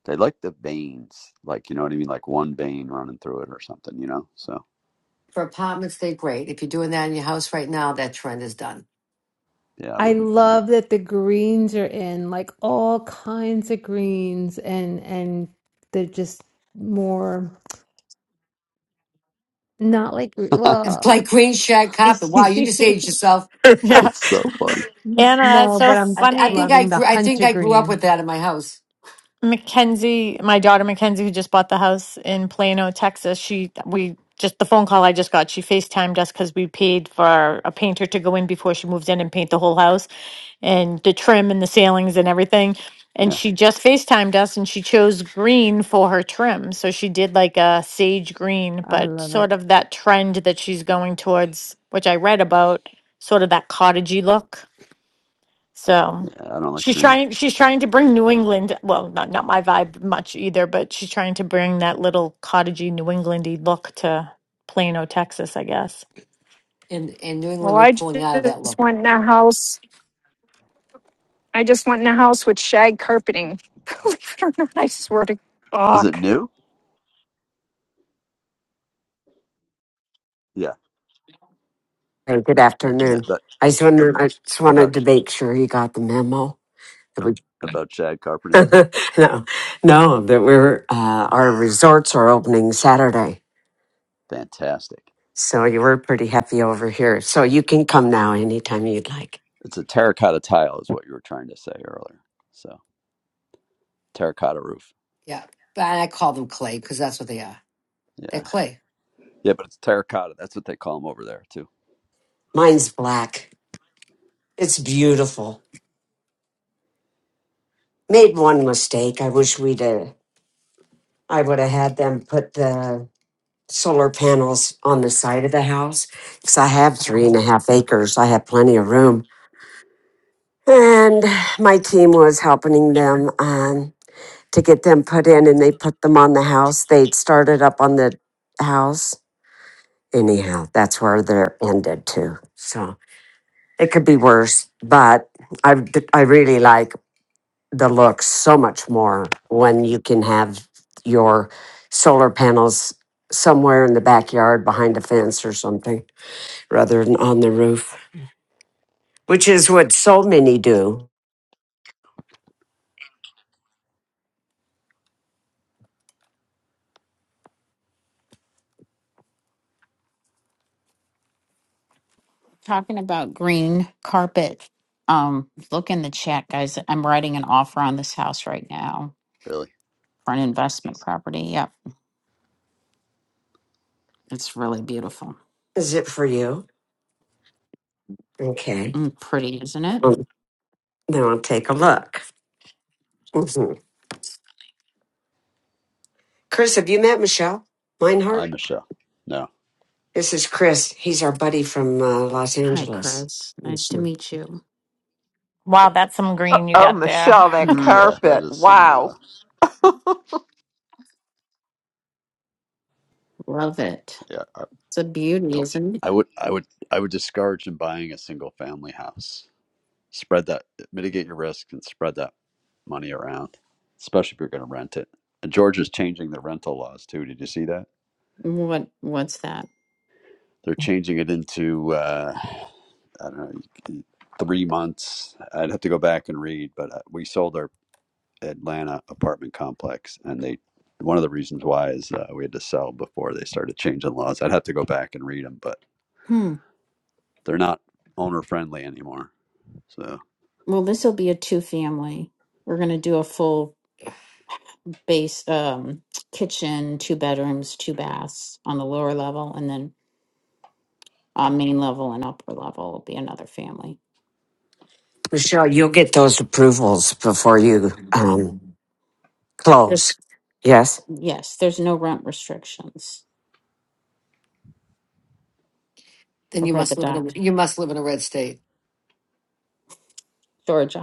Speaker 10: they like the veins, like you know what I mean, like one vein running through it or something. You know. So
Speaker 6: For apartments, they're great. If you're doing that in your house right now, that trend is done.
Speaker 10: yeah, I
Speaker 7: I
Speaker 10: wouldn't. I don't.
Speaker 7: love that the greens are in, like all kinds of greens, and and they're just more not like gre-
Speaker 6: It's
Speaker 7: well,
Speaker 6: like green shag carpet. Wow, you just aged yourself.
Speaker 5: Yeah.
Speaker 10: That's so funny.
Speaker 5: Anna, it's
Speaker 7: no,
Speaker 5: so
Speaker 7: but I'm
Speaker 6: I, th- I
Speaker 5: funny.
Speaker 6: think I
Speaker 7: loving the
Speaker 6: grew, I think
Speaker 7: hunter
Speaker 6: I grew up
Speaker 7: green.
Speaker 6: with that in my house.
Speaker 5: Mackenzie, my daughter Mackenzie, who just bought the house in Plano, Texas, she we just the phone call I just got, she FaceTimed us because we paid for a painter to go in before she moved in and paint the whole house and the trim and the ceilings and everything. And
Speaker 10: Yeah,
Speaker 5: she just FaceTimed us and she chose green for her trim. So she did like a sage green,
Speaker 7: I
Speaker 5: but
Speaker 7: love
Speaker 5: sort
Speaker 7: it.
Speaker 5: of that trend that she's going towards, which I read about, sort of that cottagey look. So
Speaker 10: yeah. I don't like
Speaker 5: she's
Speaker 10: green.
Speaker 5: trying she's trying to bring New England well, not not my vibe much either, but she's trying to bring that little cottagey New Englandy look to Plano, Texas, I guess.
Speaker 6: In in New
Speaker 8: well,
Speaker 6: England, we're
Speaker 8: I
Speaker 6: pulling out of that
Speaker 8: just
Speaker 6: look.
Speaker 8: went in a house. I just went in a house with shag carpeting. Believe it or not, I swear to
Speaker 10: Was it
Speaker 8: fuck.
Speaker 10: new? Yeah,
Speaker 2: Okay, Good afternoon. I just wanted, I just wanted
Speaker 10: about
Speaker 2: to make sure you got the memo. that we-
Speaker 10: about shag carpeting.
Speaker 2: no, no, that we're uh, our resorts are opening Saturday,
Speaker 10: Fantastic.
Speaker 2: so you were pretty happy over here. So you can come now anytime you'd like.
Speaker 10: It's a terracotta tile, is what you were trying to say earlier. So terracotta roof.
Speaker 6: Yeah. But I call them clay because that's what they are. They're
Speaker 10: Yeah,
Speaker 6: clay.
Speaker 10: yeah, but it's terracotta. That's what they call them over there too.
Speaker 2: Mine's black. It's beautiful. Made one mistake. I wish we'd. Uh, I would have had them put the solar panels on the side of the house because I have three and a half acres. I have plenty of room. And my team was helping them um, to get them put in, and they put them on the house. They'd started up on the house. Anyhow, that's where they're ended too. So it could be worse, but I, I really like the look so much more when you can have your solar panels somewhere in the backyard behind a fence or something. rather than on the roof, which is what so many do.
Speaker 3: talking about green carpet um look in the chat guys i'm writing an offer on this house right now
Speaker 10: Really,
Speaker 3: for an investment property yep it's really beautiful
Speaker 2: Is it for you? Okay.
Speaker 3: Mm, pretty isn't it
Speaker 2: Well, now I'll take a look. Mhm. Chris, have you met Michelle
Speaker 10: I
Speaker 2: Meinhardt?
Speaker 10: Michelle. No,
Speaker 2: This is Chris. He's our buddy from uh, Los
Speaker 3: hi
Speaker 2: Angeles.
Speaker 3: chris nice to
Speaker 2: Mhm.
Speaker 3: meet you
Speaker 5: Wow,
Speaker 10: but
Speaker 5: that's some green you
Speaker 11: Oh,
Speaker 5: got there.
Speaker 11: Michelle, that
Speaker 3: Mm,
Speaker 10: yeah, that
Speaker 11: carpet.
Speaker 10: is some.
Speaker 11: Wow.
Speaker 10: Uh,
Speaker 3: love it
Speaker 10: yeah, I
Speaker 3: it's a beauty
Speaker 10: don't.
Speaker 3: isn't it
Speaker 10: I would, I would, I would discourage in buying a single family house. Spread that, mitigate your risk, and spread that money around, especially if you're going to rent it. And Georgia's changing the rental laws too. Did you see that?
Speaker 3: what what's that
Speaker 10: They're changing it into uh, I don't know three months. I'd have to go back and read, but uh, we sold our Atlanta apartment complex, and they one of the reasons why is uh, we had to sell before they started changing laws. I'd have to go back and read them, but
Speaker 3: hmm
Speaker 10: they're not owner friendly anymore. So
Speaker 3: well this will be a two family we're going to do a full base um kitchen two bedrooms two baths on the lower level and then uh, main level and upper level will be another family.
Speaker 2: Michelle, you'll get those approvals before you um, close.
Speaker 3: There's,
Speaker 2: Yes?
Speaker 3: yes, there's no rent restrictions
Speaker 6: Then you
Speaker 3: over the
Speaker 6: must live in a
Speaker 3: dock,
Speaker 6: you must live in a red state.
Speaker 3: storage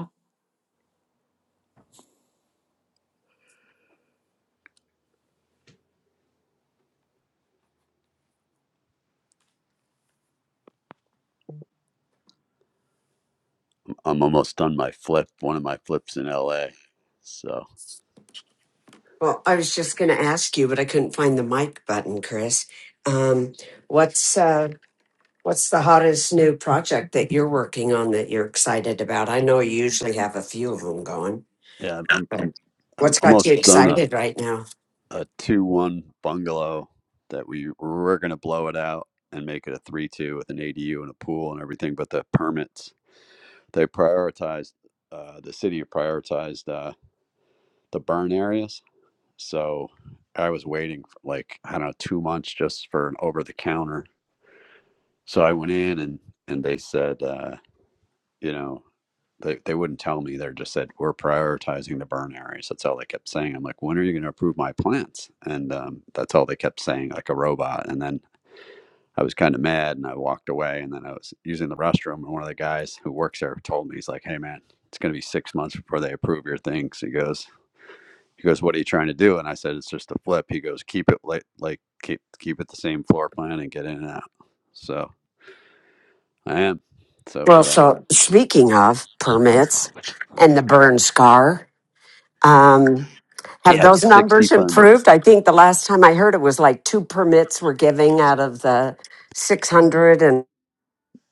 Speaker 10: I'm almost done my flip. One of my flips in L.A. So
Speaker 2: Well, I was just going to ask you, but I couldn't find the mic button, Chris. Um, what's uh, What's the hottest new project that you're working on that you're excited about? I know you usually have a few of them going,
Speaker 10: yeah, I'm
Speaker 2: but
Speaker 10: I'm I'm, I'm
Speaker 2: what's got you
Speaker 10: almost done a
Speaker 2: excited right now?
Speaker 10: a two one bungalow that we were going to blow it out and make it a three two with an ADU and a pool and everything. But the permits they prioritized uh, the city prioritized uh, the burn areas, so I was waiting for like I don't know two months just for an over the counter. So I went in and and they said uh, you know They they wouldn't tell me. They just said we're prioritizing the burn areas. That's all they kept saying. I'm like, when are you going to approve my plants? And um, that's all they kept saying, like a robot. And then I was kind of mad, and I walked away. And then I was using the restroom, and one of the guys who works there told me, he's like, hey man, it's going to be six months before they approve your thing. So he goes, he goes, what are you trying to do? And I said, it's just a flip. He goes, keep it like like keep keep it the same floor plan and get in and out. So I am. So for
Speaker 2: Well,
Speaker 10: that one,
Speaker 2: so speaking of permits and the burn scar, um,
Speaker 10: yeah,
Speaker 2: have
Speaker 10: I have
Speaker 2: those
Speaker 10: 60
Speaker 2: numbers
Speaker 10: permits.
Speaker 2: improved? I think the last time I heard it was like two permits were giving out of the six hundred and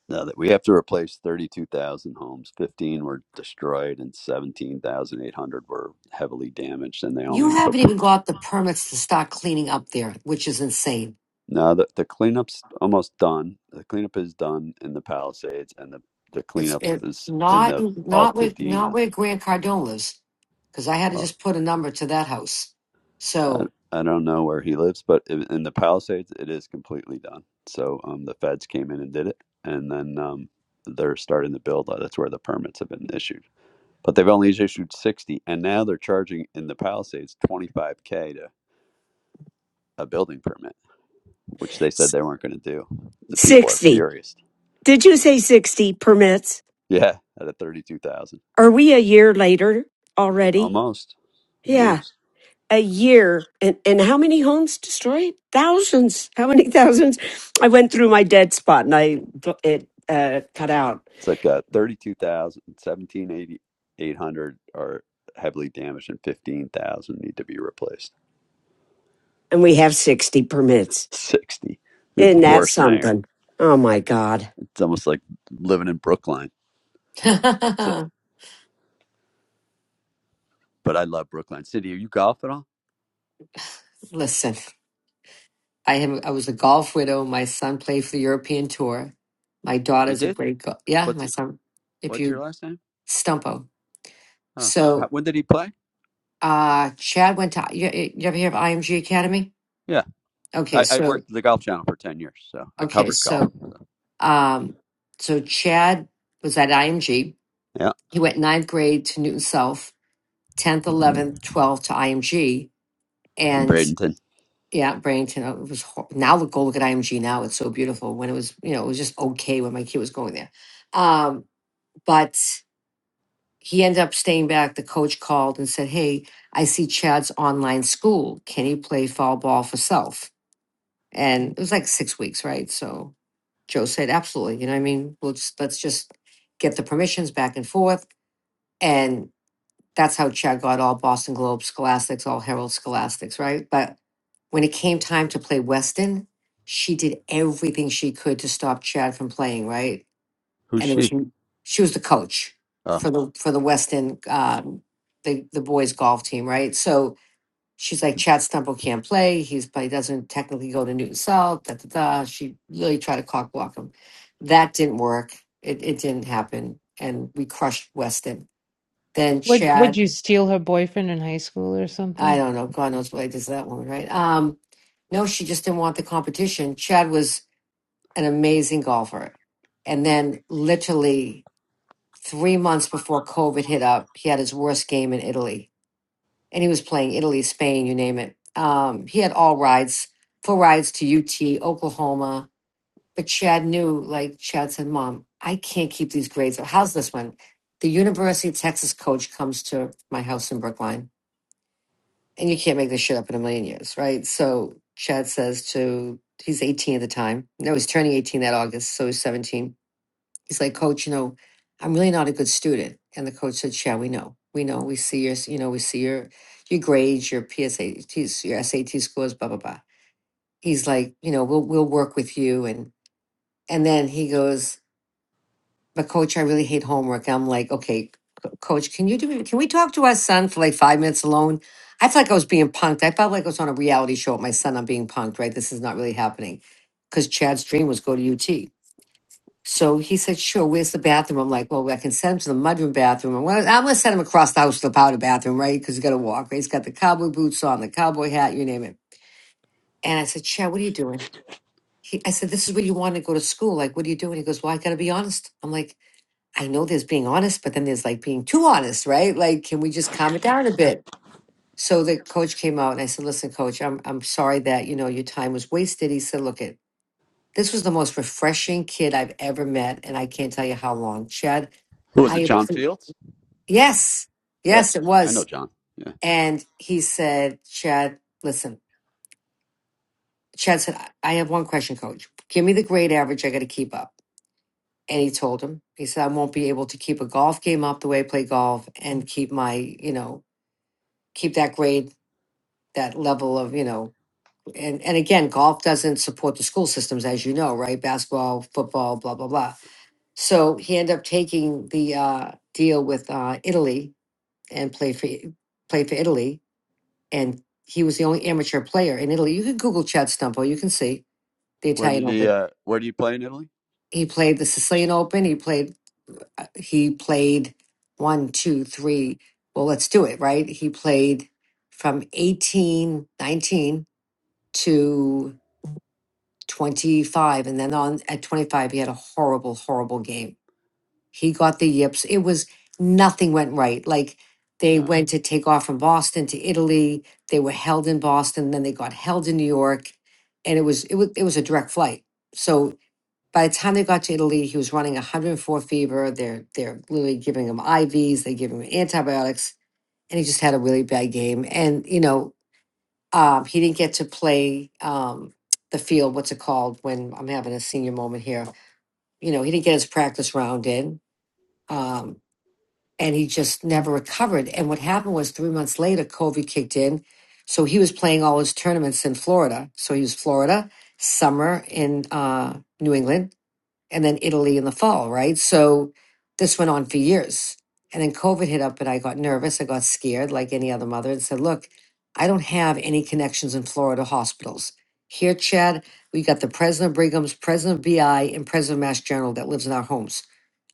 Speaker 10: Now that we have to replace 32,000 homes, 15 were destroyed and 17,800 were heavily damaged, and they
Speaker 6: You
Speaker 10: only
Speaker 6: haven't
Speaker 10: appro-
Speaker 6: even got the permits to start cleaning up there, which is insane.
Speaker 10: now the, the cleanup's almost done. The cleanup is done in the Palisades, and the the
Speaker 6: It's
Speaker 10: cleanup
Speaker 6: it,
Speaker 10: is in
Speaker 6: not
Speaker 10: the
Speaker 6: not where not
Speaker 10: Altadena.
Speaker 6: where Grant Cardone lives, because I had to
Speaker 10: Well,
Speaker 6: just put a number to that house.
Speaker 10: I,
Speaker 6: So
Speaker 10: I don't know where he lives, but i- in the Palisades, it is completely done. So um, the feds came in and did it, and then um, they're starting to build. Uh, That's where the permits have been issued. but they've only issued 60 and now they're charging in the palisades 25k to a building permit which they said
Speaker 2: sixty.
Speaker 10: they weren't going to do the people are furious
Speaker 2: Did you say 60 permits?
Speaker 10: yeah at a 32000
Speaker 2: Are we a year later already?
Speaker 10: almost
Speaker 2: Yeah.
Speaker 10: almost
Speaker 2: a year and, and how many homes destroyed thousands how many thousands i went through my dead spot and i it uh, cut out
Speaker 10: it's like a thirty-two thousand seventeen eighty-eight hundred are heavily damaged and 15000 need to be replaced
Speaker 2: and we have 60 permits
Speaker 10: 60 we have the
Speaker 2: isn't that
Speaker 10: worst mayor
Speaker 2: something oh my god
Speaker 10: it's almost like living in brookline so but i love brookline city are you golf at all
Speaker 6: listen, I am I was a golf widow. My son played for the European Tour. My
Speaker 10: you
Speaker 6: daughter's a
Speaker 10: did
Speaker 6: great go- yeah. My
Speaker 10: what's it
Speaker 6: son, if
Speaker 10: what's your
Speaker 6: you
Speaker 10: last name
Speaker 6: stumpo,
Speaker 10: oh how,
Speaker 6: so
Speaker 10: when did he play
Speaker 6: uh Chad went to you, you ever hear of IMG Academy?
Speaker 10: Yeah,
Speaker 6: Okay,
Speaker 10: I, I
Speaker 6: so
Speaker 10: worked at the Golf Channel for ten years, so I
Speaker 6: okay,
Speaker 10: covered golf.
Speaker 6: so um so Chad was at IMG.
Speaker 10: Yeah,
Speaker 6: He went ninth grade to Newton South, tenth, eleventh, twelfth to IMG,
Speaker 10: in
Speaker 6: and
Speaker 10: Bradenton.
Speaker 6: yeah, Barrington. uh, It was hor- now look go look at IMG now. It's so beautiful. When it was you know it was just okay when my kid was going there, um, but he ended up staying back. The coach called and said, "Hey, I see Chad's online school. Can he play fall ball for self?" and it was like six weeks, right? So Joe said, absolutely. You know, what I mean, we'll just, let's just get the permissions back and forth, and that's how Chad got all Boston Globe Scholastics, all Herald Scholastics, right? But when it came time to play Weston, she did everything she could to stop Chad from playing, right?
Speaker 10: Who's
Speaker 6: And there was
Speaker 10: she?
Speaker 6: n- she was the coach
Speaker 10: Oh,
Speaker 6: for the for the Weston um, the the boys golf team, right? So she's like Chad Stumble can't play. He's but he doesn't technically go to Newton South. Da da da. She really tried to cock block him. That didn't work. It it didn't happen, and we crushed Weston. Then
Speaker 7: Would would
Speaker 6: Chad,
Speaker 7: you steal her boyfriend in high school or
Speaker 6: I
Speaker 7: something?
Speaker 6: don't know. God knows what I did to that woman, right? Um, no, she just didn't want the competition. Chad was an amazing golfer, and then literally three months before COVID hit up, he had his worst game in Italy and he was playing Italy, Spain, you name it. Um, he had all rides, full rides to UT, Oklahoma. But Chad knew, like Chad said, Mom, I can't keep these grades. up. How's this one? The University of Texas coach comes to my house in Brookline, and you can't make this shit up in a million years, right? So Chad says to, he's 18 at the time. No, he's turning 18 that August, so he's 17 He's like, Coach, you know, I'm really not a good student. And the coach said, Yeah, we know. We know. We see your, you know, we see your your grades, your PSATs, your SAT scores, blah, blah, blah. He's like, you know, we'll we'll work with you. And and then he goes, But coach, I really hate homework. I'm like, okay, co- coach, can you do me can we talk to our son for like five minutes alone? I felt like I was being punked. I felt like I was on a reality show with my son. I'm being punked, right? This is not really happening. Because Chad's dream was go to UT. So he said, sure, where's the bathroom? I'm like, well, I can send him to the mudroom bathroom. Well, I'm going to send him across the house to the powder bathroom, right? Because he's got to walk, right? He's got the cowboy boots on, the cowboy hat, you name it. And I said, Chad, what are you doing? He, I said, this is where you want to go to school. Like, what are you doing? He goes, well, I got to be honest. I'm like, I know there's being honest, but then there's like being too honest, right? Like, can we just calm it down a bit? So the coach came out and I said, listen, coach, I'm, I'm sorry that, you know, your time was wasted. He said, look it, this was the most refreshing kid I've ever met, and I can't tell you how long. Chad,
Speaker 10: who was it?
Speaker 6: I
Speaker 10: John
Speaker 6: appre-
Speaker 10: Fields?
Speaker 6: yes,
Speaker 10: Yeah,
Speaker 6: yes, it
Speaker 10: I know
Speaker 6: was.
Speaker 10: John. Yeah,
Speaker 6: And he said, Chad, listen. Chad said, I I have one question, coach. Give me the grade average I got to keep up. And he told him, he said, I won't be able to keep a golf game up the way I play golf and keep my, you know, keep that grade, that level of, you know, and and again, golf doesn't support the school systems, as you know, right? Basketball, football, blah blah blah. So he ended up taking the uh, deal with uh, Italy and played for I- played for Italy, and he was the only amateur player in Italy. You can Google Chad Stumpo, you can see the
Speaker 10: where
Speaker 6: Italian
Speaker 10: did he?
Speaker 6: Open.
Speaker 10: Uh, where do you play in Italy?
Speaker 6: He played the
Speaker 10: It's-
Speaker 6: Sicilian Open. He played uh, he played one, two, three. Well, let's do it, right? He played from eighteen, nineteen to 25 and then on at 25 he had a horrible horrible game he got the yips it was nothing went right like they
Speaker 10: Uh,
Speaker 6: went to take off from boston to italy they were held in boston then they got held in new york and it was it was it was a direct flight so by the time they got to italy he was running 104 fever they're they're literally giving him ivs they give him antibiotics and he just had a really bad game and you know um, he didn't get to play um, the field. What's it called? When I'm having a senior moment here, you know, he didn't get his practice round in, um, and he just never recovered. And what happened was three months later, COVID kicked in, so he was playing all his tournaments in Florida. So he was Florida summer in uh, New England, and then Italy in the fall, right? So this went on for years. And then COVID hit up and I got nervous. I got scared like any other mother and said, Look, I don't have any connections in Florida hospitals. Here, Chad, we got the president of Brigham's, president of BI, and president of Mass General that lives in our homes.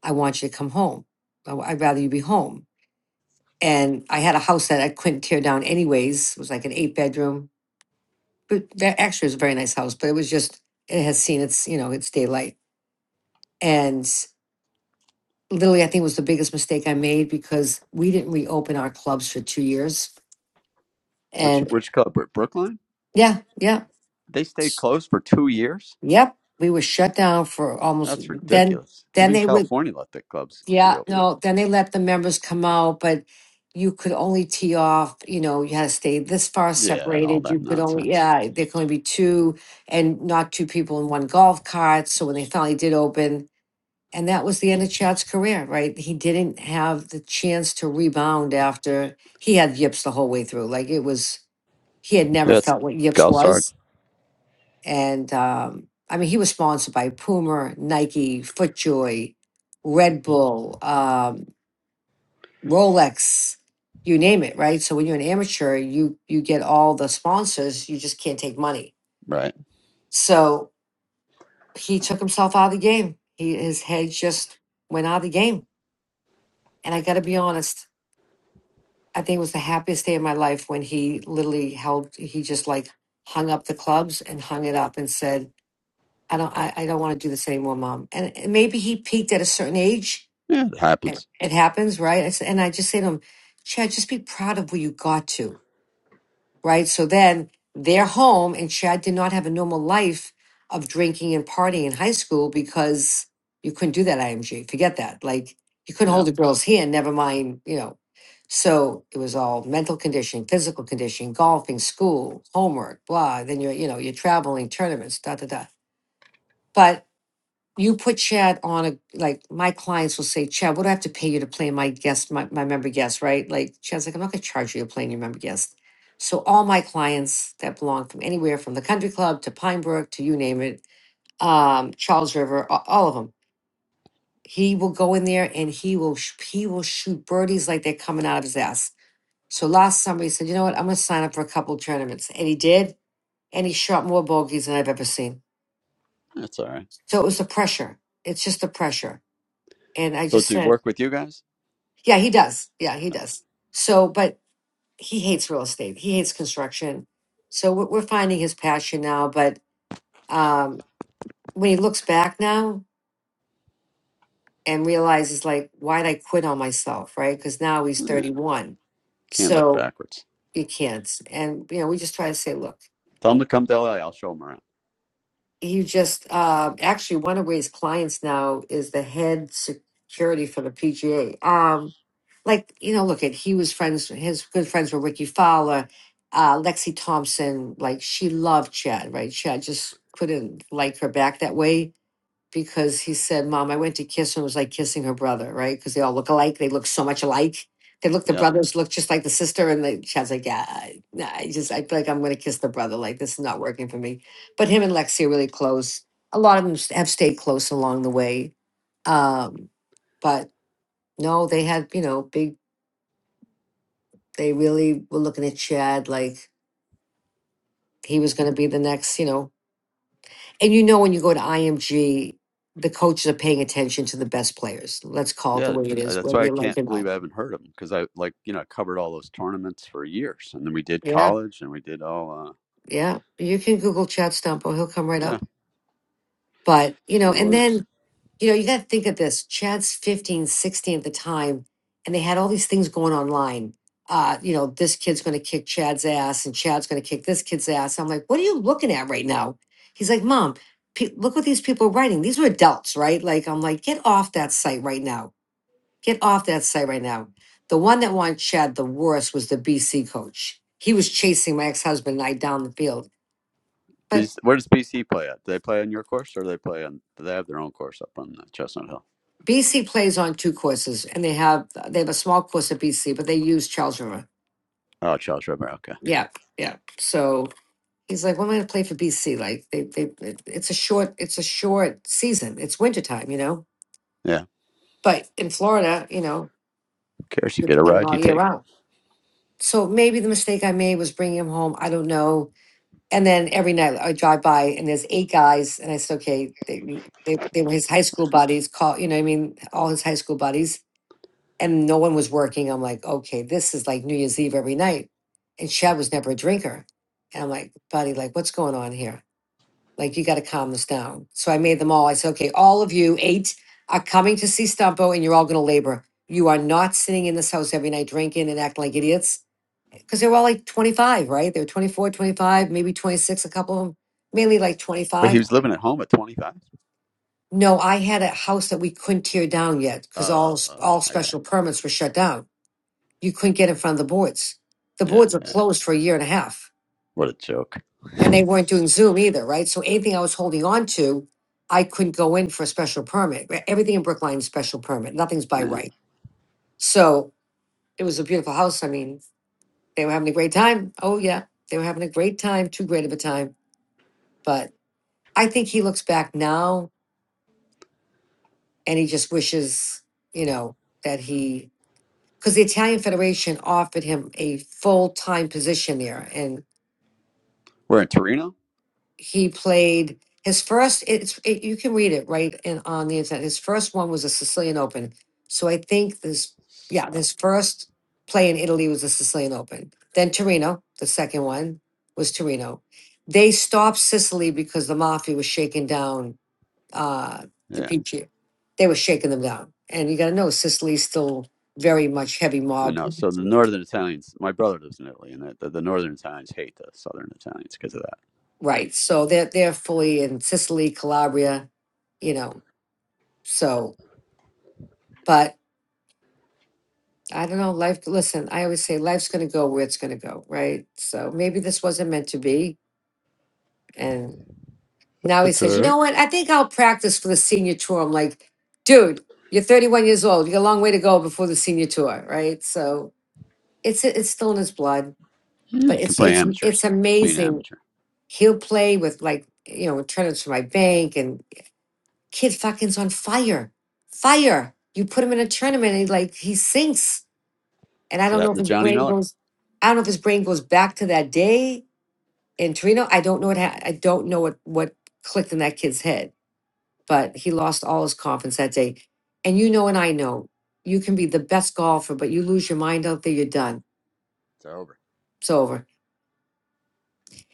Speaker 6: I want you to come home. I- I'd rather you be home. And I had a house that I couldn't tear down anyways. It was like an eight bedroom, but that actually was a very nice house, but it was just, it has seen its, you know, its daylight. And literally, I think was the biggest mistake I made because we didn't reopen our clubs for two years.
Speaker 10: which
Speaker 6: And
Speaker 10: which club? Brookline?
Speaker 6: yeah, yeah,
Speaker 10: They stayed closed for two years.
Speaker 6: yep, we were shut down for almost.
Speaker 10: That's
Speaker 6: Then,
Speaker 10: ridiculous.
Speaker 6: then
Speaker 10: Even
Speaker 6: they would,
Speaker 10: California let the clubs be
Speaker 6: yeah,
Speaker 10: open.
Speaker 6: no, then they let the members come out, but you could only tee off. You know, you had to stay this far
Speaker 10: Yeah, all
Speaker 6: separated. You
Speaker 10: that
Speaker 6: could only,
Speaker 10: nonsense.
Speaker 6: yeah, there could only be two, and not two people in one golf cart. So when they finally did open, And that was the end of Chad's career, right? He didn't have the chance to rebound after he had yips the whole way through. Like it was, he had never
Speaker 10: That's
Speaker 6: felt what yips
Speaker 10: golf's hard,
Speaker 6: was. And um, I mean, he was sponsored by Puma, Nike, FootJoy, Red Bull, um, Rolex, you name it, right? So when you're an amateur, you you get all the sponsors. You just can't take money.
Speaker 10: right?
Speaker 6: So he took himself out of the game. He his head just went out of the game. And I got to be honest, I think it was the happiest day of my life when he literally held he just like hung up the clubs and hung it up and said, I don't I, I don't want to do this anymore, mom. And, and maybe he peaked at a certain age.
Speaker 10: Yeah, it
Speaker 6: It,
Speaker 10: happens.
Speaker 6: it happens, right? I s- and I just say to him, Chad, just be proud of where you got to right? So then they're home, and Chad did not have a normal life of drinking and partying in high school because you couldn't do that at IMG. Forget that. Like you couldn't
Speaker 10: Yeah,
Speaker 6: hold a girl's hand, never mind, you know. So it was all mental conditioning, physical conditioning, golfing, school, homework, blah. Then you're, you know, you're traveling, tournaments, da da da. But you put Chad on a like my clients will say, Chad, what do I have to pay you to play my guest, my, my member guest, right? Like Chad's like, I'm not gonna charge you to play your member guest. So all my clients that belong from anywhere from the country club to Pine Brook to you name it, um, Charles River, a- all of them. He will go in there and he will sh- he will shoot birdies like they're coming out of his ass. So last summer he said, you know what, I'm gonna sign up for a couple tournaments. And he did, and he shot more bogeys than I've ever seen.
Speaker 10: that's all right.
Speaker 6: So it was the pressure. It's just the pressure. And I
Speaker 10: So, does
Speaker 6: just
Speaker 10: he
Speaker 6: said,
Speaker 10: work with you guys?
Speaker 6: Yeah, he does. Yeah, he
Speaker 10: Oh,
Speaker 6: does. So, but he hates real estate. He hates construction. So we're we're finding his passion now. But um, when he looks back now and realizes, like, why'd I quit on myself, right? Because now he's
Speaker 10: Yeah,
Speaker 6: 31.
Speaker 10: can't look
Speaker 6: So
Speaker 10: backwards.
Speaker 6: you can't. And, you know, we just try to say, look,
Speaker 10: Tell him to come to LA. I'll show him around.
Speaker 6: he just uh, actually one of Ray's clients now is the head security for the PGA. Um, like you know, look at he was friends. His good friends were Ricky Fowler, uh, Lexi Thompson. Like she loved Chad, right? Chad just couldn't like her back that way because he said, Mom, I went to kiss her and it was like kissing her brother, right? Because they all look alike. They look so much alike. They look, the
Speaker 10: Yeah.
Speaker 6: brothers look just like the sister. And the child's like, Yeah, I, nah, I just, I feel like I'm going to kiss the brother. Like, this is not working for me. But him and Lexi are really close. A lot of them s- have stayed close along the way. Um, but no, they had, you know, big, they really were looking at Chad like he was going to be the next, you know, And you know, when you go to IMG, the coaches are paying attention to the best players. Let's call it the
Speaker 10: Yeah.
Speaker 6: way it
Speaker 10: Uh,
Speaker 6: is,
Speaker 10: That's
Speaker 6: whether
Speaker 10: why I
Speaker 6: you like it
Speaker 10: can't
Speaker 6: or
Speaker 10: believe
Speaker 6: not.
Speaker 10: I haven't heard of them because I like, you know, I covered all those tournaments for years. And then we did
Speaker 6: Yeah,
Speaker 10: college and we did all, uh,
Speaker 6: yeah. You can Google Chad Stumpo, he'll come right
Speaker 10: yeah,
Speaker 6: up. But, you know,
Speaker 10: no
Speaker 6: and
Speaker 10: worries.
Speaker 6: then, you know, you got to think of this. Chad's 15, 16 at the time, and they had all these things going online. Uh, you know, this kid's going to kick Chad's ass, and Chad's going to kick this kid's ass. I'm like, what are you looking at right now? He's like, Mom, pe- look what these people are writing. These are adults, right? Like, I'm like, get off that site right now Get off that site right now. The one that won Chad the worst was the BC coach. He was chasing my ex-husband and I down the field. But
Speaker 10: BC, where does BC play at? Do they play on your course or do they play on, do they have their own course up on uh, Chestnut Hill?
Speaker 6: BC plays on two courses, and they have they have a small course at BC, but they use Charles River.
Speaker 10: Oh, Charles River. Okay.
Speaker 6: Yeah, yeah. So he's like, "When am I going to play for BC? Like, they they it- it's a short it's a short season. It's wintertime, you know.
Speaker 10: Yeah. Who
Speaker 6: But in Florida, you know,
Speaker 10: cares? You
Speaker 6: you're
Speaker 10: get a
Speaker 6: playing
Speaker 10: ride,
Speaker 6: all
Speaker 10: you
Speaker 6: year
Speaker 10: take it.
Speaker 6: round. So maybe the mistake I made was bringing him home. I don't know And then every night I drive by and there's eight guys, and I said, okay, they they, they were his high school buddies, call you know, what I mean, all his high school buddies, and no one was working. I'm like, okay, this is like New Year's Eve every night, and Chad was never a drinker, and I'm like, buddy, like what's going on here? Like you got to calm this down. So I made them all. I said, okay, all of you eight are coming to see Stumpo, and you're all going to labor. You are not sitting in this house every night drinking and acting like idiots because they were all like 25, right? They were 24, 25, maybe 26, a couple of them, mainly like
Speaker 10: But he
Speaker 6: 25.
Speaker 10: was living at home at 25.
Speaker 6: No, I had a house that we couldn't tear down yet
Speaker 10: Oh,
Speaker 6: because all
Speaker 10: oh, oh
Speaker 6: all
Speaker 10: I got
Speaker 6: special
Speaker 10: it.
Speaker 6: permits were shut down. You couldn't get in front of the boards. The
Speaker 10: Yeah.
Speaker 6: boards were
Speaker 10: Yeah.
Speaker 6: closed for a year and a half,
Speaker 10: What a joke.
Speaker 6: and they weren't doing Zoom either, right? So anything I was holding on to, I couldn't go in for a special permit. Re- Everything in Brookline is special permit. Nothing's by
Speaker 10: Yeah.
Speaker 6: right. So it was a beautiful house. I mean, they were having a great time. Oh yeah, they were having a great time. Too great of a time, but I think he looks back now and he just wishes, you know, that he because the Italian Federation offered him a full time position there, and
Speaker 10: We're in Torino.
Speaker 6: he played his first. It's it, you can read it right in on the internet. His first one was a Sicilian Open, so I think this yeah
Speaker 10: So,
Speaker 6: his first play in Italy was the Sicilian Open. Then Torino, the second one was Torino. They stopped Sicily because the mafia was shaking down uh, the
Speaker 10: yeah.
Speaker 6: PG. They were shaking them down, and you got to know Sicily's still very much heavy
Speaker 10: I
Speaker 6: mob
Speaker 10: know. So the northern Italians, my brother lives in Italy, and the, the, the northern Italians hate the southern Italians because of that.
Speaker 6: right. So they're they're fully in Sicily, Calabria, you know. So, but I don't know. Life. Listen, I always say life's going to go where it's going to go, right? So maybe this wasn't meant to be, and now he
Speaker 10: That's all
Speaker 6: says, you
Speaker 10: right.
Speaker 6: know what? I think I'll practice for the senior tour. I'm like, dude, you're 31 years old. You got a long way to go before the senior tour, right? So it's it's still in his blood
Speaker 10: Mm.
Speaker 6: but
Speaker 10: You can
Speaker 6: it's
Speaker 10: play
Speaker 6: it's it's
Speaker 10: amateurs, be an
Speaker 6: amazing.
Speaker 10: amateur.
Speaker 6: He'll play with like you know tournaments for my bank and kid fucking's on fire, fire. You put him in a tournament and he like he sinks. And I
Speaker 10: So
Speaker 6: don't know
Speaker 10: that
Speaker 6: if
Speaker 10: the
Speaker 6: his
Speaker 10: Johnny
Speaker 6: brain
Speaker 10: Miller.
Speaker 6: goes, I don't know if his brain goes back to that day in Torino. I don't know what ha- I don't know what what clicked in that kid's head, but he lost all his confidence that day. And you know, and I know, you can be the best golfer, but you lose your mind out there, you're done.
Speaker 10: It's over.
Speaker 6: It's over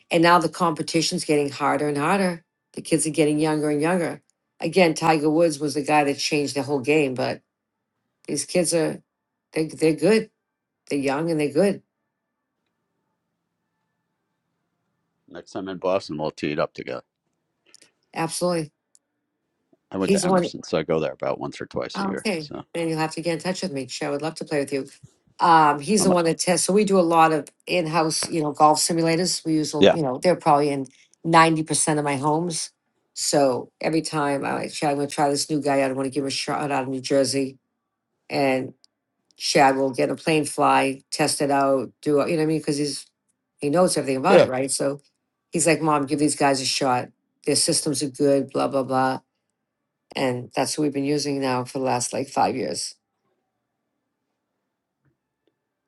Speaker 6: And now the competition's getting harder and harder. The kids are getting younger and younger. Again, Tiger Woods was the guy that changed the whole game, but these kids are they they're good. They're young and they're good.
Speaker 10: Next time in Boston, we'll tee it up together.
Speaker 6: Absolutely.
Speaker 10: I went
Speaker 6: He's
Speaker 10: to
Speaker 6: the one
Speaker 10: Emerson, so I go there about once or twice a
Speaker 6: oh,
Speaker 10: year.
Speaker 6: okay.
Speaker 10: So
Speaker 6: And you'll have to get in touch with me. Sure, I would love to play with you. Um, he's the
Speaker 10: I'm a
Speaker 6: one that tests. So we do a lot of in-house, you know, golf simulators. We use, a-
Speaker 10: yeah.
Speaker 6: you know, they're probably in 90% of my homes. So every time I, I'm going to try this new guy out. I want to give him a shot out of New Jersey. and. Shad will get a plane fly, test it out, do it, you know what I mean? Because he's he knows everything about
Speaker 10: Yeah.
Speaker 6: it, right? So he's like, Mom, give these guys a shot. Their systems are good, blah, blah, blah. And that's what we've been using now for the last like five years.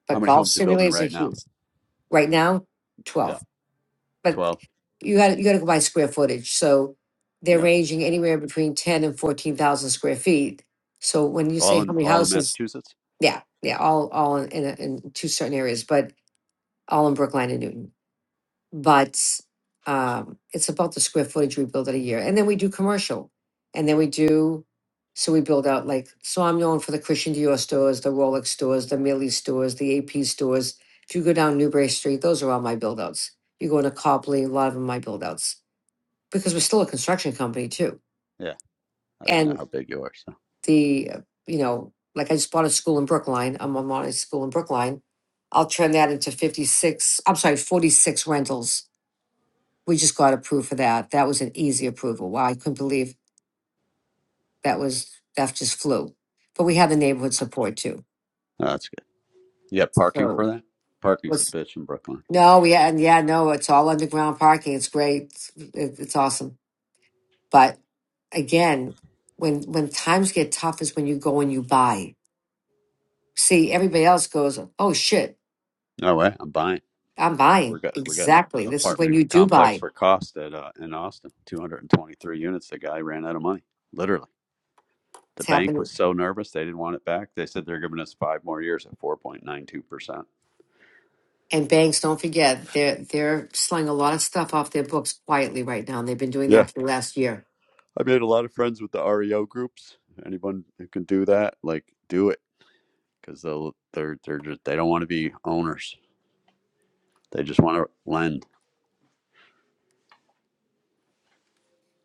Speaker 10: How
Speaker 6: But
Speaker 10: many
Speaker 6: golf
Speaker 10: homes are you building
Speaker 6: simulators are
Speaker 10: right now?
Speaker 6: huge. Right now,
Speaker 10: Yeah,
Speaker 6: 12. But
Speaker 10: twelve.
Speaker 6: you got you gotta go by square footage. So they're
Speaker 10: Yeah,
Speaker 6: ranging anywhere between 10 and 14,000 square feet. So when you
Speaker 10: all
Speaker 6: say how
Speaker 10: in
Speaker 6: many
Speaker 10: all in
Speaker 6: houses,
Speaker 10: Massachusetts.
Speaker 6: yeah, yeah, all all in, in, a, in two certain areas, but all in Brookline and Newton. but um, it's about the square footage we build in a year. And then we do commercial. And then we do, so we build out like, so I'm known for the Christian Dior stores, the Rolex stores, the Millie stores, the AP stores. If you go down Newbury Street, those are all my build outs. You go into Copley, a lot of them are my build outs because we're still a construction company too.
Speaker 10: Yeah, I didn't know
Speaker 6: And
Speaker 10: how big you are, so
Speaker 6: the, uh, you know, like I just bought a school in Brookline. I'm on a school in Brookline. I'll turn that into 56, I'm sorry, 46 rentals we just got approved for that. That was an easy approval. Wow, I couldn't believe that was, that just flew. But we had the neighborhood support too.
Speaker 10: no, that's good. You got parking
Speaker 6: So
Speaker 10: for that? Parking's a
Speaker 6: let's,
Speaker 10: bitch in Brooklyn.
Speaker 6: no, we had, yeah, no, it's all underground parking. It's great. It's, it's awesome. But again, when, when times get tough is when you go and you buy. See, everybody else goes, oh shit,
Speaker 10: No way, I'm buying.
Speaker 6: I'm
Speaker 10: We
Speaker 6: buying.
Speaker 10: got we got an
Speaker 6: Exactly. This is when
Speaker 10: apartment
Speaker 6: you do
Speaker 10: complex
Speaker 6: buy.
Speaker 10: for cost at uh, in Austin, 223 units. The guy ran out of money, literally. The
Speaker 6: It's
Speaker 10: bank
Speaker 6: happening
Speaker 10: was so nervous they didn't want it back. They said they're giving us five more years at 4.92 percent.
Speaker 6: And banks, don't forget, they're they're selling a lot of stuff off their books quietly right now, and they've been doing
Speaker 10: Yeah,
Speaker 6: that for the last year.
Speaker 10: I made a lot of friends with the REO groups. Anyone who can do that, like, do it because they'll they're they're just they don't want to be owners. They just want to lend.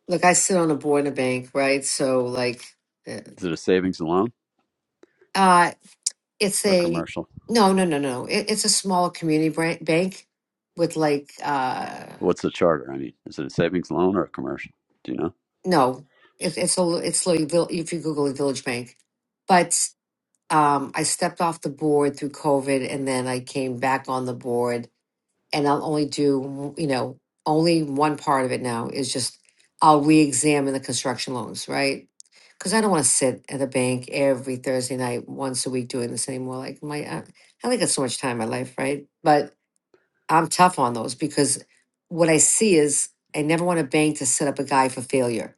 Speaker 6: Look, I sit on a board in a bank, right? So like, uh,
Speaker 10: Is it a savings and loan
Speaker 6: uh, it's
Speaker 10: or
Speaker 6: a
Speaker 10: commercial?
Speaker 6: no, no, no, no. It, it's a small community bran- bank with like uh
Speaker 10: What's the charter? I mean, is it a savings loan or a commercial? Do you know?
Speaker 6: no, it, it's a it's like vil- if you Google a Village Bank, but um, I stepped off the board through COVID, and then I came back on the board and I'll only do, you know, only one part of it now is just I'll re-examine the construction loans, right? Because I don't want to sit at the bank every Thursday night, once a week, doing this anymore. Like my, I, I only got so much time in my life, right? But I'm tough on those because what I see is I never want a bank to set up a guy for failure,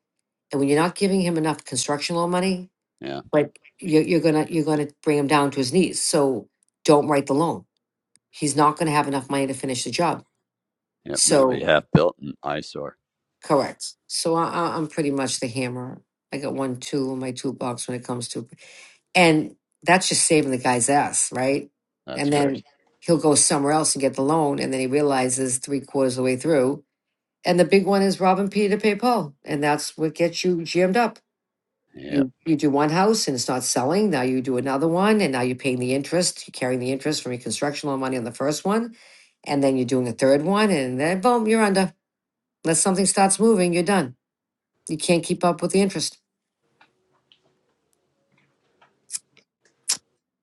Speaker 6: and when you're not giving him enough construction loan money,
Speaker 10: Yeah.
Speaker 6: like you're, you're gonna you're gonna bring him down to his knees. So don't write the loan. He's not gonna have enough money to finish the job.
Speaker 10: Yep, and then it'll
Speaker 6: So
Speaker 10: be half built and eyesore.
Speaker 6: Correct. So I, I, I'm pretty much the hammer. I got one two in my toolbox when it comes to, and that's just saving the guy's ass, right?
Speaker 10: That's
Speaker 6: And
Speaker 10: great.
Speaker 6: then he'll go somewhere else and get the loan, and then he realizes three quarters of the way through. And the big one is robbing Peter to pay Paul, and that's what gets you jammed up.
Speaker 10: Yep.
Speaker 6: You you do one house and it's not selling. Now you do another one, and now you're paying the interest. You're carrying the interest from your construction loan money on the first one, and then you're doing a third one, and then boom, you're under. Unless something starts moving, you're done. You can't keep up with the interest.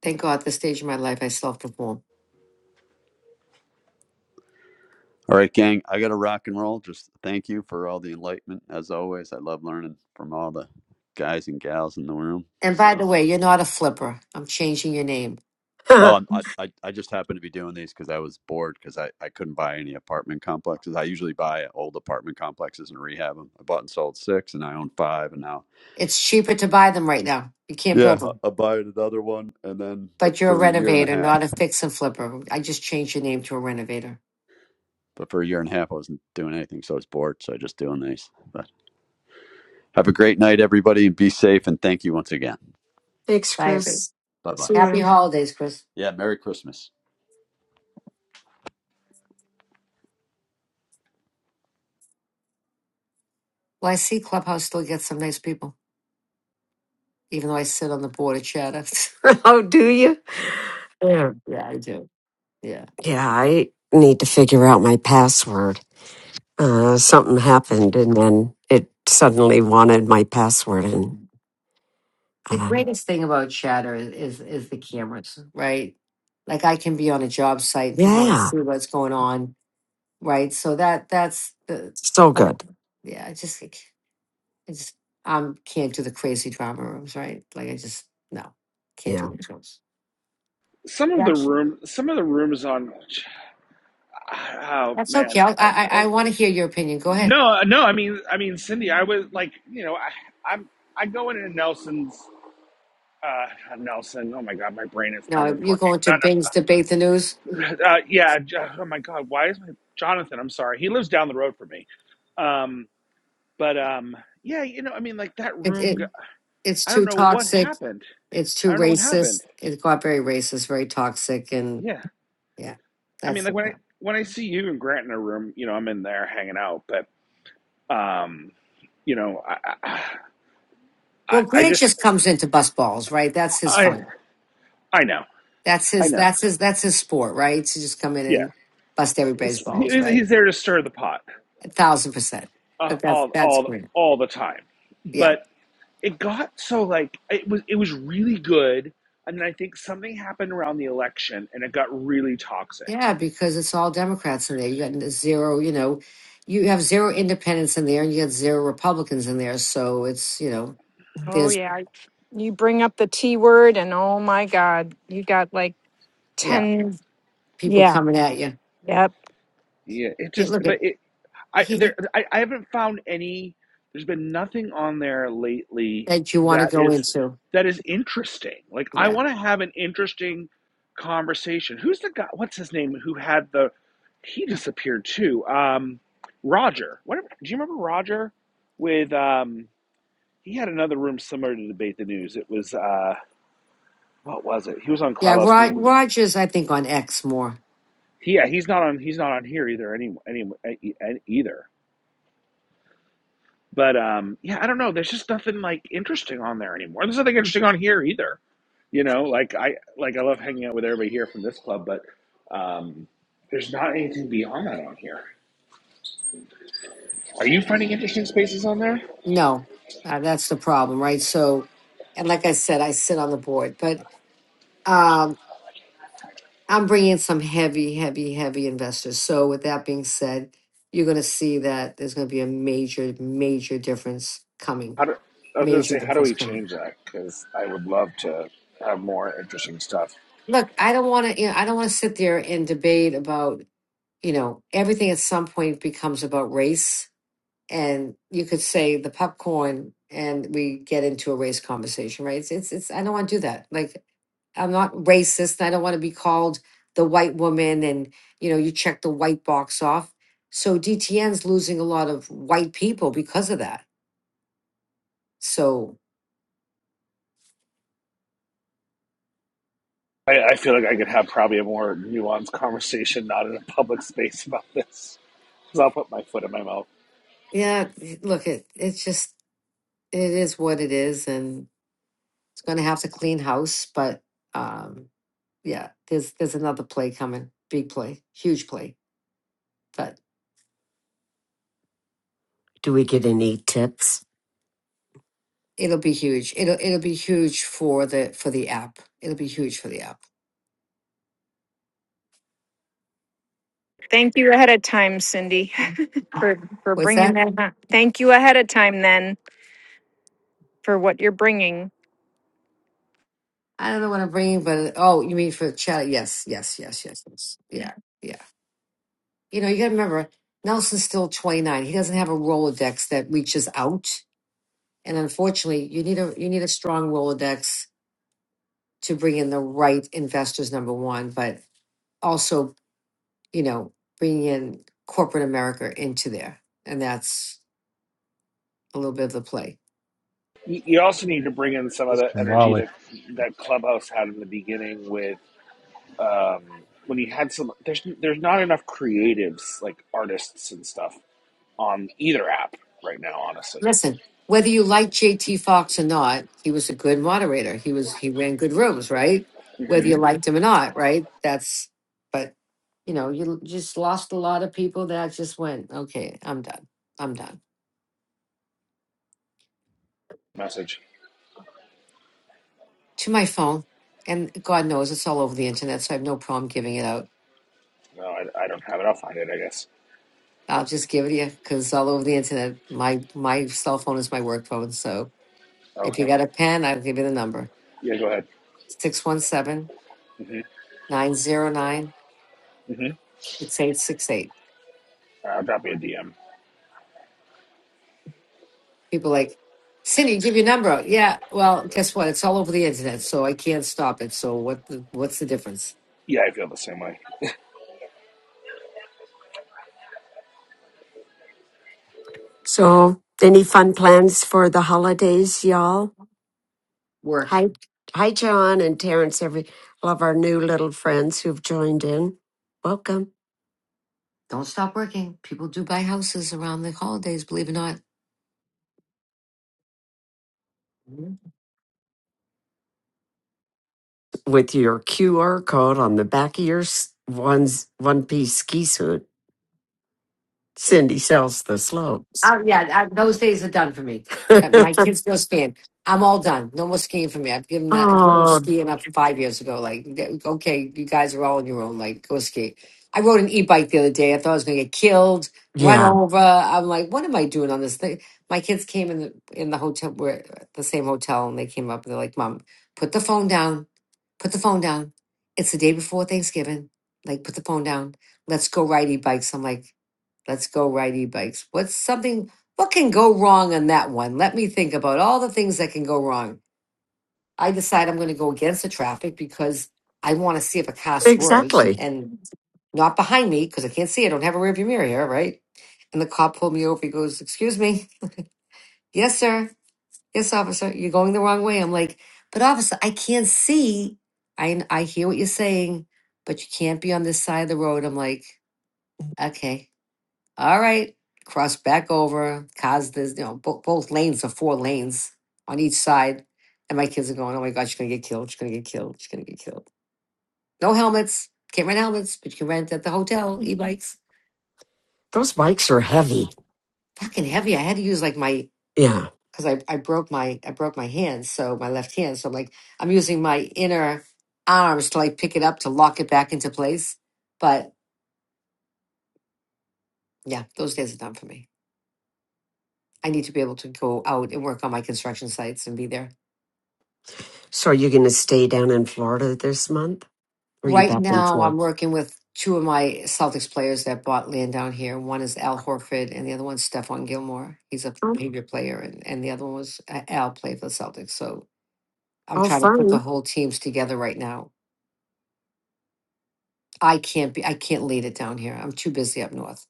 Speaker 6: Thank God, this stage of my life, I self perform.
Speaker 10: All right, gang. I got to rock and roll. Just thank you for all the enlightenment. As always, I love learning from all the guys and gals in the room.
Speaker 6: And by
Speaker 10: So,
Speaker 6: the way, you're not a flipper. I'm changing your name.
Speaker 10: oh,
Speaker 2: oh
Speaker 10: and I, I, I just happened to be doing these because I was bored because I, I couldn't buy any apartment complexes. I usually buy old apartment complexes and rehab them. I bought and sold six and I own five. And now,
Speaker 6: It's cheaper to buy them right now. You can't
Speaker 10: yeah,
Speaker 6: build them.
Speaker 10: I, I buy another one. And then,
Speaker 6: But
Speaker 10: but
Speaker 6: you're a
Speaker 10: for a year and a
Speaker 6: renovator,
Speaker 10: half,
Speaker 6: not a fix and flipper. I just changed your name to a renovator.
Speaker 10: but for a year and a half, I wasn't doing anything. So I was bored. So I just doing these. But have a great night, everybody, and be safe. And thank you once again.
Speaker 6: Bye, everybody.
Speaker 10: Bye bye.
Speaker 6: Happy holidays, Chris.
Speaker 10: Yeah, Merry Christmas.
Speaker 6: Well, I see Clubhouse still gets some nice people, even though I sit on the board of chatter.
Speaker 2: do you yeah.
Speaker 6: yeah, I do. Yeah.
Speaker 2: yeah i need to figure out my password uh, something happened and then it suddenly wanted my password and
Speaker 6: The
Speaker 2: uh,
Speaker 6: greatest thing about chatter is, is, is the cameras, right? Like I can be on a job site and people want to
Speaker 2: yeah
Speaker 6: see what's going on right? So that that's the
Speaker 2: so
Speaker 6: Right.
Speaker 2: good
Speaker 6: yeah. I just I c- I just um can't do the crazy drama rooms, right? Like I just no can't do
Speaker 2: yeah
Speaker 6: the rooms.
Speaker 12: some of the
Speaker 6: That's
Speaker 12: room some of the rooms on oh
Speaker 6: that's
Speaker 12: man
Speaker 6: okay. i I I, want to hear your opinion. Go ahead.
Speaker 12: no no i mean i mean cindy i was like you know i i'm i go into nelson's uh nelson oh my god my brain is not
Speaker 6: No,
Speaker 12: working
Speaker 6: you're going to Bing's debate the news.
Speaker 12: not, uh, yeah Jo- oh my god why is my jonathan i'm sorry he lives down the road from me um but um yeah you know i mean like that
Speaker 6: It
Speaker 12: room
Speaker 6: it
Speaker 12: g-
Speaker 6: it's
Speaker 12: i don't
Speaker 6: too
Speaker 12: know what
Speaker 6: toxic.
Speaker 12: happened
Speaker 6: It's
Speaker 12: i
Speaker 6: too
Speaker 12: don't know what happened
Speaker 6: racist. It got very racist, very toxic, and
Speaker 12: yeah
Speaker 6: yeah,
Speaker 12: i mean
Speaker 6: that's
Speaker 12: like when i when i see you and grant in a room you know i'm in there hanging out but. Um, you know, I, I,
Speaker 6: well.
Speaker 12: I
Speaker 6: Grant
Speaker 12: just,
Speaker 6: just comes into bus balls, right? That's his
Speaker 12: I,
Speaker 6: fun.
Speaker 12: I know,
Speaker 6: That's
Speaker 12: I
Speaker 6: his.
Speaker 12: know.
Speaker 6: That's his. That's his sport, right? To just come in
Speaker 12: Yeah,
Speaker 6: and bust everybody's
Speaker 12: he's,
Speaker 6: balls, right?
Speaker 12: he's there to stir the pot
Speaker 6: A thousand percent.
Speaker 12: uh,
Speaker 6: But that's
Speaker 12: all,
Speaker 6: that's
Speaker 12: all,
Speaker 6: great.
Speaker 12: all the time.
Speaker 6: Yeah,
Speaker 12: But it got so like it was, it was really good, and then I think something happened around the election, and it got really toxic.
Speaker 6: yeah, because it's all Democrats in there. You got zero. You know, you have zero independents in there, and you got zero Republicans in there. So it's you know,
Speaker 8: Oh
Speaker 6: there's
Speaker 8: yeah, you bring up the T word and oh my god, you got like
Speaker 6: yeah,
Speaker 8: ten.
Speaker 6: people
Speaker 8: Yeah,
Speaker 6: coming at you.
Speaker 8: yep.
Speaker 12: Yeah, it
Speaker 6: Hey,
Speaker 12: just,
Speaker 6: look
Speaker 12: but
Speaker 6: at
Speaker 12: it, I
Speaker 6: he
Speaker 12: there I, I haven't found any there's been nothing on there lately
Speaker 6: that you want to
Speaker 12: that
Speaker 6: go
Speaker 12: is
Speaker 6: into.
Speaker 12: that is interesting. Like I
Speaker 6: Yeah,
Speaker 12: want to have an interesting conversation. Who's the guy what's his name who had the he disappeared too. Um Roger. What do you remember Roger with um he had another room similar to debate the news. It was uh what was it? He was on
Speaker 6: yeah.
Speaker 12: Clubhouse.
Speaker 6: Rod, Rogers, I think on X more.
Speaker 12: Yeah, he's not on he's not on here either any, any, e- e, either. But um, yeah, I don't know. There's just nothing like interesting on there anymore. There's nothing interesting on here either. You know, like I like I love hanging out with everybody here from this club, but um, there's not anything beyond that on here. Are you finding interesting spaces on there?
Speaker 6: No, uh, that's the problem, right? So, and like I said, I sit on the board, but. Um, I'm bringing some heavy, heavy, heavy investors. So with that being said, you're going to see that there's going to be a major, major difference coming.
Speaker 12: How do, I was going to
Speaker 6: Major
Speaker 12: say, how do
Speaker 6: difference
Speaker 12: we
Speaker 6: coming.
Speaker 12: change that? Because I would love to have more interesting stuff.
Speaker 6: Look, I don't want to. You know, I don't want to sit there and debate about. You know, everything at some point becomes about race and you could say the popcorn and we get into a race conversation right it's it's, it's i don't want to do that like i'm not racist and i don't want to be called the white woman and you know you check the white box off so dtn's losing a lot of white people because of that so
Speaker 12: I, I feel like I could have probably a more nuanced conversation, not in a public space about this. Because I'll put my foot in my mouth.
Speaker 6: yeah it- look it it's just it is what it is and it's going to have to clean house but um yeah there's there's another play coming big play huge play but.
Speaker 2: do we get any tips
Speaker 6: It'll be huge. It'll it'll be huge for the for the app. It'll be huge for the app.
Speaker 8: Thank you ahead of time, Cindy, for for
Speaker 6: What's
Speaker 8: bringing
Speaker 6: that?
Speaker 8: that. up. Thank you ahead of time then for what you're bringing.
Speaker 6: I don't know what I'm bringing, but oh, you mean for chat? Yes, yes, yes, yes, yes. Yeah, yeah. You know, you got to remember, Nelson's still 29. He doesn't have a Rolodex that reaches out, and unfortunately, you need a you need a strong Rolodex to bring in the right investors. Number one, but also, you know, bringing in corporate America into there, and that's a little bit of the play.
Speaker 12: you also need to bring in some of
Speaker 13: He's
Speaker 12: the
Speaker 13: from
Speaker 12: energy
Speaker 13: Raleigh
Speaker 12: that that clubhouse had in the beginning with um when you had some there's there's not enough creatives like artists and stuff on either app right now honestly
Speaker 6: Listen, whether you like JT Fox or not, he was a good moderator. He was he ran good rooms, right? Whether
Speaker 12: hmm
Speaker 6: you liked him or not, right? That's but you know, you just lost a lot of people that just went, okay, I'm done. I'm done.
Speaker 12: message
Speaker 6: To my phone. And God knows it's all over the internet, so I have no problem giving it out.
Speaker 12: no I, I don't have it i'll find it i guess
Speaker 6: I'll just give it to you because it's all over the internet. My my cell phone is my work phone. So if you
Speaker 12: okay
Speaker 6: got a pen, I'll give you the number
Speaker 12: yeah go ahead
Speaker 6: 617
Speaker 12: hmm
Speaker 6: 909
Speaker 12: hmm
Speaker 6: 6868.
Speaker 12: uh, drop me a dm
Speaker 6: people like Cindy, give your number out. Yeah, well, guess what? It's all over the internet, so I can't stop it. So what? The, what's the difference?
Speaker 12: yeah i feel the same way
Speaker 2: So, any fun plans for the holidays, y'all?
Speaker 6: Work.
Speaker 2: Hi, hi, John and Terrence. Every love our new little friends who've joined in. Welcome.
Speaker 6: Don't stop working. People do buy houses around the holidays. Believe it or not.
Speaker 2: with your QR code on the back of your s- one's one piece ski suit. Cindy sells the slopes.
Speaker 6: Oh yeah, I, those days are done for me. Uh, My kids go skiing. I'm all done. No more skiing for me. I've given the I've given up
Speaker 2: oh,
Speaker 6: skiing up five years ago. Like, yeah, okay, you guys are all on your own. Like, go ski. I rode an e-bike the other day. I thought I was going to get killed, run
Speaker 2: yeah,
Speaker 6: over. I'm like, what am I doing on this thing? My kids came in the in the hotel. We're at the same hotel, and they came up and they're like, "Mom, put the phone down. Put the phone down. It's the day before Thanksgiving. Like, put the phone down. Let's go ride e-bikes." I'm like. Let's go ride e-bikes. What's something, what can go wrong on that one? Let me think about all the things that can go wrong. I decide I'm going to go against the traffic because I want to see if a car swerves
Speaker 2: exactly.
Speaker 6: and not behind me because I can't see. I don't have a rearview mirror here, right? And the cop pulled me over. He goes, Excuse me. Yes, sir. Yes, officer. You're going the wrong way. I'm like, But officer, I can't see. I, I hear what you're saying, but you can't be on this side of the road. I'm like, Okay. All right, cross back over. Cars, there's you know bo- both lanes are four lanes on each side, and my kids are going, "Oh my God, she's gonna get killed! She's gonna get killed! She's gonna get killed!" No helmets. Can't rent helmets, but you can rent at the hotel e-bikes.
Speaker 2: Those bikes are heavy.
Speaker 6: Fucking heavy. I had to use like my
Speaker 2: Yeah.
Speaker 6: because I, I broke my I broke my hand, so my left hand. So I'm like I'm using my inner arms to like pick it up to lock it back into place. But yeah, those days are done for me. I need to be able to go out and work on my construction sites and be there.
Speaker 2: So, are you going to stay down in Florida this month? Or are you
Speaker 6: Right
Speaker 2: back in
Speaker 6: now, I'm
Speaker 2: Florida?
Speaker 6: working with two of my Celtics players that bought land down here. One is Al Horford, and the other one's Stephon Gilmore. He's a
Speaker 2: Oh,
Speaker 6: Patriot player, and, and the other one was uh, Al played for the Celtics. So I'm
Speaker 2: oh,
Speaker 6: trying to put the
Speaker 2: fun.
Speaker 6: whole teams together right now. I can't be, I can't lead it down here. I'm too busy up north.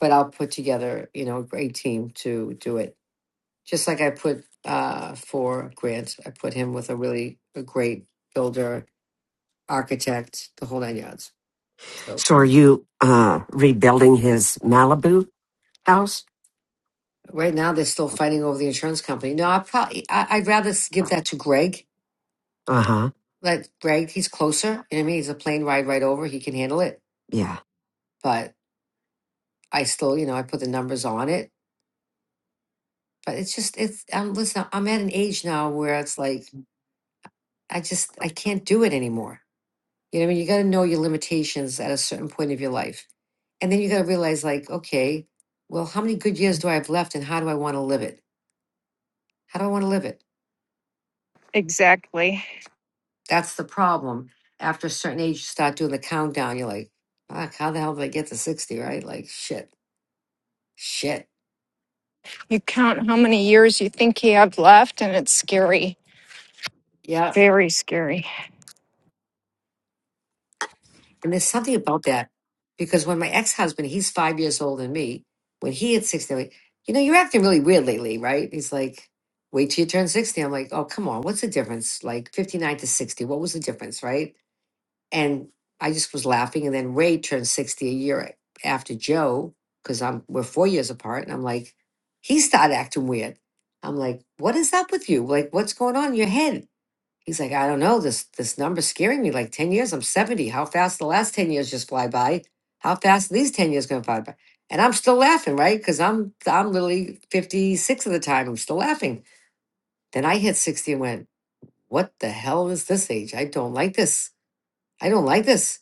Speaker 6: But I'll put together, you know, a great team to do it. Just like I put uh, for Grant, I put him with a really a great builder, architect, the whole nine yards. So,
Speaker 2: So, are you uh, rebuilding his Malibu house?
Speaker 6: Right now, they're still fighting over the insurance company. No, I probably I, I'd rather s- give that to Greg.
Speaker 2: Uh huh.
Speaker 6: Let Greg, he's closer. You know what I mean? He's a plane ride right over. He can handle it.
Speaker 2: Yeah.
Speaker 6: But I still, you know, I put the numbers on it. But it's just it's. I'm listen. I'm at an age now where it's like I just I can't do it anymore. You know what I mean? You got to know your limitations at a certain point of your life, and then you got to realize like, okay, well, how many good years do I have left, and how do I want to live it? How do I want to live it?
Speaker 8: Exactly.
Speaker 6: That's the problem. After a certain age, you start doing the countdown. You're like, fuck, how the hell did I get to 60, right? Like, shit, shit.
Speaker 8: You count how many years you think you have left, and it's scary.
Speaker 6: Yeah.
Speaker 8: Very scary.
Speaker 6: And there's something about that because when my ex husband, he's five years older than me, when he hit 60, I'm like, you know, you're acting really weird lately, right? He's like, wait till you turn 60. I'm like, oh, come on. What's the difference? Like 59 to 60, what was the difference, right? and I just was laughing. And then Ray turned sixty a year after Joe because I'm we're four years apart, and I'm like, he started acting weird. I'm like, what is up with you? Like, what's going on in your head? He's like, I don't know. This this number's scaring me. Like ten years, I'm seventy. How fast the last ten years just fly by? How fast these ten years gonna fly by? And I'm still laughing, right? Because I'm I'm literally fifty six of the time. I'm still laughing. Then I hit sixty and went, what the hell is this age? I don't like this. I don't like this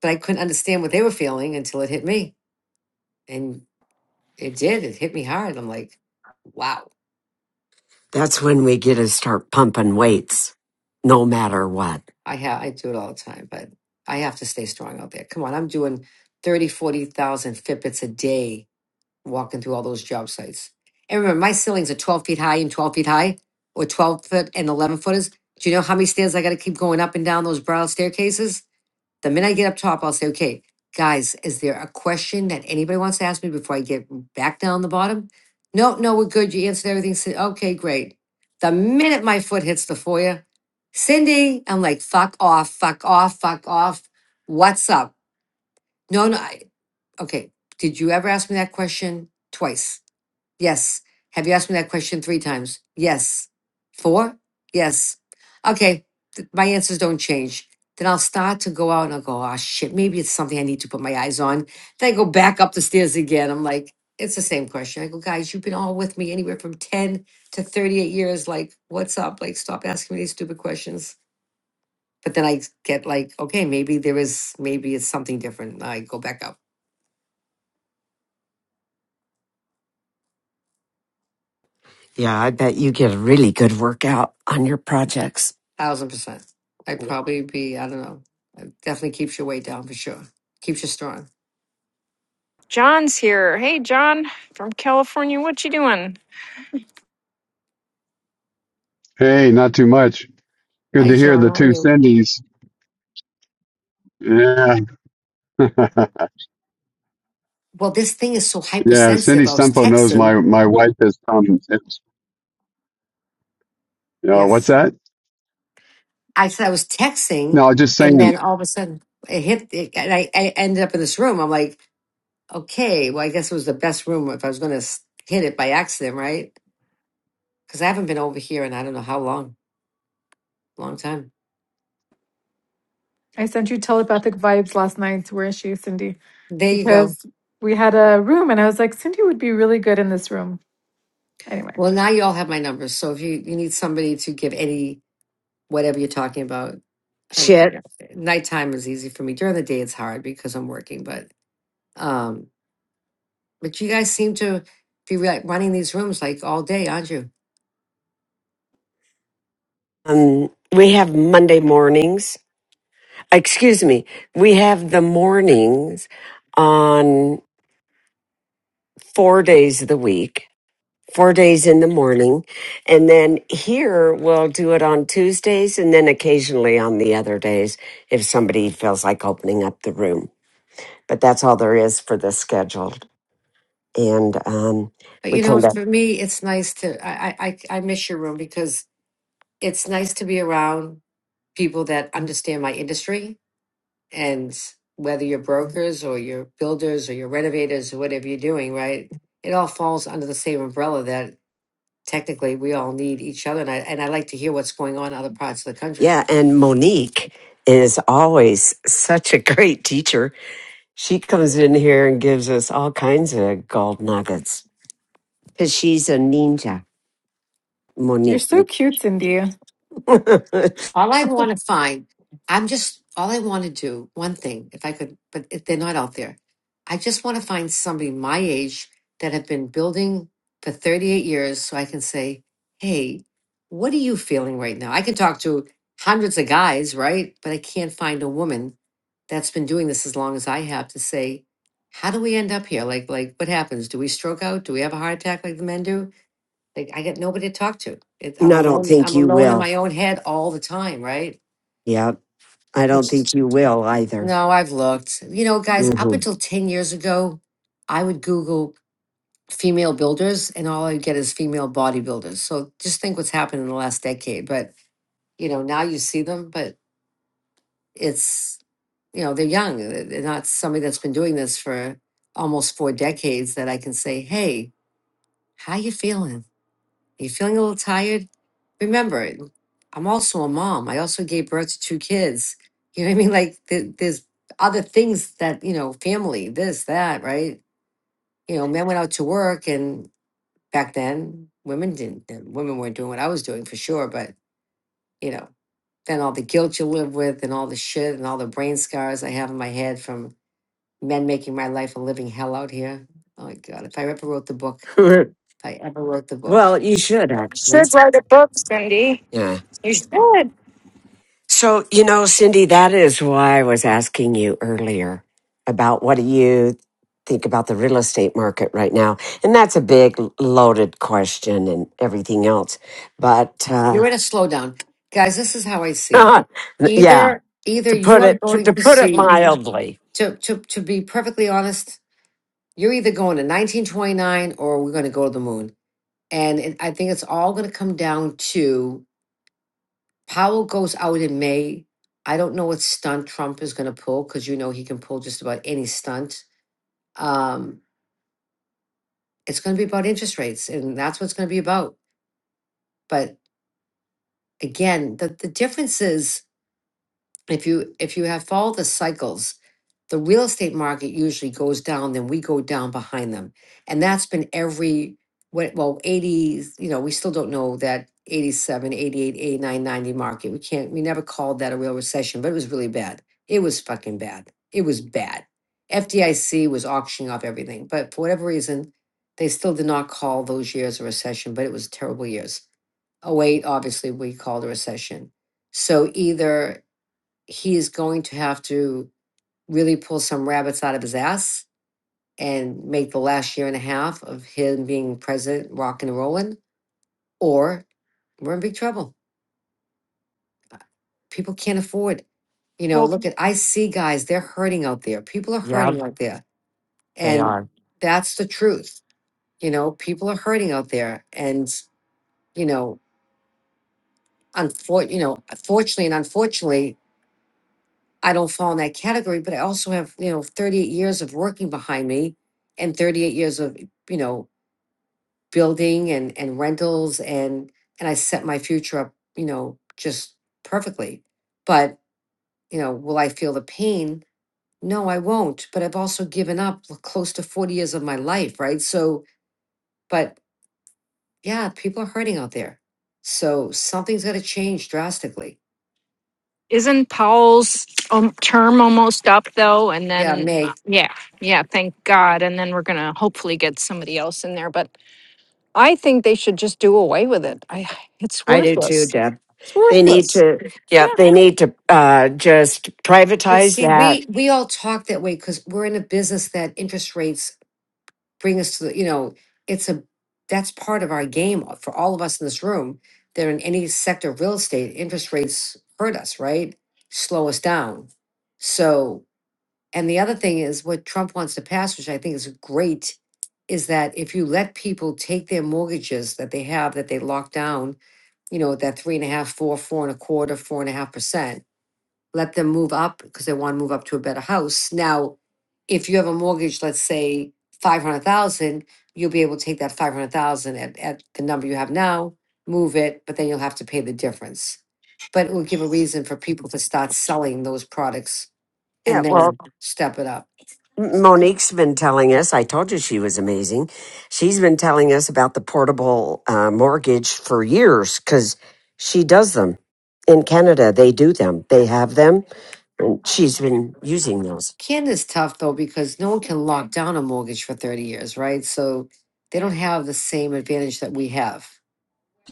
Speaker 6: but I couldn't understand what they were feeling until it hit me. And it did. It hit me hard. I'm like, wow.
Speaker 2: That's when we get to start pumping weights, no matter what.
Speaker 6: I have I do it all the time, but I have to stay strong out there. Come on, I'm doing thirty, forty thousand 40,000 Fitbits a day walking through all those job sites. And remember, my ceilings are 12 feet high and 12 feet high, or 12 foot and 11 footers. Do you know how many stairs I got to keep going up and down those broad staircases? The minute I get up top, I'll say, okay, guys, is there a question that anybody wants to ask me before I get back down the bottom? No, no, we're good. You answered everything. Cin- Okay, great. The minute my foot hits the foyer, Cindy, I'm like, fuck off, fuck off, fuck off. What's up? No, no. I, okay. Did you ever ask me that question? Twice. Yes. Have you asked me that question three times? Yes. Four? Yes. Okay. th- my answers don't change. Then I'll start to go out and I'll go, oh shit, maybe it's something I need to put my eyes on. Then I go back up the stairs again. I'm like, it's the same question. I go, guys, you've been all with me anywhere from 10 to 38 years. Like, what's up? Like, stop asking me these stupid questions. But then I get like, okay, maybe there is, maybe it's something different. I go back up.
Speaker 2: Yeah, I bet you get a really good workout on your projects.
Speaker 6: Thousand percent. I'd probably be, I don't know. It definitely keeps your weight down for sure. Keeps you strong.
Speaker 8: John's here. Hey, John from California. What you doing?
Speaker 14: Hey, not too much. Good
Speaker 6: Hi,
Speaker 14: to hear
Speaker 6: John.
Speaker 14: the
Speaker 6: How are
Speaker 14: two
Speaker 6: you?
Speaker 14: Cindy's. Yeah, yeah.
Speaker 6: Well, this thing is so
Speaker 14: Cindy
Speaker 6: hypersensitive. I was
Speaker 14: Stumpo knows
Speaker 6: texting.
Speaker 14: my my wife is from. it's- Uh, what's
Speaker 6: Yes.
Speaker 14: that?
Speaker 6: I said I was texting,
Speaker 14: No, just
Speaker 6: and
Speaker 14: saying.
Speaker 6: then all of a sudden it hit, it, and I, I ended up in this room. I'm like, okay, well, I guess it was the best room if I was going to hit it by accident, right? Because I haven't been over here in I don't know how long, long time.
Speaker 9: I sent you telepathic vibes last night. Where is she, Cindy?
Speaker 6: There you go.
Speaker 9: Because we had a room and I was like, Cindy would be really good in this room. Anyway,
Speaker 6: Well, now you all have my numbers. So if you, you need somebody to give any, whatever you're talking about, I don't think
Speaker 2: Shit.
Speaker 6: I- nighttime is easy for me. During the day, it's hard because I'm working. But um, but you guys seem to be like running these rooms like all day, aren't you?
Speaker 2: Um, we have Monday mornings. Excuse me. We have the mornings on four days of the week, four days in the morning. And then here we'll do it on Tuesdays and then occasionally on the other days if somebody feels like opening up the room. But that's all there is for the scheduled. And um,
Speaker 6: But
Speaker 2: we
Speaker 6: you know,
Speaker 2: come back.
Speaker 6: for me, it's nice to I I I I miss your room because it's nice to be around people that understand my industry. And whether you're brokers or you're builders or you're renovators or whatever you're doing, right? It all falls under the same umbrella that technically we all need each other. And I, and I like to hear what's going on in other parts of the country.
Speaker 2: Yeah, and Monique is always such a great teacher. She comes in here and gives us all kinds of gold nuggets because she's a ninja,
Speaker 9: you're
Speaker 2: Monique.
Speaker 9: so cute, Cindy.
Speaker 2: and
Speaker 6: All I want to find, I'm just, all I want to do, one thing, if I could, but if they're not out there, I just want to find somebody my age that have been building for 38 years so I can say, hey, what are you feeling right now? I can talk to hundreds of guys, right? But I can't find a woman that's been doing this as long as I have to say, how do we end up here? Like, like what happens? Do we stroke out? Do we have a heart attack like the men do? They, I got nobody to talk to. It, I'm
Speaker 2: I don't
Speaker 6: alone.
Speaker 2: think
Speaker 6: I'm
Speaker 2: you
Speaker 6: alone in
Speaker 2: will.
Speaker 6: my own head all the time, right?
Speaker 2: Yeah, I don't
Speaker 6: Which is
Speaker 2: think you will either.
Speaker 6: no, I've looked. You know, guys, up
Speaker 2: hmm
Speaker 6: until ten years ago, I would Google female builders, and all I'd get is female bodybuilders. So just think what's happened in the last decade. But you know, now you see them, but it's you know they're young. They're they're not somebody that's been doing this for almost four decades. That I can say, hey, how you feeling? Are you feeling a little tired? Remember, I'm also a mom. I also gave birth to two kids. You know what I mean? Like, th- there's other things that, you know, family, this, that, right? You know, men went out to work, and back then, women didn't, and women weren't doing what I was doing for sure. But, you know, then all the guilt you live with, and all the shit, and all the brain scars I have in my head from men making my life a living hell out here. Oh my God. If I ever wrote the book, if I ever wrote the book.
Speaker 2: well, you should actually.
Speaker 8: Should write a book, Cindy.
Speaker 2: Yeah.
Speaker 8: You should.
Speaker 2: So, you know, Cindy, that is why I was asking you earlier about what do you think about the real estate market right now? And that's a big loaded question and everything else. But uh,
Speaker 6: You're in a slowdown. Guys, this is how I see it.
Speaker 2: yeah,
Speaker 6: Either either
Speaker 2: to
Speaker 6: you
Speaker 2: put
Speaker 6: are
Speaker 2: it
Speaker 6: going
Speaker 2: to
Speaker 6: to
Speaker 2: put it
Speaker 6: see
Speaker 2: mildly,
Speaker 6: to to to be perfectly honest, you're either going to 1929 or we're going to go to the moon. And it, I think it's all going to come down to Powell goes out in May. I don't know what stunt Trump is going to pull because you know he can pull just about any stunt. Um, it's going to be about interest rates, and that's what it's going to be about. But again, the the difference is if you if you have followed the cycles the real estate market usually goes down then we go down behind them and that's been every what well 80 you know we still don't know that 87, 88, 89, 90 market we can't we never called that a real recession but it was really bad it was fucking bad it was bad fdic was auctioning off everything but for whatever reason they still did not call those years a recession but it was terrible years Oh eight, obviously we called a recession so either he is going to have to really pull some rabbits out of his ass and make the last year and a half of him being president rocking and rollin'. or we're in big trouble. People can't afford. You know,
Speaker 8: Well,
Speaker 6: look at I see guys, they're hurting out there. People are
Speaker 2: yeah,
Speaker 6: hurting out there.
Speaker 2: they
Speaker 6: And
Speaker 2: are.
Speaker 6: that's the truth. You know, people are hurting out there. And, you know, unfor- you know, fortunately and unfortunately, I don't fall in that category, but I also have, you know, 38 years of working behind me and 38 years of, you know, building and and rentals and and I set my future up, you know, just perfectly. But, you know, will I feel the pain? No, I won't, but I've also given up l- close to 40 years of my life, right? So, but yeah, people are hurting out there. So something's got to change drastically.
Speaker 8: isn't Powell's um, term almost up though? And
Speaker 6: Yeah,
Speaker 8: then, uh,
Speaker 6: May.
Speaker 8: yeah, yeah. Thank God. And then we're gonna hopefully get somebody else in there. But I think they should just do away with it. I. It's
Speaker 2: I do too,
Speaker 8: worthless.
Speaker 2: Deb.
Speaker 8: It's
Speaker 2: They need
Speaker 8: worthless.
Speaker 2: to,
Speaker 8: Yeah.
Speaker 2: yeah, they need to uh, just
Speaker 6: But
Speaker 2: privatize
Speaker 6: see,
Speaker 2: that.
Speaker 6: we we all talk that way because we're in a business that interest rates bring us to the, you know, it's a, that's part of our game for all of us in this room. That in any sector of real estate, interest rates hurt us, right? Slow us down. So, and the other thing is what Trump wants to pass, which I think is great, is that if you let people take their mortgages that they have, that they lock down, you know, that three and a half, four, four and a quarter, four and a half percent let them move up because they want to move up to a better house. Now, if you have a mortgage, let's say five hundred thousand, you'll be able to take that five hundred thousand at, at the number you have now, move it, but then you'll have to pay the difference. But it will give a reason for people to start selling those products
Speaker 2: Yeah,
Speaker 6: and
Speaker 2: well,
Speaker 6: then step it up.
Speaker 2: Monique's been telling us, I told you she was amazing. She's been telling us about the portable uh, mortgage for years because she does them. In Canada, they do them, they have them. She's been using those.
Speaker 6: Canada's tough though because no one can lock down a mortgage for thirty years, right? So they don't have the same advantage that we have.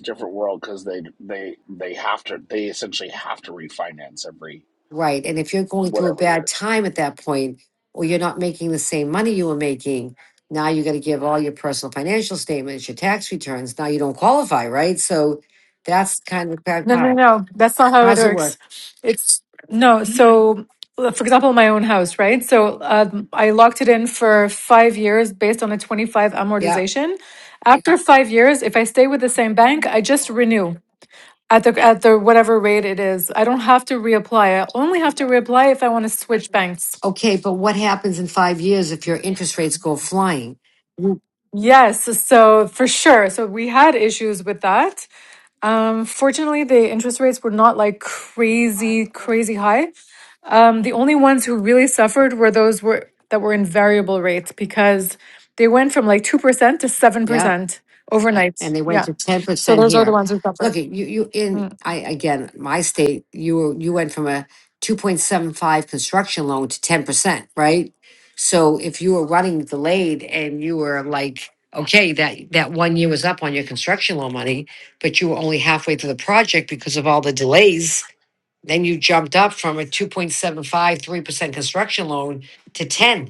Speaker 12: different world because they they they have to they essentially have to refinance every
Speaker 6: Right. And if you're going through a
Speaker 12: whatever
Speaker 6: bad
Speaker 12: years
Speaker 6: time at that point, or you're not making the same money you were making, now you got to give all your personal financial statements, your tax returns. Now you don't qualify, right? So that's kind of the bad
Speaker 9: No, no,
Speaker 6: part.
Speaker 9: no. That's not how it
Speaker 6: How's it
Speaker 9: works.
Speaker 6: work?
Speaker 9: It's no. So, uh, for example, my own house, right? So, um, I locked it in for five years based on a 25
Speaker 6: Yeah.
Speaker 9: amortization. After five years, if I stay with the same bank, I just renew at the at the whatever rate it is. I don't have to reapply. I only have to reapply if I want to switch banks.
Speaker 6: Okay. But what happens in five years if your interest rates go flying? Mm,
Speaker 9: Yes, so for sure. So we had issues with that. Um, fortunately, the interest rates were not like crazy, crazy high. Um, the only ones who really suffered were those were that were in variable rates because they went from like 2% to
Speaker 6: Yeah.
Speaker 9: 7%
Speaker 6: uh,
Speaker 9: overnight.
Speaker 6: and they went
Speaker 9: Yeah.
Speaker 6: to ten
Speaker 9: So
Speaker 6: percent
Speaker 9: those are the
Speaker 6: here.
Speaker 9: ones who suffered.
Speaker 6: Look, at you you in
Speaker 9: Mm.
Speaker 6: I again my state you were you went from a two point seven five construction loan to ten percent, right? So if you were running delayed and you were like, okay, that that one year was up on your construction loan money, but you were only halfway through the project because of all the delays, then you jumped up from a two point seven five three percent construction loan to 10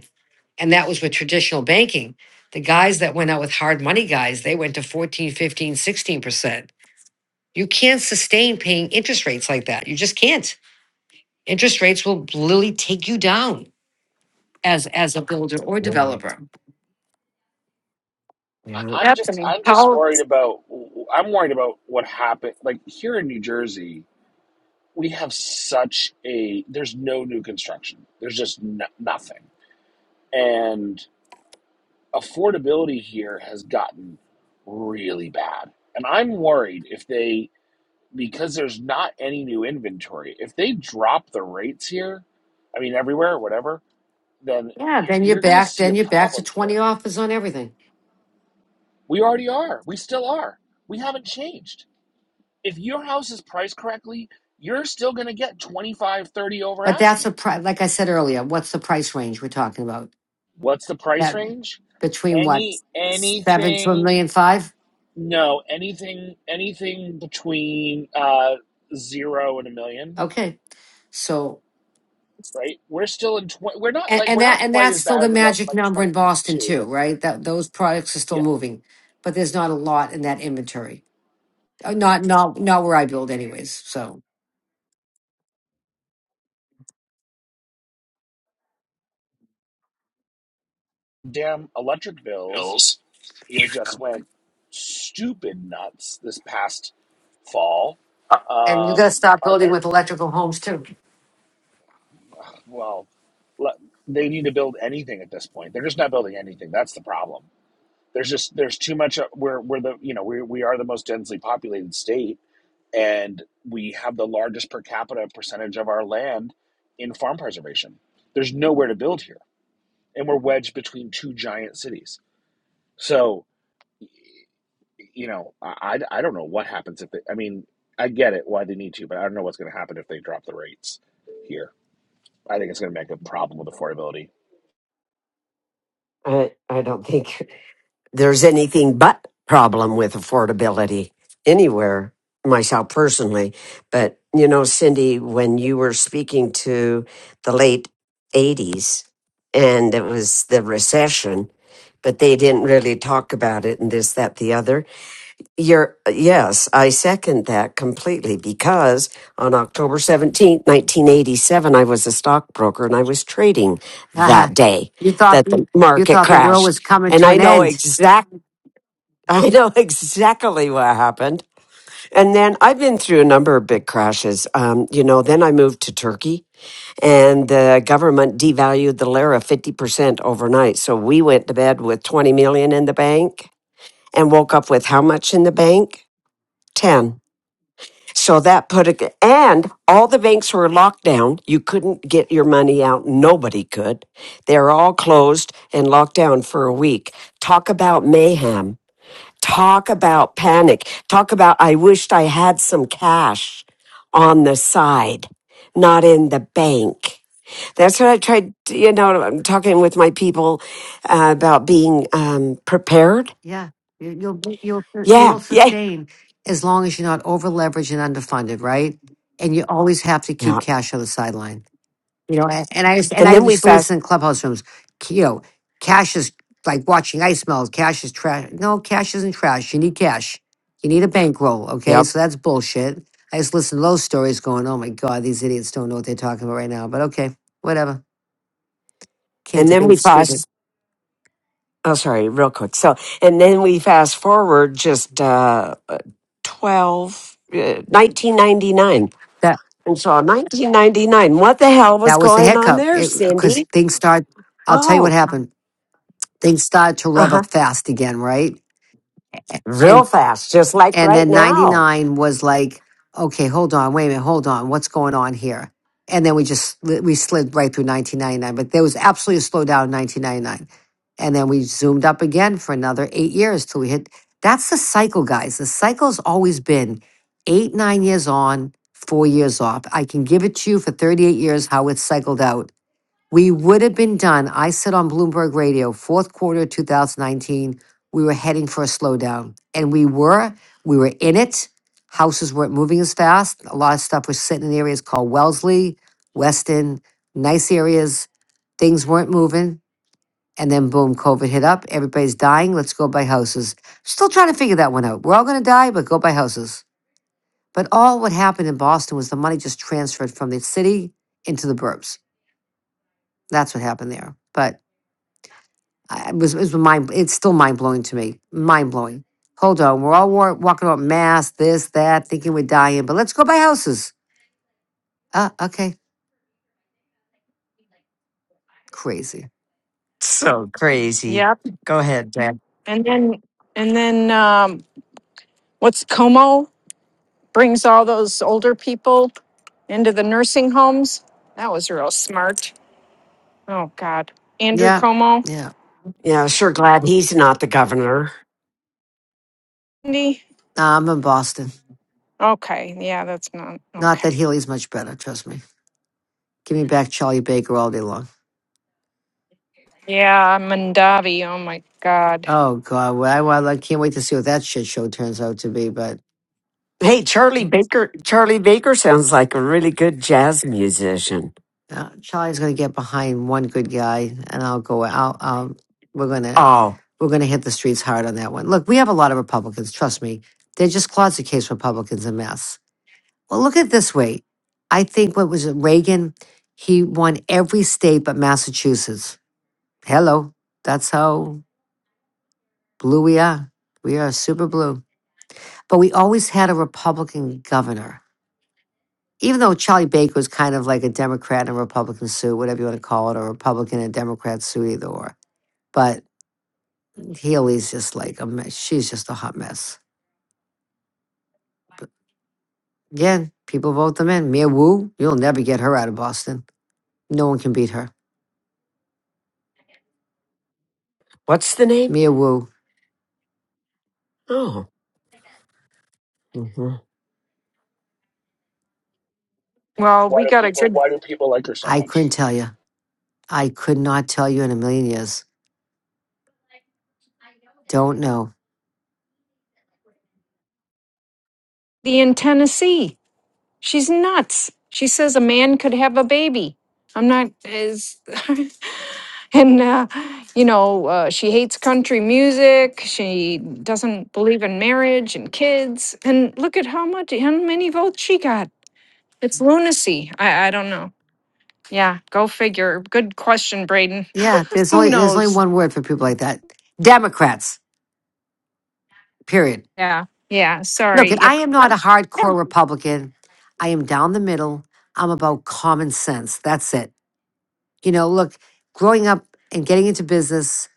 Speaker 6: and that was with traditional banking the guys that went out with hard money guys they went to fourteen, fifteen, sixteen percent you can't sustain paying interest rates like that you just can't interest rates will literally take you down as as a builder or
Speaker 2: Yeah.
Speaker 6: developer
Speaker 2: yeah.
Speaker 12: I- am just
Speaker 8: Happening.
Speaker 12: I'm just
Speaker 8: Powell.
Speaker 12: worried about I'm worried about what happened. Like here in New Jersey, we have such a there's no new construction. There's just no, nothing, and affordability here has gotten really bad. And I'm worried if they because there's not any new inventory. If they drop the rates here, I mean everywhere, whatever, then
Speaker 6: yeah
Speaker 12: you're,
Speaker 6: then you're
Speaker 12: you're going to
Speaker 6: back
Speaker 12: see a
Speaker 6: then you're back to
Speaker 12: problem here.
Speaker 6: 20 offers on everything
Speaker 12: We already are. We still are. We haven't changed if your house is priced correctly, you're still going to get 25, 30 over
Speaker 6: but that's a
Speaker 12: asking.
Speaker 6: pri- like i said earlier what's the price range we're talking about
Speaker 12: What's the price
Speaker 6: that
Speaker 12: range?
Speaker 6: between what
Speaker 12: Any
Speaker 6: seven to a
Speaker 12: anything
Speaker 6: million five
Speaker 12: no, anything anything between uh 0 and a million,
Speaker 6: okay so
Speaker 12: right? We're still in tw- we're not
Speaker 6: And,
Speaker 12: like
Speaker 6: and
Speaker 12: we're
Speaker 6: that
Speaker 12: not
Speaker 6: and
Speaker 12: quite
Speaker 6: that's
Speaker 12: as
Speaker 6: still
Speaker 12: bad
Speaker 6: the
Speaker 12: as it was in
Speaker 6: magic
Speaker 12: like
Speaker 6: number in Boston
Speaker 12: 2022,
Speaker 6: too,
Speaker 12: but
Speaker 6: right? That those products are still
Speaker 12: yeah.
Speaker 6: moving, but there's not a lot in that inventory. Uh, Not not not where I build, anyways. So
Speaker 12: Damn electric bills
Speaker 6: Bills.
Speaker 12: here just went stupid nuts this past fall.
Speaker 6: and you got
Speaker 12: Um,
Speaker 6: to stop
Speaker 12: our,
Speaker 6: building with electrical homes too.
Speaker 12: well, le- they need to build anything at this point. They're just not building anything. That's the problem. There's just there's too much. We're we're the you know we we are the most densely populated state, and we have the largest per capita percentage of our land in farm preservation. There's nowhere to build here, and we're wedged between two giant cities. So you know I I, don't know what happens if they, I mean I get it why they need to, but I don't know what's going to happen if they drop the rates here. I think it's going to make a problem with affordability.
Speaker 2: I, I don't think there's anything but problem with affordability anywhere myself personally but you know cindy when you were speaking to the late 80s and it was the recession but they didn't really talk about it and this that the other you're yes i second that completely because on october 17th 1987 i was a stockbroker and i was trading
Speaker 6: Haha.
Speaker 2: that day
Speaker 6: you thought
Speaker 2: that the
Speaker 6: the, you
Speaker 2: market
Speaker 6: thought the world was
Speaker 2: crashed
Speaker 6: coming
Speaker 2: and
Speaker 6: to
Speaker 2: I
Speaker 6: an
Speaker 2: know
Speaker 6: end.
Speaker 2: exactly I know exactly what happened. And then I've been through a number of big crashes. Um, you know, then I moved to Turkey and the government devalued the lira 50% overnight. So we went to bed with 20 million in the bank and woke up with how much in the bank? 10. So that put a, and all the banks were locked down. You couldn't get your money out. Nobody could. They're all closed and locked down for a week. Talk about mayhem Talk about panic. Talk about, I wished I had some cash on the side, not in the bank. That's what I tried, to- you know, I'm talking with my people uh, about being um, prepared.
Speaker 6: Yeah, you, you'll you'll you
Speaker 2: Yeah.
Speaker 6: will
Speaker 2: Yeah.
Speaker 6: sustain as long as you're not over leveraged and underfunded, right? And you always have to keep
Speaker 2: Yeah.
Speaker 6: cash on the sideline. You know, and and I used, and
Speaker 2: And
Speaker 6: I
Speaker 2: then we
Speaker 6: used to
Speaker 2: fast.
Speaker 6: listen in clubhouse rooms. You know, cash is like watching ice melt. Cash is trash. No, cash isn't trash. You need cash. You need a bankroll. Okay,
Speaker 2: Yep.
Speaker 6: so that's bullshit. I just listen to those stories, going, "Oh my god, these idiots don't know what they're talking about right now." But okay, whatever. Can't
Speaker 2: And then we
Speaker 6: debate stupid.
Speaker 2: fast. Oh, sorry, real quick. So, and then we fast forward just uh, uh, 12, uh, 1999.
Speaker 6: That
Speaker 2: And so 1999, what the hell was
Speaker 6: that was the
Speaker 2: going on
Speaker 6: hiccup.
Speaker 2: there,
Speaker 6: It
Speaker 2: Cindy?
Speaker 6: because things start. I'll tell you what
Speaker 2: Oh,
Speaker 6: happened. Things started to
Speaker 2: uh
Speaker 6: rev
Speaker 2: huh.
Speaker 6: up fast again, right?
Speaker 2: Real fast, just like
Speaker 6: And
Speaker 2: right
Speaker 6: then
Speaker 2: now.
Speaker 6: 99 was like, okay, hold on, wait a minute, hold on, what's going on here? And then we just sli- we slid right through 1999, but there was absolutely a slowdown in 1999. And then we zoomed up again for another eight years till we hit. That's the cycle, guys. The cycle's always been eight, nine years on, four years off. I can give it to you for 38 years how it's cycled out we would have been done. I said on Bloomberg Radio, fourth quarter 2019, we were heading for a slowdown. And we were, we were in it. Houses weren't moving as fast. A lot of stuff was sitting in areas called Wellesley, Weston, nice areas. Things weren't moving. And then boom, COVID hit up. Everybody's dying. Let's go buy houses. Still trying to figure that one out. We're all going to die, but go buy houses. But all what happened in Boston was the money just transferred from the city into the burbs. That's what happened there. But I- It was, it was mind, it's still mind blowing to me. Mind blowing. Hold on. We're all war, walking about masks, this, that, thinking we're dying, but let's go buy houses. Uh, okay. Crazy.
Speaker 2: So crazy.
Speaker 8: Yep.
Speaker 2: Go ahead, Dad.
Speaker 8: And then, and then, um, what's Como brings all those older people into the nursing homes. That was real smart. Oh God, Andrew
Speaker 6: Yeah.
Speaker 8: Como.
Speaker 6: Yeah.
Speaker 2: Yeah, sure. Glad he's not the governor.
Speaker 8: Andy?
Speaker 6: Nah, I'm in Boston.
Speaker 8: Okay, yeah, that's not
Speaker 6: Not
Speaker 8: okay.
Speaker 6: that Healy's much better. Trust me. Give me back Charlie Baker all day long.
Speaker 8: Yeah, Mandavi. Oh my God.
Speaker 6: Oh, God. Well, I, well, I can't wait to see what that shit show turns out to be, but.
Speaker 2: Hey, Charlie Baker. Charlie Baker sounds like a really good jazz musician.
Speaker 6: Uh, Charlie's going to get behind one good guy, and I'll go out. Um, we're going to
Speaker 2: Oh,
Speaker 6: we're going to hit the streets hard on that one. Look, we have a lot of Republicans. Trust me, they're just closet case Republicans a mess. Well, look at it this way. I think what was it, Reagan? He won every state but Massachusetts. Hello, that's how blue we are. We are super blue. But we always had a Republican governor even though Charlie Baker was kind of like a Democrat in a Republican suit, whatever you want to call it, or a Republican and Democrat suit, either or. But Haley's just like a mess. She's just a hot mess. But again, people vote them in. Mia Wu, you'll never get her out of Boston. No one can beat her.
Speaker 2: what's the name?
Speaker 6: Mia Wu,
Speaker 2: Oh, hmm
Speaker 8: Well,
Speaker 12: Why
Speaker 8: we
Speaker 12: do
Speaker 8: got a
Speaker 12: people
Speaker 8: good
Speaker 12: why do people like her so
Speaker 6: I couldn't
Speaker 12: much?
Speaker 6: tell you. I could not tell you in a million years. Don't know.
Speaker 8: the in Tennessee. She's nuts. She says a man could have a baby. I'm not as. and, uh, you know, uh, she hates country music. She doesn't believe in marriage and kids. And look at how much, how many votes she got. It's lunacy. I, I don't know. Yeah, go figure. Good question, Braden.
Speaker 6: Yeah, there's
Speaker 8: Who
Speaker 6: only there's only
Speaker 8: knows?
Speaker 6: one word for people like that. Democrats. Period.
Speaker 8: Yeah, yeah.
Speaker 6: Look,
Speaker 8: Sorry.
Speaker 6: I
Speaker 8: Yep.
Speaker 6: am not a
Speaker 8: Yeah.
Speaker 6: hardcore Republican. I am down the middle. I'm about common sense. That's it. You know, look, growing up and getting into business,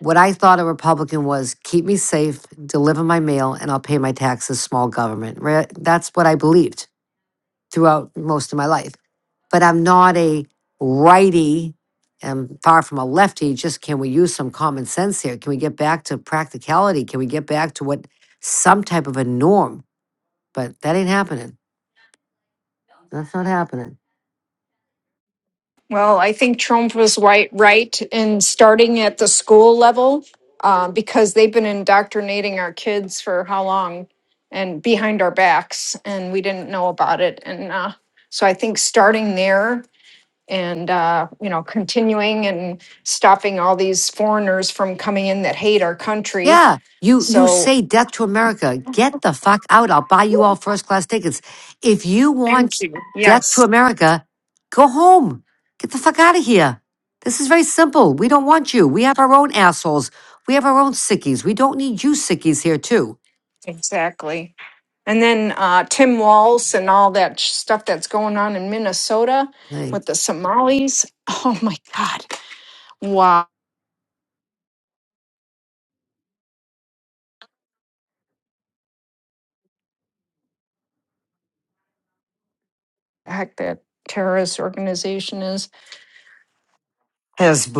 Speaker 6: what I thought a Republican was keep me safe, deliver my mail, and I'll pay my taxes, small government. Right? That's what I believed throughout most of my life. But I'm not a righty and far from a lefty. Just can we use some common sense here? Can we get back to practicality? Can we get back to what some type of a norm? But that ain't happening. That's not happening.
Speaker 8: Well, I think Trump was right, right in starting at the school level um, because they've been indoctrinating our kids for how long and behind our backs, and we didn't know about it. And uh, so I think starting there and uh, you know continuing and stopping all these foreigners from coming in that hate our country.
Speaker 6: Yeah. You you
Speaker 8: So
Speaker 6: say death to America. Get the fuck out. I'll buy you all first class tickets. If you want
Speaker 8: thank you.
Speaker 6: death to
Speaker 8: Yes,
Speaker 6: America, go home. Get the fuck out of here. This is very simple. We don't want you. We have our own assholes. We have our own sickies. We don't need you sickies here too.
Speaker 8: exactly. And then uh, Tim Walz and all that sh- stuff that's going on in Minnesota
Speaker 6: Hey.
Speaker 8: with the Somalis. Oh my God. Wow. The heck, that terrorist organization is.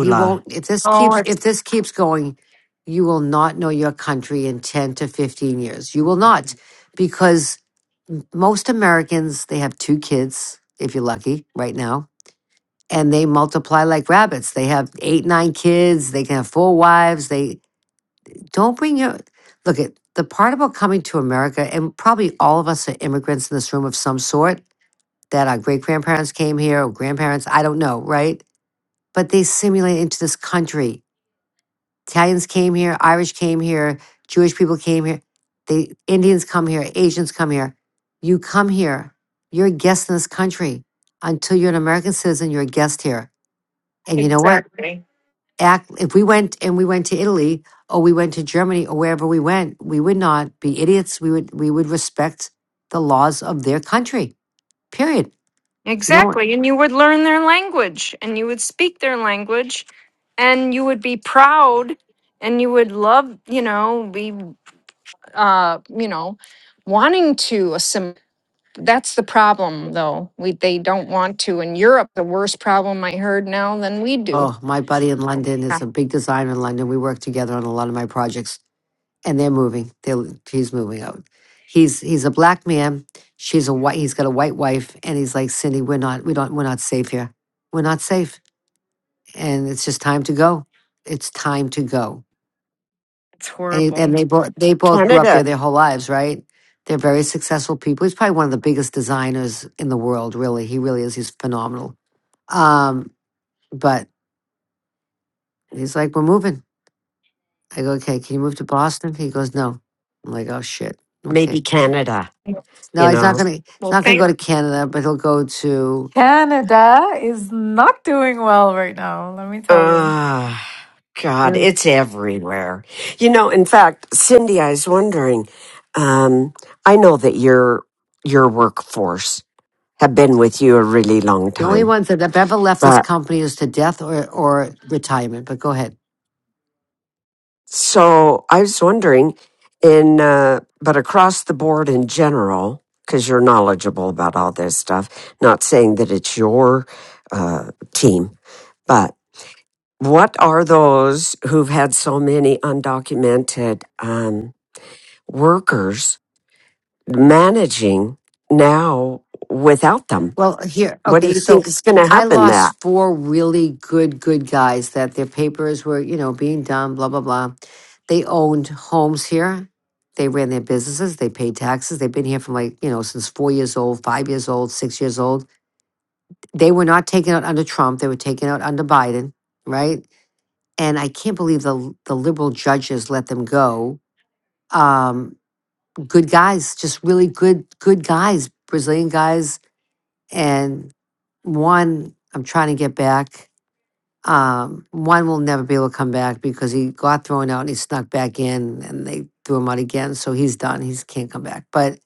Speaker 6: You won't if this
Speaker 8: Oh,
Speaker 6: keeps
Speaker 8: it's
Speaker 6: if this keeps going, you will not know your country in 10 to 15 years. You will not because most Americans they have two kids if you're lucky right now and they multiply like rabbits. They have 8 9 kids, they can have four wives. They don't bring your Look at the part about coming to America and probably all of us are immigrants in this room of some sort that our great grandparents came here or grandparents, I don't know, right? But they simulate into this country Italians came here, Irish came here, Jewish people came here, the Indians come here, Asians come here. You come here. You're a guest in this country. Until you're an American citizen, you're a guest here. And you know what?
Speaker 8: exactly.
Speaker 6: Act if we went and we went to Italy or we went to Germany or wherever we went, we would not be idiots. We would we would respect the laws of their country. Period. You know what?
Speaker 8: Exactly. And you would learn their language and you would speak their language and you would be proud and you would love, you know, be, uh, you know, wanting to assimilate That's the problem, though. We they don't want to. In Europe, the worst problem I heard now than we do.
Speaker 6: Oh, my buddy in London
Speaker 8: Yeah,
Speaker 6: is a big designer in London. We work together on a lot of my projects and they're moving. They're she's moving out. He's he's a black man. She's a white. He's got a white wife, and he's like Cindy. We're not. We don't. We're not safe here. We're not safe, and it's just time to go. It's time to go.
Speaker 8: it's
Speaker 6: And he- and
Speaker 8: horrible.
Speaker 6: they both they both grew up there
Speaker 2: Canada.
Speaker 6: their whole lives, right? They're very successful people. He's probably one of the biggest designers in the world. Really, he really is. He's phenomenal. Um, but he's like, we're moving. I go, okay. Can you move to Boston? He goes, no. I'm like, oh shit. Okay.
Speaker 2: Maybe Canada,
Speaker 6: No,
Speaker 2: you
Speaker 6: he's not
Speaker 2: know.
Speaker 6: gonna. He's
Speaker 8: Well,
Speaker 6: not gonna go
Speaker 8: thank
Speaker 6: to Canada, but he'll go to.
Speaker 9: Canada is not doing well right now, let me tell you.
Speaker 2: Ah, God,
Speaker 6: Yeah.
Speaker 2: it's everywhere. You know, in fact, Cindy, I was wondering. Um, I know that your your workforce have been with you a really long
Speaker 6: The only
Speaker 2: time,
Speaker 6: ones that have ever left this
Speaker 2: but
Speaker 6: company is to death or or retirement. But go ahead.
Speaker 2: so I was wondering, in uh, but across the board in general, because you're knowledgeable about all this stuff. Not saying that it's your uh, team, but what are those who've had so many undocumented? Um, workers managing now without them.
Speaker 6: Well, here,
Speaker 2: What do
Speaker 6: okay.
Speaker 2: you
Speaker 6: So
Speaker 2: think is going to
Speaker 6: I
Speaker 2: happen? That
Speaker 6: lost four really good good guys that their papers were, you know, being done. Blah blah blah. They owned homes here. They ran their businesses. They paid taxes. They've been here from like you know since four years old, five years old, six years old. They were not taken out under Trump. They were taken out under Biden, right? and I can't believe the the liberal judges let them go. Um, good guys, just really good good guys, Brazilian guys, and one I'm trying to get back. Um, one will never be able to come back because he got thrown out and he snuck back in and they threw him out again. So he's done. He can't come back. But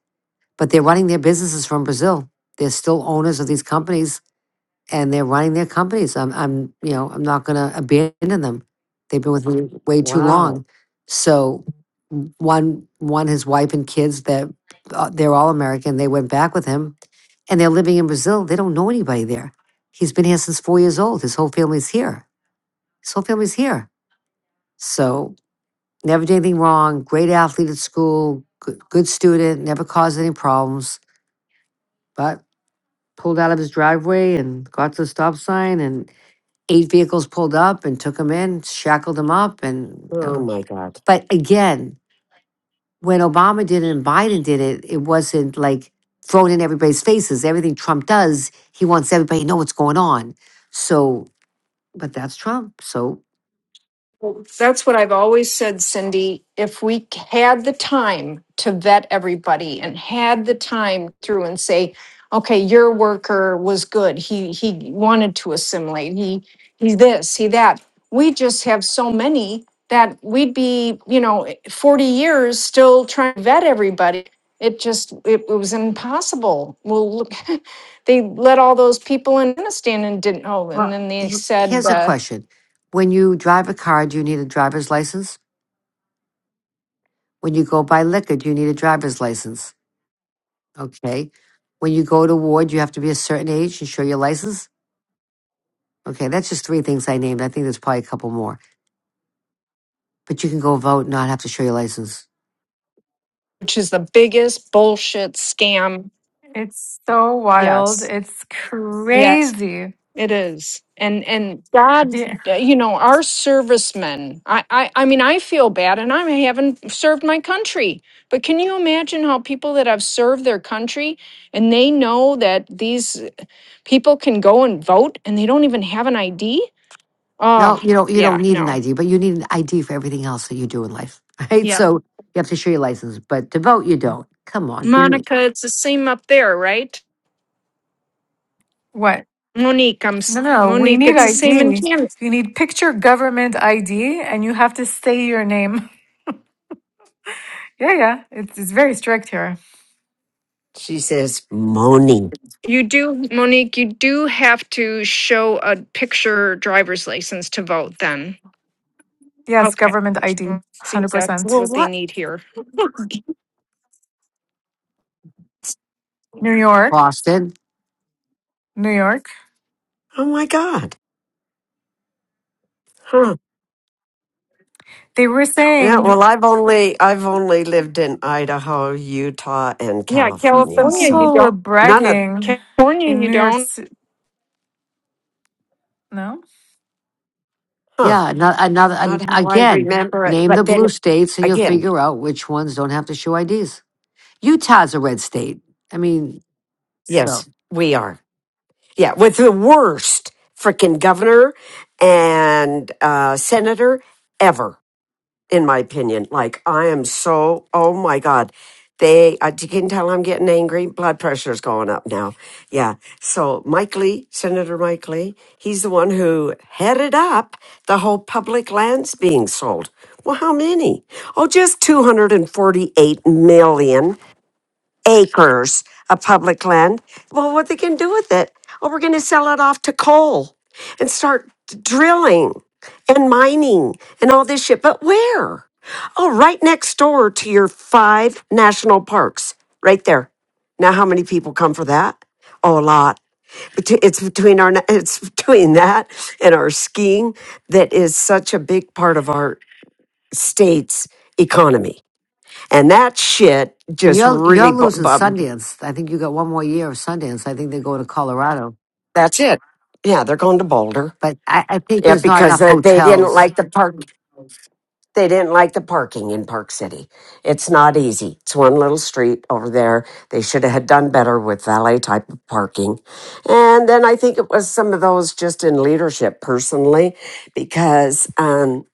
Speaker 6: but they're running their businesses from Brazil. They're still owners of these companies and they're running their companies. I'm, I'm, you know, I'm not going to abandon them. They've been with me way too
Speaker 2: wow,
Speaker 6: long. So w- one, one, his wife and kids that uh, they're all American. They went back with him, and they're living in Brazil. They don't know anybody there. He's been here since four years old. His whole family's here. His whole family's here. So never did anything wrong. Great athlete at school. Good, good student. Never caused any problems. But pulled out of his driveway and got to the stop sign and eight vehicles pulled up and took him in, shackled him up, and.
Speaker 2: oh
Speaker 6: um,
Speaker 2: my god,
Speaker 6: But again, when Obama did it and Biden did it, it wasn't like thrown in everybody's faces. Everything Trump does, he wants everybody to know what's going on. So, but that's Trump. So
Speaker 8: That's what I've always said, Cindy. If we had the time to vet everybody and had the time through and say, okay, your worker was good. He he wanted to assimilate. He he this, he that. We just have so many that we'd be, you know, 40 years still trying to vet everybody. It just it, it was impossible. Well, look, they let all those people in Afghanistan and didn't. Oh, and then they
Speaker 6: he,
Speaker 8: said,
Speaker 6: here's a
Speaker 8: uh,
Speaker 6: question: When you drive a car, do you need a driver's license? When you go buy liquor, do you need a driver's license? Okay. When you go to ward, you have to be a certain age and show your license. Okay, that's just three things I named. I think there's probably a couple more. But you can go vote and not have to show your license.
Speaker 8: which is the biggest bullshit scam.
Speaker 9: It's so wild.
Speaker 8: Yes.
Speaker 9: It's
Speaker 8: Yes,
Speaker 9: crazy.
Speaker 8: it is. And and God,
Speaker 9: Yeah.
Speaker 8: you know, our servicemen. I I I mean, I feel bad and I haven't served my country. But can you imagine how people that have served their country and they know that these people can go and vote and they don't even have an ID?
Speaker 6: No,
Speaker 8: Oh,
Speaker 6: you don't. You don't
Speaker 8: yeah,
Speaker 6: need an
Speaker 8: no.
Speaker 6: ID, but you need an ID for everything else that you do in life, right?
Speaker 8: Yep.
Speaker 6: So you have to show your license, but to vote, you don't. Come on, give me
Speaker 8: Monica, it's the same up there, right?
Speaker 9: What?
Speaker 8: Monique, I'm
Speaker 9: No,
Speaker 8: s-
Speaker 9: no, we
Speaker 8: Monique,
Speaker 9: need
Speaker 8: it's the same in
Speaker 9: ID.
Speaker 8: Canada.
Speaker 9: You need picture government ID and you have to say your name. Yeah, yeah. It's, it's very strict here.
Speaker 2: she says moaning.
Speaker 8: You do, Monique, you do have to show a picture driver's license to vote then.
Speaker 9: Yes,
Speaker 8: Okay.
Speaker 9: government
Speaker 8: Uh,
Speaker 9: ID.
Speaker 8: See, that's
Speaker 9: 100%.
Speaker 2: Well,
Speaker 8: what they
Speaker 2: what?
Speaker 8: need here.
Speaker 9: New York,
Speaker 6: Boston.
Speaker 9: New York.
Speaker 2: Oh my god. Huh?
Speaker 9: They were
Speaker 2: Yeah, well,
Speaker 9: saying
Speaker 2: I've only I've only lived in Idaho, Utah, and
Speaker 8: Yeah,
Speaker 2: California,
Speaker 9: some
Speaker 8: California, you
Speaker 2: so
Speaker 9: people were
Speaker 8: don't.
Speaker 2: none of
Speaker 9: bragging
Speaker 8: California,
Speaker 9: in
Speaker 8: you
Speaker 9: New York.
Speaker 8: don't.
Speaker 9: Ci- No?
Speaker 2: huh,
Speaker 6: Yeah, another, another an,
Speaker 2: not how I
Speaker 6: again.
Speaker 2: remember it.
Speaker 6: Name the
Speaker 2: But then
Speaker 6: blue states, and you'll
Speaker 2: again,
Speaker 6: figure out which ones don't have to show IDs. Utah's a red state. I mean, so
Speaker 2: yes, we are. Yeah, with the worst freaking governor and uh, senator ever. in my opinion. Like I am so oh my god, they uh, you can tell I'm getting angry. Blood pressure's going up now. Yeah. So Mike Lee, Senator Mike Lee, he's the one who headed up the whole public lands being sold. Well, how many? Oh, just 248 million acres of public land. Well, what they can do with it? Oh, we're going to sell it off to coal and start drilling and mining and all this shit. But where? Oh, right next door to your five national parks, right there. Now, how many people come for that? Oh, a lot. Bet- It's between our it's between that and our skiing that is such a big part of our state's economy, and that shit
Speaker 6: and
Speaker 2: just
Speaker 6: you're you're
Speaker 2: really
Speaker 6: losing Sundance. I think you got one more year of Sundance. I think they're going to Colorado.
Speaker 2: That's it. Yeah, they're going to Boulder.
Speaker 6: but I, I think
Speaker 2: Yeah,
Speaker 6: there's not
Speaker 2: because
Speaker 6: enough
Speaker 2: uh, they didn't
Speaker 6: hotels.
Speaker 2: like the park. They didn't like the parking in Park City. It's not easy. It's one little street over there. They should have done better with valet type of parking. And then I think it was some of those just in leadership personally, because um,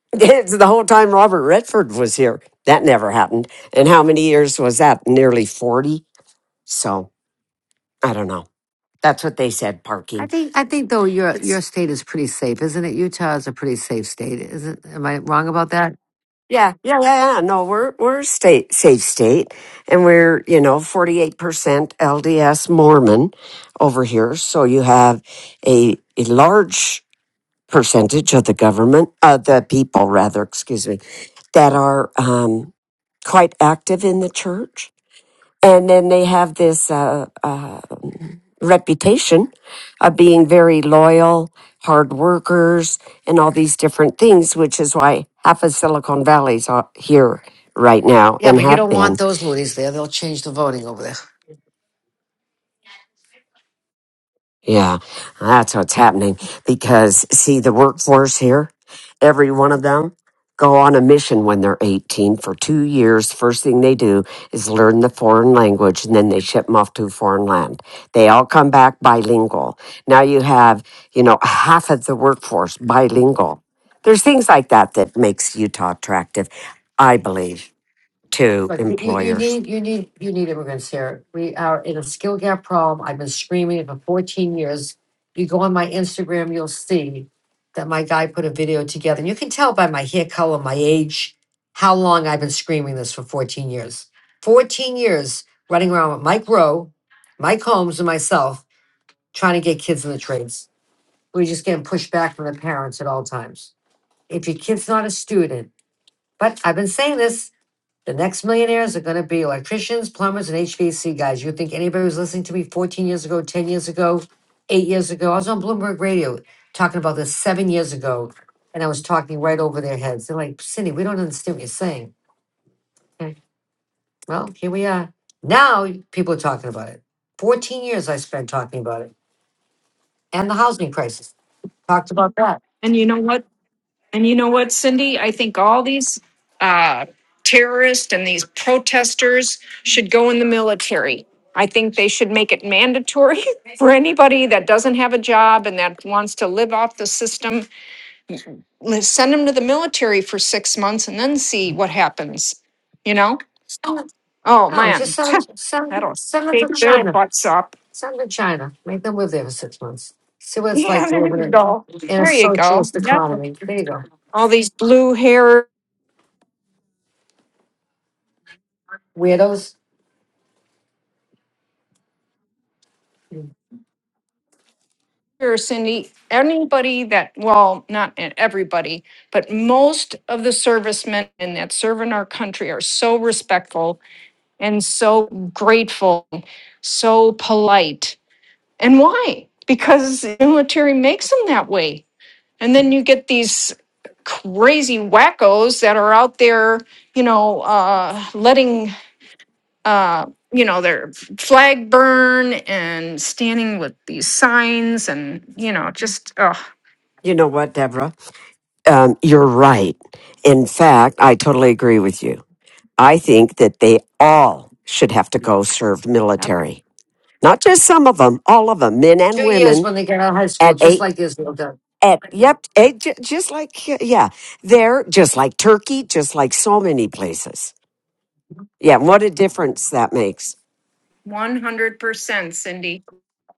Speaker 2: it's the whole time Robert Redford was here. That never happened. And how many years was that? Nearly 40. So I don't know. That's what they said
Speaker 6: I
Speaker 2: parking.
Speaker 6: think I think though your your state is pretty safe, isn't it? Utah is a pretty safe state, isn't? Am I wrong about that?
Speaker 2: Yeah, yeah, yeah, yeah. No, we're we're a state safe state, and we're you know forty eight percent LDS Mormon over here. So you have a a large percentage of the government, uh, the people rather, excuse me, that are um, quite active in the church and then they have this uh, uh, reputation of being very loyal, hard workers, and all these different things, which is why half of Silicon Valley's out here right now
Speaker 6: Yeah,
Speaker 2: and
Speaker 6: but you
Speaker 2: have
Speaker 6: don't
Speaker 2: been.
Speaker 6: want those loonies there. They'll change the voting over there.
Speaker 2: Yeah, that's what's happening because see the workforce here, every one of them go on a mission when they're 18 for 2 years. First thing they do is learn the foreign language and then they ship them off to a foreign land. They all come back bilingual. Now you have, you know, half of the workforce bilingual. There's things like that that makes Utah attractive, I believe, to
Speaker 6: Look, you, you
Speaker 2: employers.
Speaker 6: need you need you need immigrants here. We are in a skill gap problem. I've been screaming it for 14 years. You go on my Instagram, you'll see that my guy put a video together. And you can tell by my hair color, my age, how long I've been screaming this for 14 years. 14 years running around with Mike Rowe, Mike Holmes, and myself trying to get kids in the trades. We're just getting pushed back from the parents at all times. If your kid's not a student, but I've been saying this the next millionaires are going to be electricians, plumbers, and HVAC guys. You think anybody was listening to me 14 years ago, 10 years ago, eight years ago? I was on Bloomberg Radio talking about this seven years ago, and I was talking right over their heads. They're like, Cindy, we don't understand what you're saying. Okay, well, here we are. Now people are talking about it. 14 years I spent talking about it, and the housing crisis. Talked about that.
Speaker 8: And you know what? And you know what, Cindy? I think all these uh, terrorists and these protesters should go in the military. I think they should make it mandatory for anybody that doesn't have a job and that wants to live off the system let's send them to the military for six months and then see what happens, you know?
Speaker 6: Someone,
Speaker 8: Oh,
Speaker 6: no, just
Speaker 8: man,
Speaker 6: send them, send,
Speaker 8: that'll
Speaker 6: send
Speaker 8: shake their
Speaker 6: China.
Speaker 8: butts up.
Speaker 6: Send them to China. Make them live there for six months. See what it's like
Speaker 8: Yeah,
Speaker 6: to
Speaker 8: there
Speaker 6: live
Speaker 8: you
Speaker 6: in
Speaker 8: go.
Speaker 6: a, in a
Speaker 8: There you go.
Speaker 6: socialist
Speaker 8: Yep.
Speaker 6: economy. There you go.
Speaker 8: All these blue hair,
Speaker 6: Weirdos. Two
Speaker 8: Cindy, anybody that, well, not e- everybody, but most of the servicemen and that serve in our country are so respectful and so grateful, so polite. And why? Because the military makes them that way And then you get these crazy wackos that are out there, you know, uh, letting, uh, you know, their flag burn and standing with these signs and, you know, just, oh,
Speaker 2: You know what, Deborah? Um, you're right. In fact, I totally agree with you I think that they all should have to go serve
Speaker 8: Yep.
Speaker 2: military. Not just some of them, all of them, men and
Speaker 6: years
Speaker 2: women
Speaker 6: when they get out of high school,
Speaker 2: at
Speaker 6: just
Speaker 2: eight.
Speaker 6: like Israel done.
Speaker 2: At, yep, eight, ju- just like, yeah, yeah, there, just like Turkey, just like so many places. Yeah, what a difference that makes.
Speaker 8: 100% Cindy.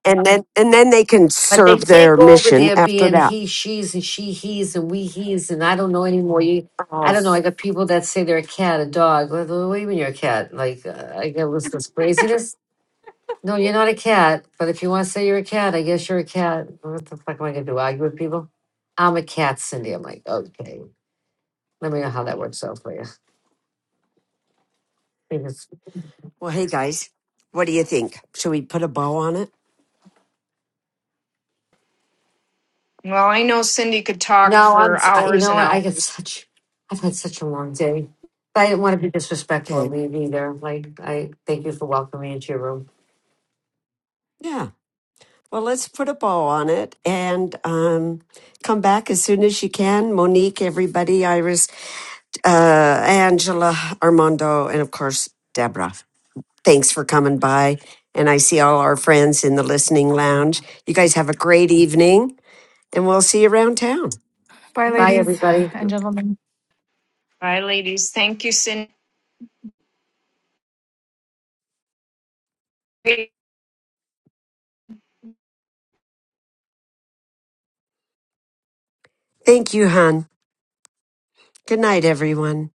Speaker 2: And then, and then they can
Speaker 6: But they
Speaker 2: serve
Speaker 6: can't
Speaker 2: their
Speaker 6: go over
Speaker 2: mission
Speaker 6: there
Speaker 2: after
Speaker 6: being
Speaker 2: that.
Speaker 6: he, she's, and she, he's, and we, he's, and I don't know anymore. You, I
Speaker 2: Oh,
Speaker 6: don't know. I got people that say they're a cat, a dog. What what do you mean you're a cat? Like, uh, I get listen this craziness. No, you're not a cat. But if you want to say you're a cat, I guess you're a cat. What the fuck am I going to do? Argue with people? I'm a cat, Cindy. I'm like, okay. Let me know how that works out for you. Because
Speaker 2: well, hey guys, what do you think? Should we put a bow on it?
Speaker 8: Well, I know Cindy could talk
Speaker 6: no, I'm.
Speaker 8: for
Speaker 6: s- I- You
Speaker 8: hours
Speaker 6: know
Speaker 8: and
Speaker 6: what? I get
Speaker 8: hours.
Speaker 6: such. I've had such a long day, but I didn't want to be disrespectful or
Speaker 2: Okay.
Speaker 6: leave either. Like I thank you for welcoming me into your room.
Speaker 2: Yeah. Well, let's put a bow on it and um, come back as soon as you can. Monique, everybody, Iris, uh, Angela, Armando, and of course, Deborah. Thanks for coming by. And I see all our friends in the listening lounge. You guys have a great evening, and we'll see you around town.
Speaker 9: Bye,
Speaker 6: Bye,
Speaker 9: ladies
Speaker 6: everybody.
Speaker 9: and gentlemen.
Speaker 8: Bye, ladies. Thank you, Cindy.
Speaker 2: Thank you, hon. Good night, everyone.